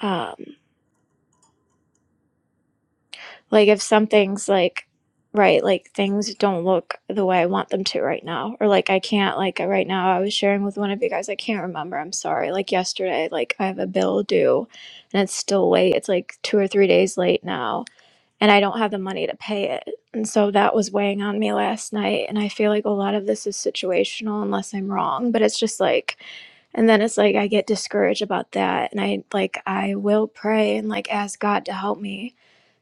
Speaker 15: um like if something's like right like things don't look the way I want them to right now or like I can't like right now I was sharing with one of you guys I can't remember I'm sorry like yesterday like I have a bill due and it's still late it's like 2 or 3 days late now and I don't have the money to pay it. And so that was weighing on me last night. And I feel like a lot of this is situational, unless I'm wrong. But it's just like, and then it's like I get discouraged about that. And I like, I will pray and like ask God to help me.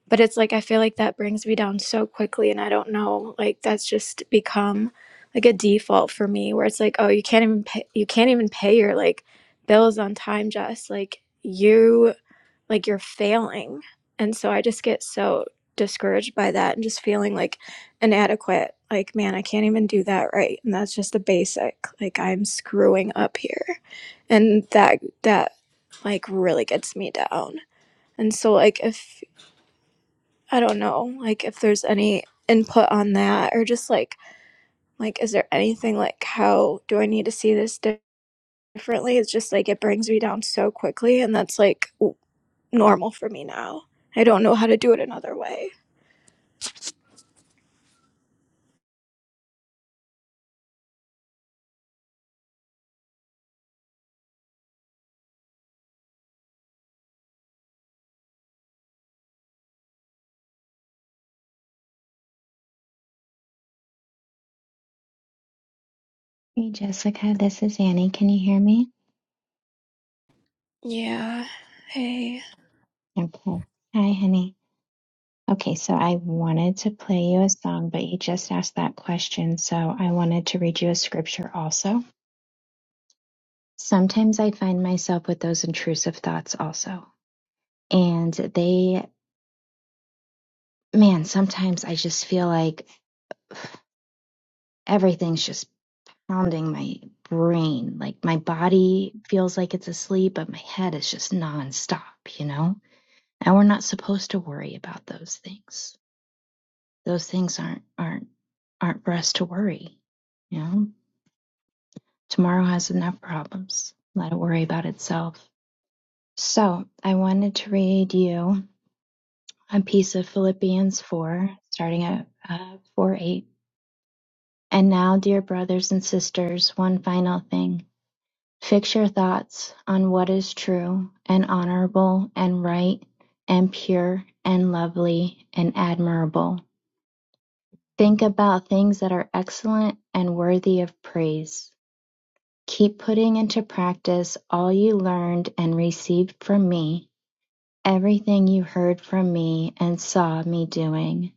Speaker 15: But it's like, I feel like that brings me down so quickly. And I don't know, like, that's just become like a default for me where it's like, oh, you can't even pay, you can't even pay your like bills on time, Jess. Like, you like you're failing. And so I just get so discouraged by that and just feeling like inadequate. Like, man, I can't even do that right. And that's just the basic. Like I'm screwing up here. And that that like really gets me down. And so like if I don't know, like if there's any input on that or just like like is there anything like how do I need to see this differently? It's just like it brings me down so quickly and that's like normal for me now. I don't know how to do it another way.
Speaker 11: Hey, Jessica, this is Annie. Can you hear me?
Speaker 15: Yeah. Hey.
Speaker 11: Okay. Hi, honey. Okay, so I wanted to play you a song, but you just asked that question, so I wanted to read you a scripture also. Sometimes I find myself with those intrusive thoughts also. And they, man, sometimes I just feel like [sighs] everything's just pounding my brain. Like my body feels like it's asleep, but my head is just nonstop, you know? And we're not supposed to worry about those things. Those things aren't aren't aren't for us to worry, you know? Tomorrow has enough problems. Let it worry about itself. So, I wanted to read you a piece of Philippians 4, starting at uh, 4 8. And now, dear brothers and sisters, one final thing. Fix your thoughts on what is true and honorable and right and pure and lovely and admirable. Think about things that are excellent and worthy of praise. Keep putting into practice all you learned and received from me, everything you heard from me and saw me doing.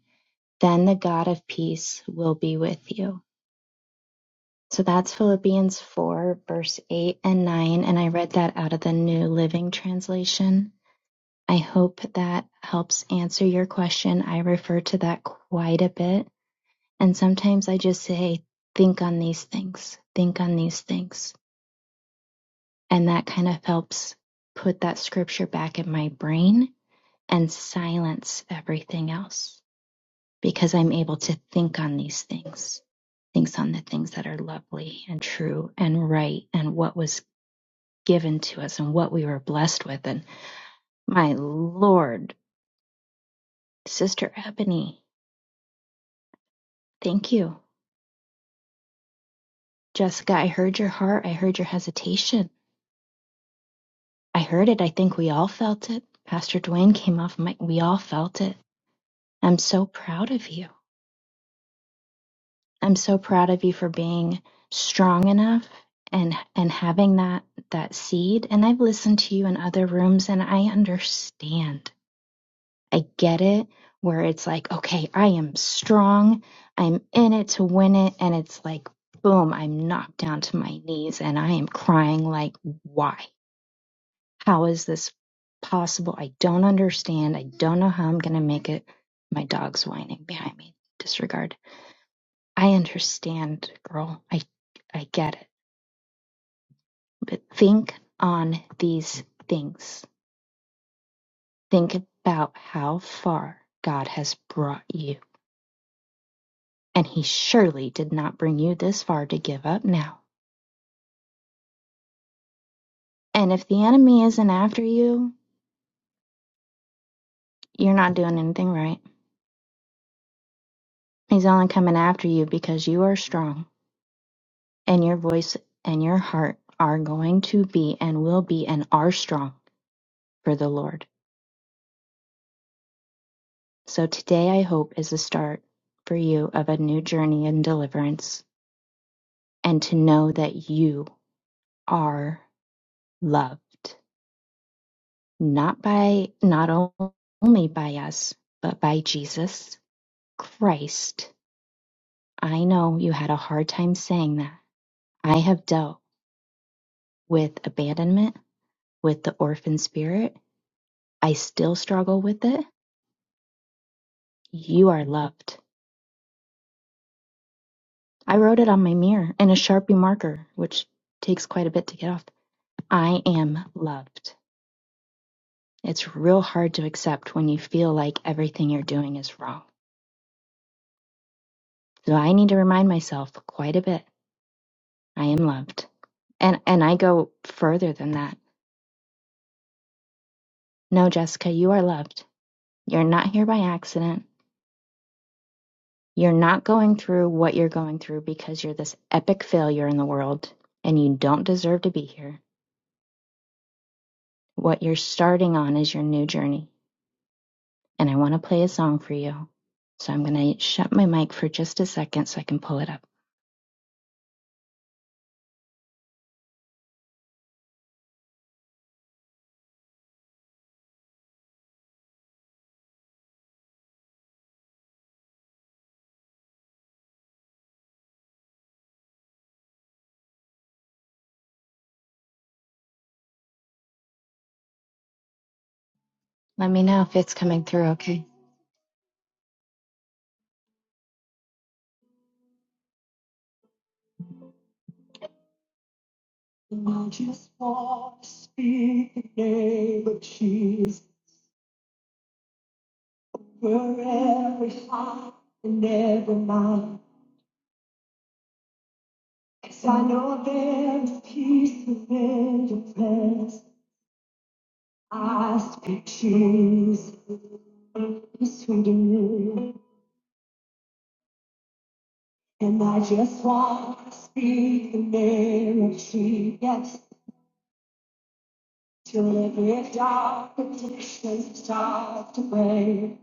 Speaker 11: Then the God of peace will be with you. So that's Philippians 4, verse 8 and 9. And I read that out of the New Living Translation. I hope that helps answer your question. I refer to that quite a bit. And sometimes I just say, think on these things, think on these things. And that kind of helps put that scripture back in my brain and silence everything else because I'm able to think on these things, thinks on the things that are lovely and true and right and what was given to us and what we were blessed with. And my Lord, Sister Ebony, thank you. Jessica, I heard your heart. I heard your hesitation. I heard it. I think we all felt it. Pastor Dwayne came off mic. We all felt it. I'm so proud of you. I'm so proud of you for being strong enough and and having that that seed. And I've listened to you in other rooms and I understand. I get it where it's like, okay, I am strong. I'm in it to win it and it's like boom, I'm knocked down to my knees and I am crying like why? How is this possible? I don't understand. I don't know how I'm going to make it. My dog's whining behind me. Disregard. I understand, girl. I I get it. But think on these things. Think about how far God has brought you. And he surely did not bring you this far to give up now. And if the enemy isn't after you, you're not doing anything right. He's only coming after you because you are strong and your voice and your heart are going to be and will be and are strong for the Lord. So today I hope is a start for you of a new journey in deliverance and to know that you are loved, not by, not only by us, but by Jesus Christ. I know you had a hard time saying that. I have dealt with abandonment, with the orphan spirit. I still struggle with it. You are loved. I wrote it on my mirror in a Sharpie marker, which takes quite a bit to get off I am loved. It's real hard to accept when you feel like everything you're doing is wrong. So I need to remind myself quite a bit. I am loved. And and I go further than that. No, Jessica, you are loved. You're not here by accident. You're not going through what you're going through because you're this epic failure in the world and you don't deserve to be here. What you're starting on is your new journey. And I want to play a song for you. So I'm going to shut my mic for just a second so I can pull it up. Let me know if it's coming through, okay? I just want to speak the name of Jesus for every heart and every mind. 'Cause I know there's peace within your presence. I speak Jesus, peace within you. And I just want to speak the name of Jesus. Till every dark addiction starts to break.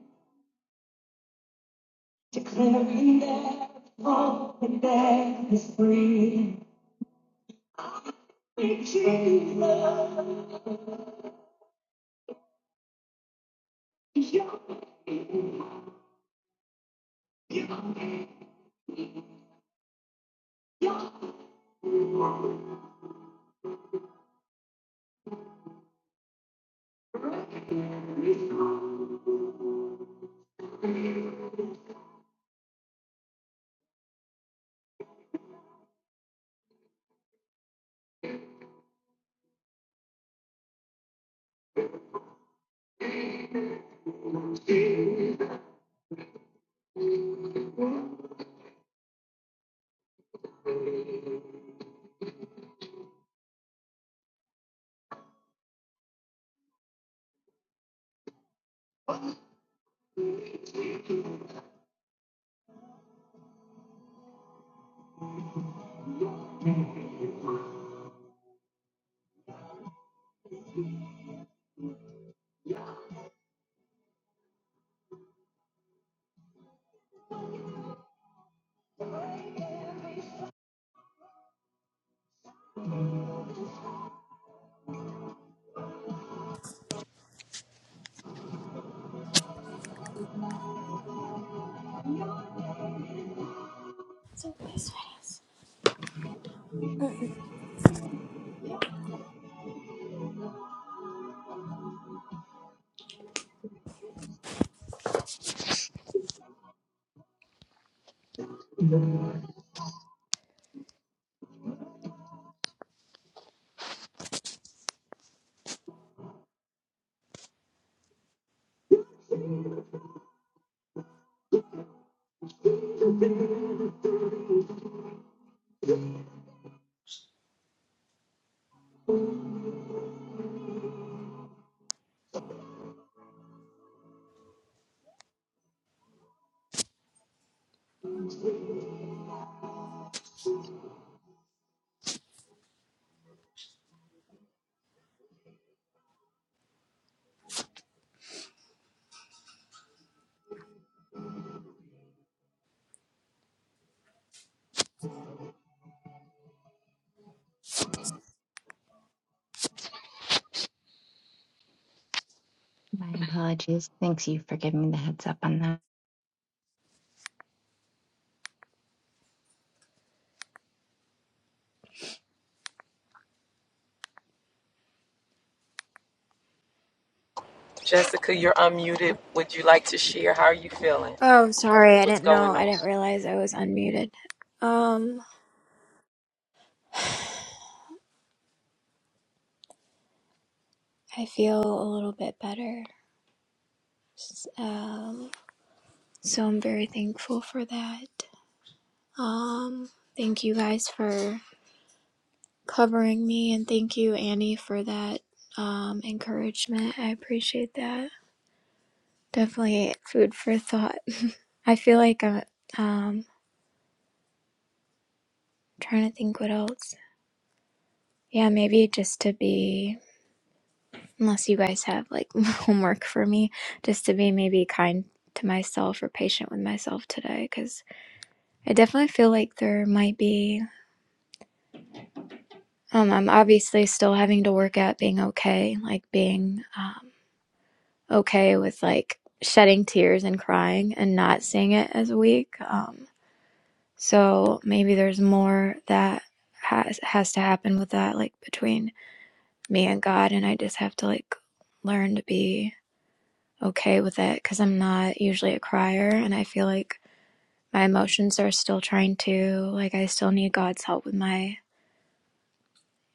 Speaker 11: Declaring that all that is free. My
Speaker 15: okay,
Speaker 11: apologies. Thanks you for giving me the heads up on that.
Speaker 5: Jessica, you're unmuted. Would you like to share? How are you feeling?
Speaker 15: Oh, sorry. I
Speaker 5: what's
Speaker 15: didn't know.
Speaker 5: going
Speaker 15: I
Speaker 5: on.
Speaker 15: didn't realize I was unmuted. Um, I feel a little bit better. S- Um, so I'm very thankful for that. Um, thank you guys for covering me and thank you Annie for that um encouragement. I appreciate that. Definitely food for thought. [laughs] I feel like I'm um trying to think what else. Yeah, maybe just to be, unless you guys have like [laughs] homework for me, just to be maybe kind to myself or patient with myself today, because I definitely feel like there might be, um, I'm obviously still having to work at being okay, like being um, okay with like shedding tears and crying and not seeing it as weak. Um, so maybe there's more that has has to happen with that, like between me and God, and I just have to like learn to be. okay with it because I'm not usually a crier and I feel like my emotions are still trying to like I still need God's help with my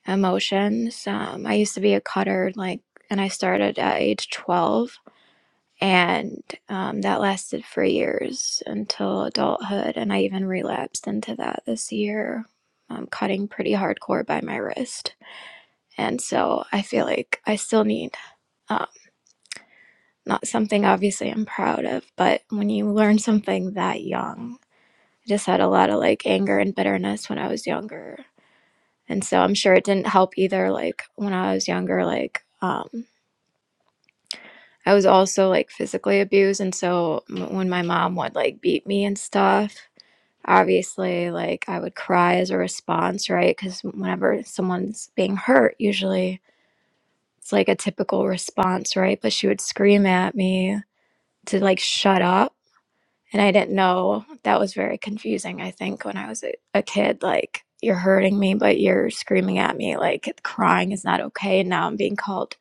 Speaker 15: emotions. Um, I used to be a cutter like and I started at age 12 and um, that lasted for years until adulthood and I even relapsed into that this year. I'm cutting pretty hardcore by my wrist. And so I feel like I still need um, not something obviously I'm proud of, but when you learn something that young, I just had a lot of like anger and bitterness when I was younger. And so I'm sure it didn't help either. Like when I was younger, like, um, I was also like physically abused. And so m- when my mom would like beat me and stuff, obviously, like I would cry as a response, right? Because whenever someone's being hurt, usually it's like a typical response, right? But she would scream at me to like shut up And I didn't know that was very confusing, I think, when I was a, a kid. Like, you're hurting me, but you're screaming at me, like, crying is not okay. And now I'm being called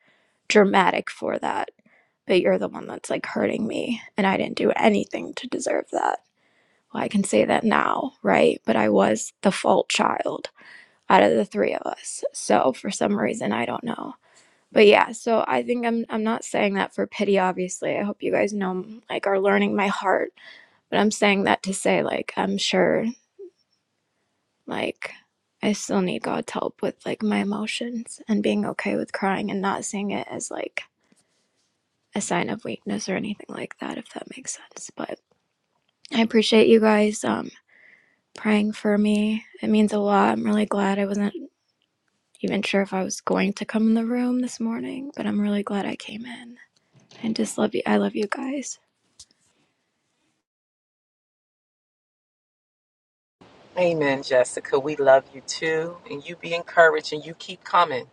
Speaker 15: dramatic for that. But you're the one that's like hurting me. And I didn't do anything to deserve that. Well, I can say that now, right? But I was the fault child out of the three of us. So for some reason, I don't know. But yeah, so I think I'm I'm not saying that for pity obviously. I hope you guys know like are learning my heart but I'm saying that to say, like, I'm sure, like, I still need God's help with, like, my emotions and being okay with crying and not seeing it as, like, a sign of weakness or anything like that, if that makes sense. But I appreciate you guys um, praying for me. It means a lot. I'm really glad I wasn't even sure if I was going to come in the room this morning, but I'm really glad I came in. I just love you. I love you guys.
Speaker 5: Amen, Jessica. We love you too. And you be encouraged and you keep coming.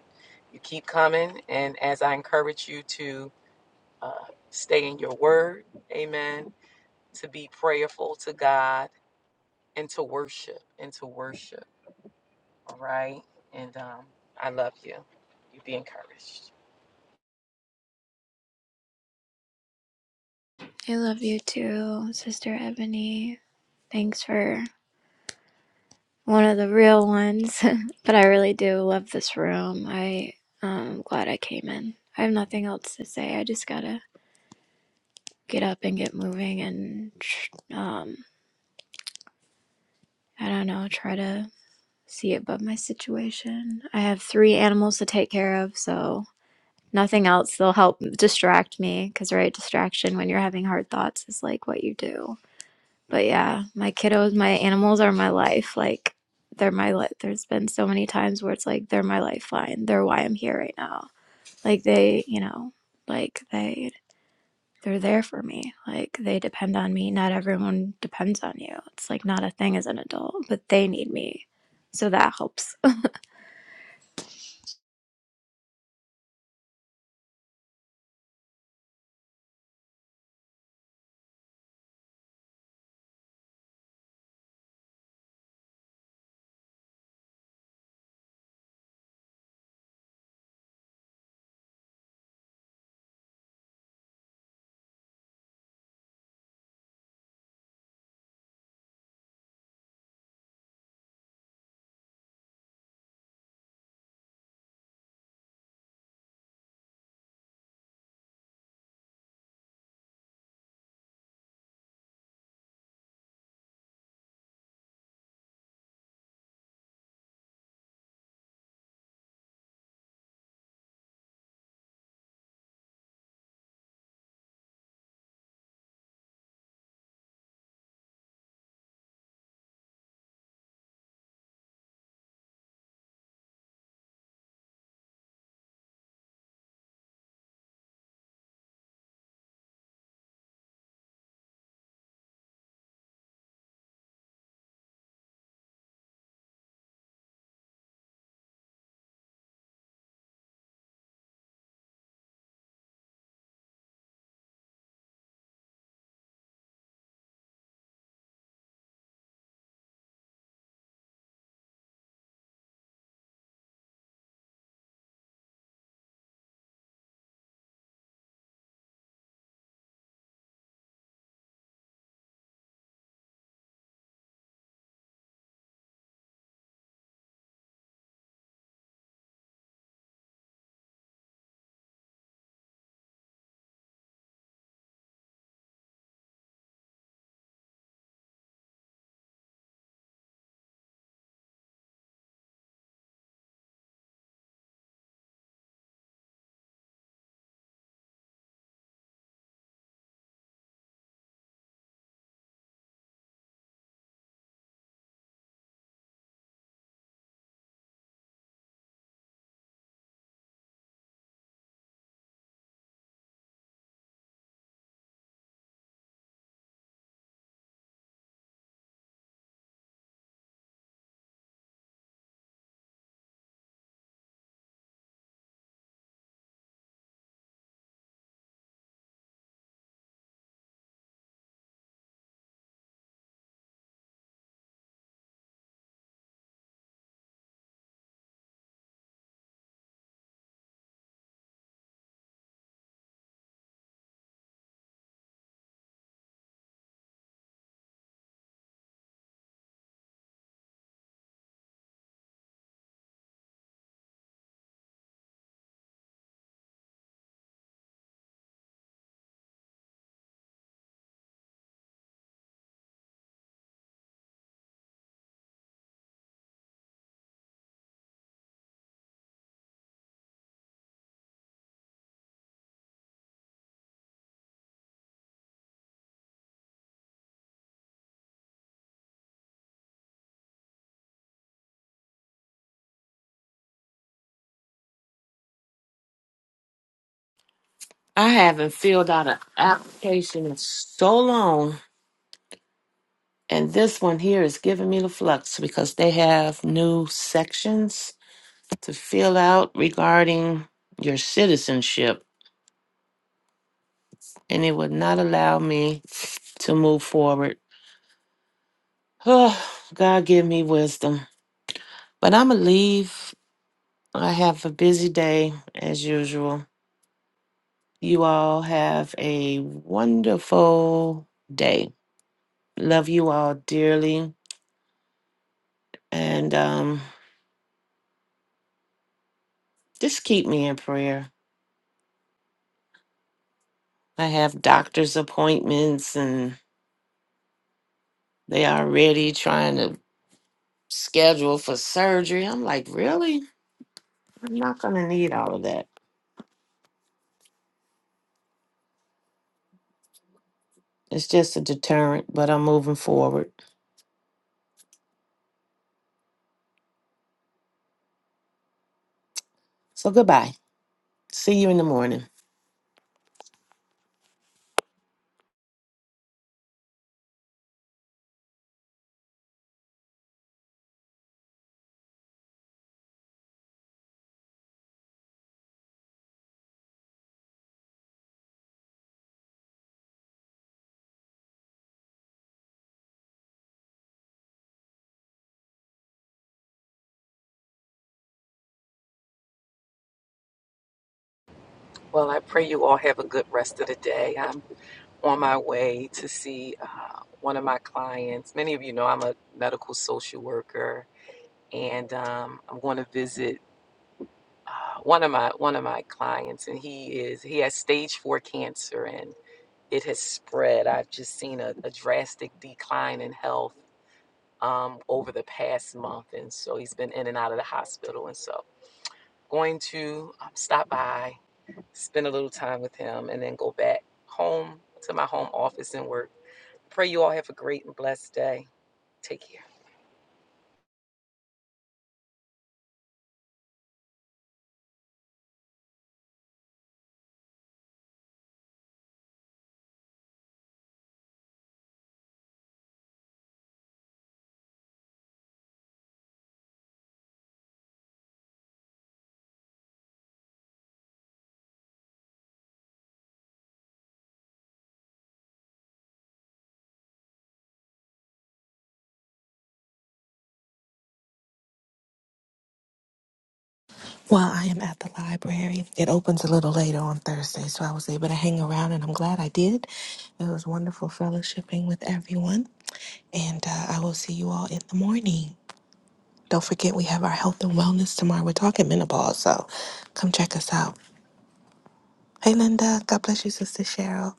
Speaker 5: You keep coming. And as I encourage you to stay in your word, amen, to be prayerful to God and to worship and to worship. All right. And um, I love you. You be encouraged.
Speaker 15: I love you too, Sister Ebony. Thanks for one of the real ones. [laughs] but I really do love this room. I um, am glad I came in. I have nothing else to say. I just gotta get up and get moving and tr- um, I don't know, try to see above my situation. I have three animals to take care of, so nothing else. They'll help distract me because, right, distraction when you're having hard thoughts is like what you do. but yeah, my kiddos, my animals are my life. Like they're my life. There's been so many times where it's like they're my lifeline. They're why I'm here right now. Like they, you know, like they they're there for me. Like they depend on me. Not everyone depends on you. It's like not a thing as an adult, but they need me. So that helps
Speaker 13: I haven't filled out an application in so long. And this one here is giving me the flux because they have new sections to fill out regarding your citizenship. And it would not allow me to move forward. Oh, God give me wisdom. But I'ma leave. I have a busy day as usual. You all have a wonderful day. Love you all dearly. And um, just keep me in prayer. I have doctor's appointments and they already trying to schedule for surgery. I'm like, really? I'm not going to need all of that. It's just a deterrent, but I'm moving forward. So goodbye. See you in the morning.
Speaker 5: Well, I pray you all have a good rest of the day. I'm on my way to see uh, one of my clients. Many of you know I'm a medical social worker and um, I'm going to visit uh, one of my one of my clients, and he is he has stage four cancer, and it has spread. I've just seen a, a drastic decline in health um, over the past month, and so he's been in and out of the hospital, and so going to um, stop by, spend a little time with him, and then go back home to my home office and work. Pray you all have a great and blessed day. Take care.
Speaker 3: Well, I am at the library. It opens a little later on Thursday, so I was able to hang around, and I'm glad I did. It was wonderful fellowshipping with everyone, and uh, I will see you all in the morning. Don't forget, we have our health and wellness tomorrow. We're talking menopause, so come check us out. Hey, Linda. God bless you, Sister Cheryl.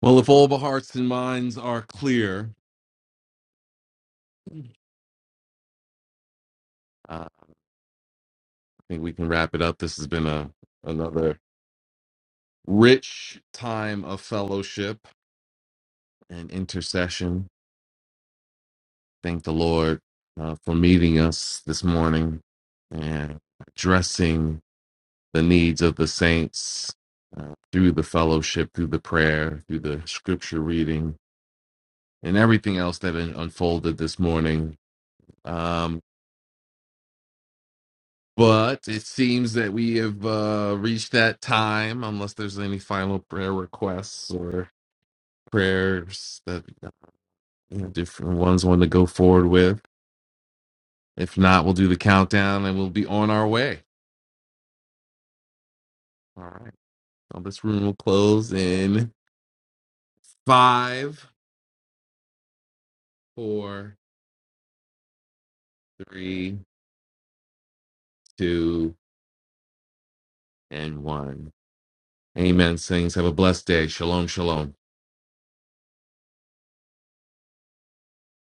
Speaker 16: Well, if all the hearts and minds are clear, uh, I think we can wrap it up. This has been a another rich time of fellowship and intercession. Thank the Lord uh, for meeting us this morning and addressing the needs of the saints uh, through the fellowship, through the prayer, through the scripture reading, and everything else that un- unfolded this morning. Um, But it seems that we have uh, reached that time, unless there's any final prayer requests or prayers that you know, different ones want to go forward with. If not, we'll do the countdown and we'll be on our way. All right. So this room will close in five, four, three, two, and one. Amen. Saints, have a blessed day. Shalom, shalom.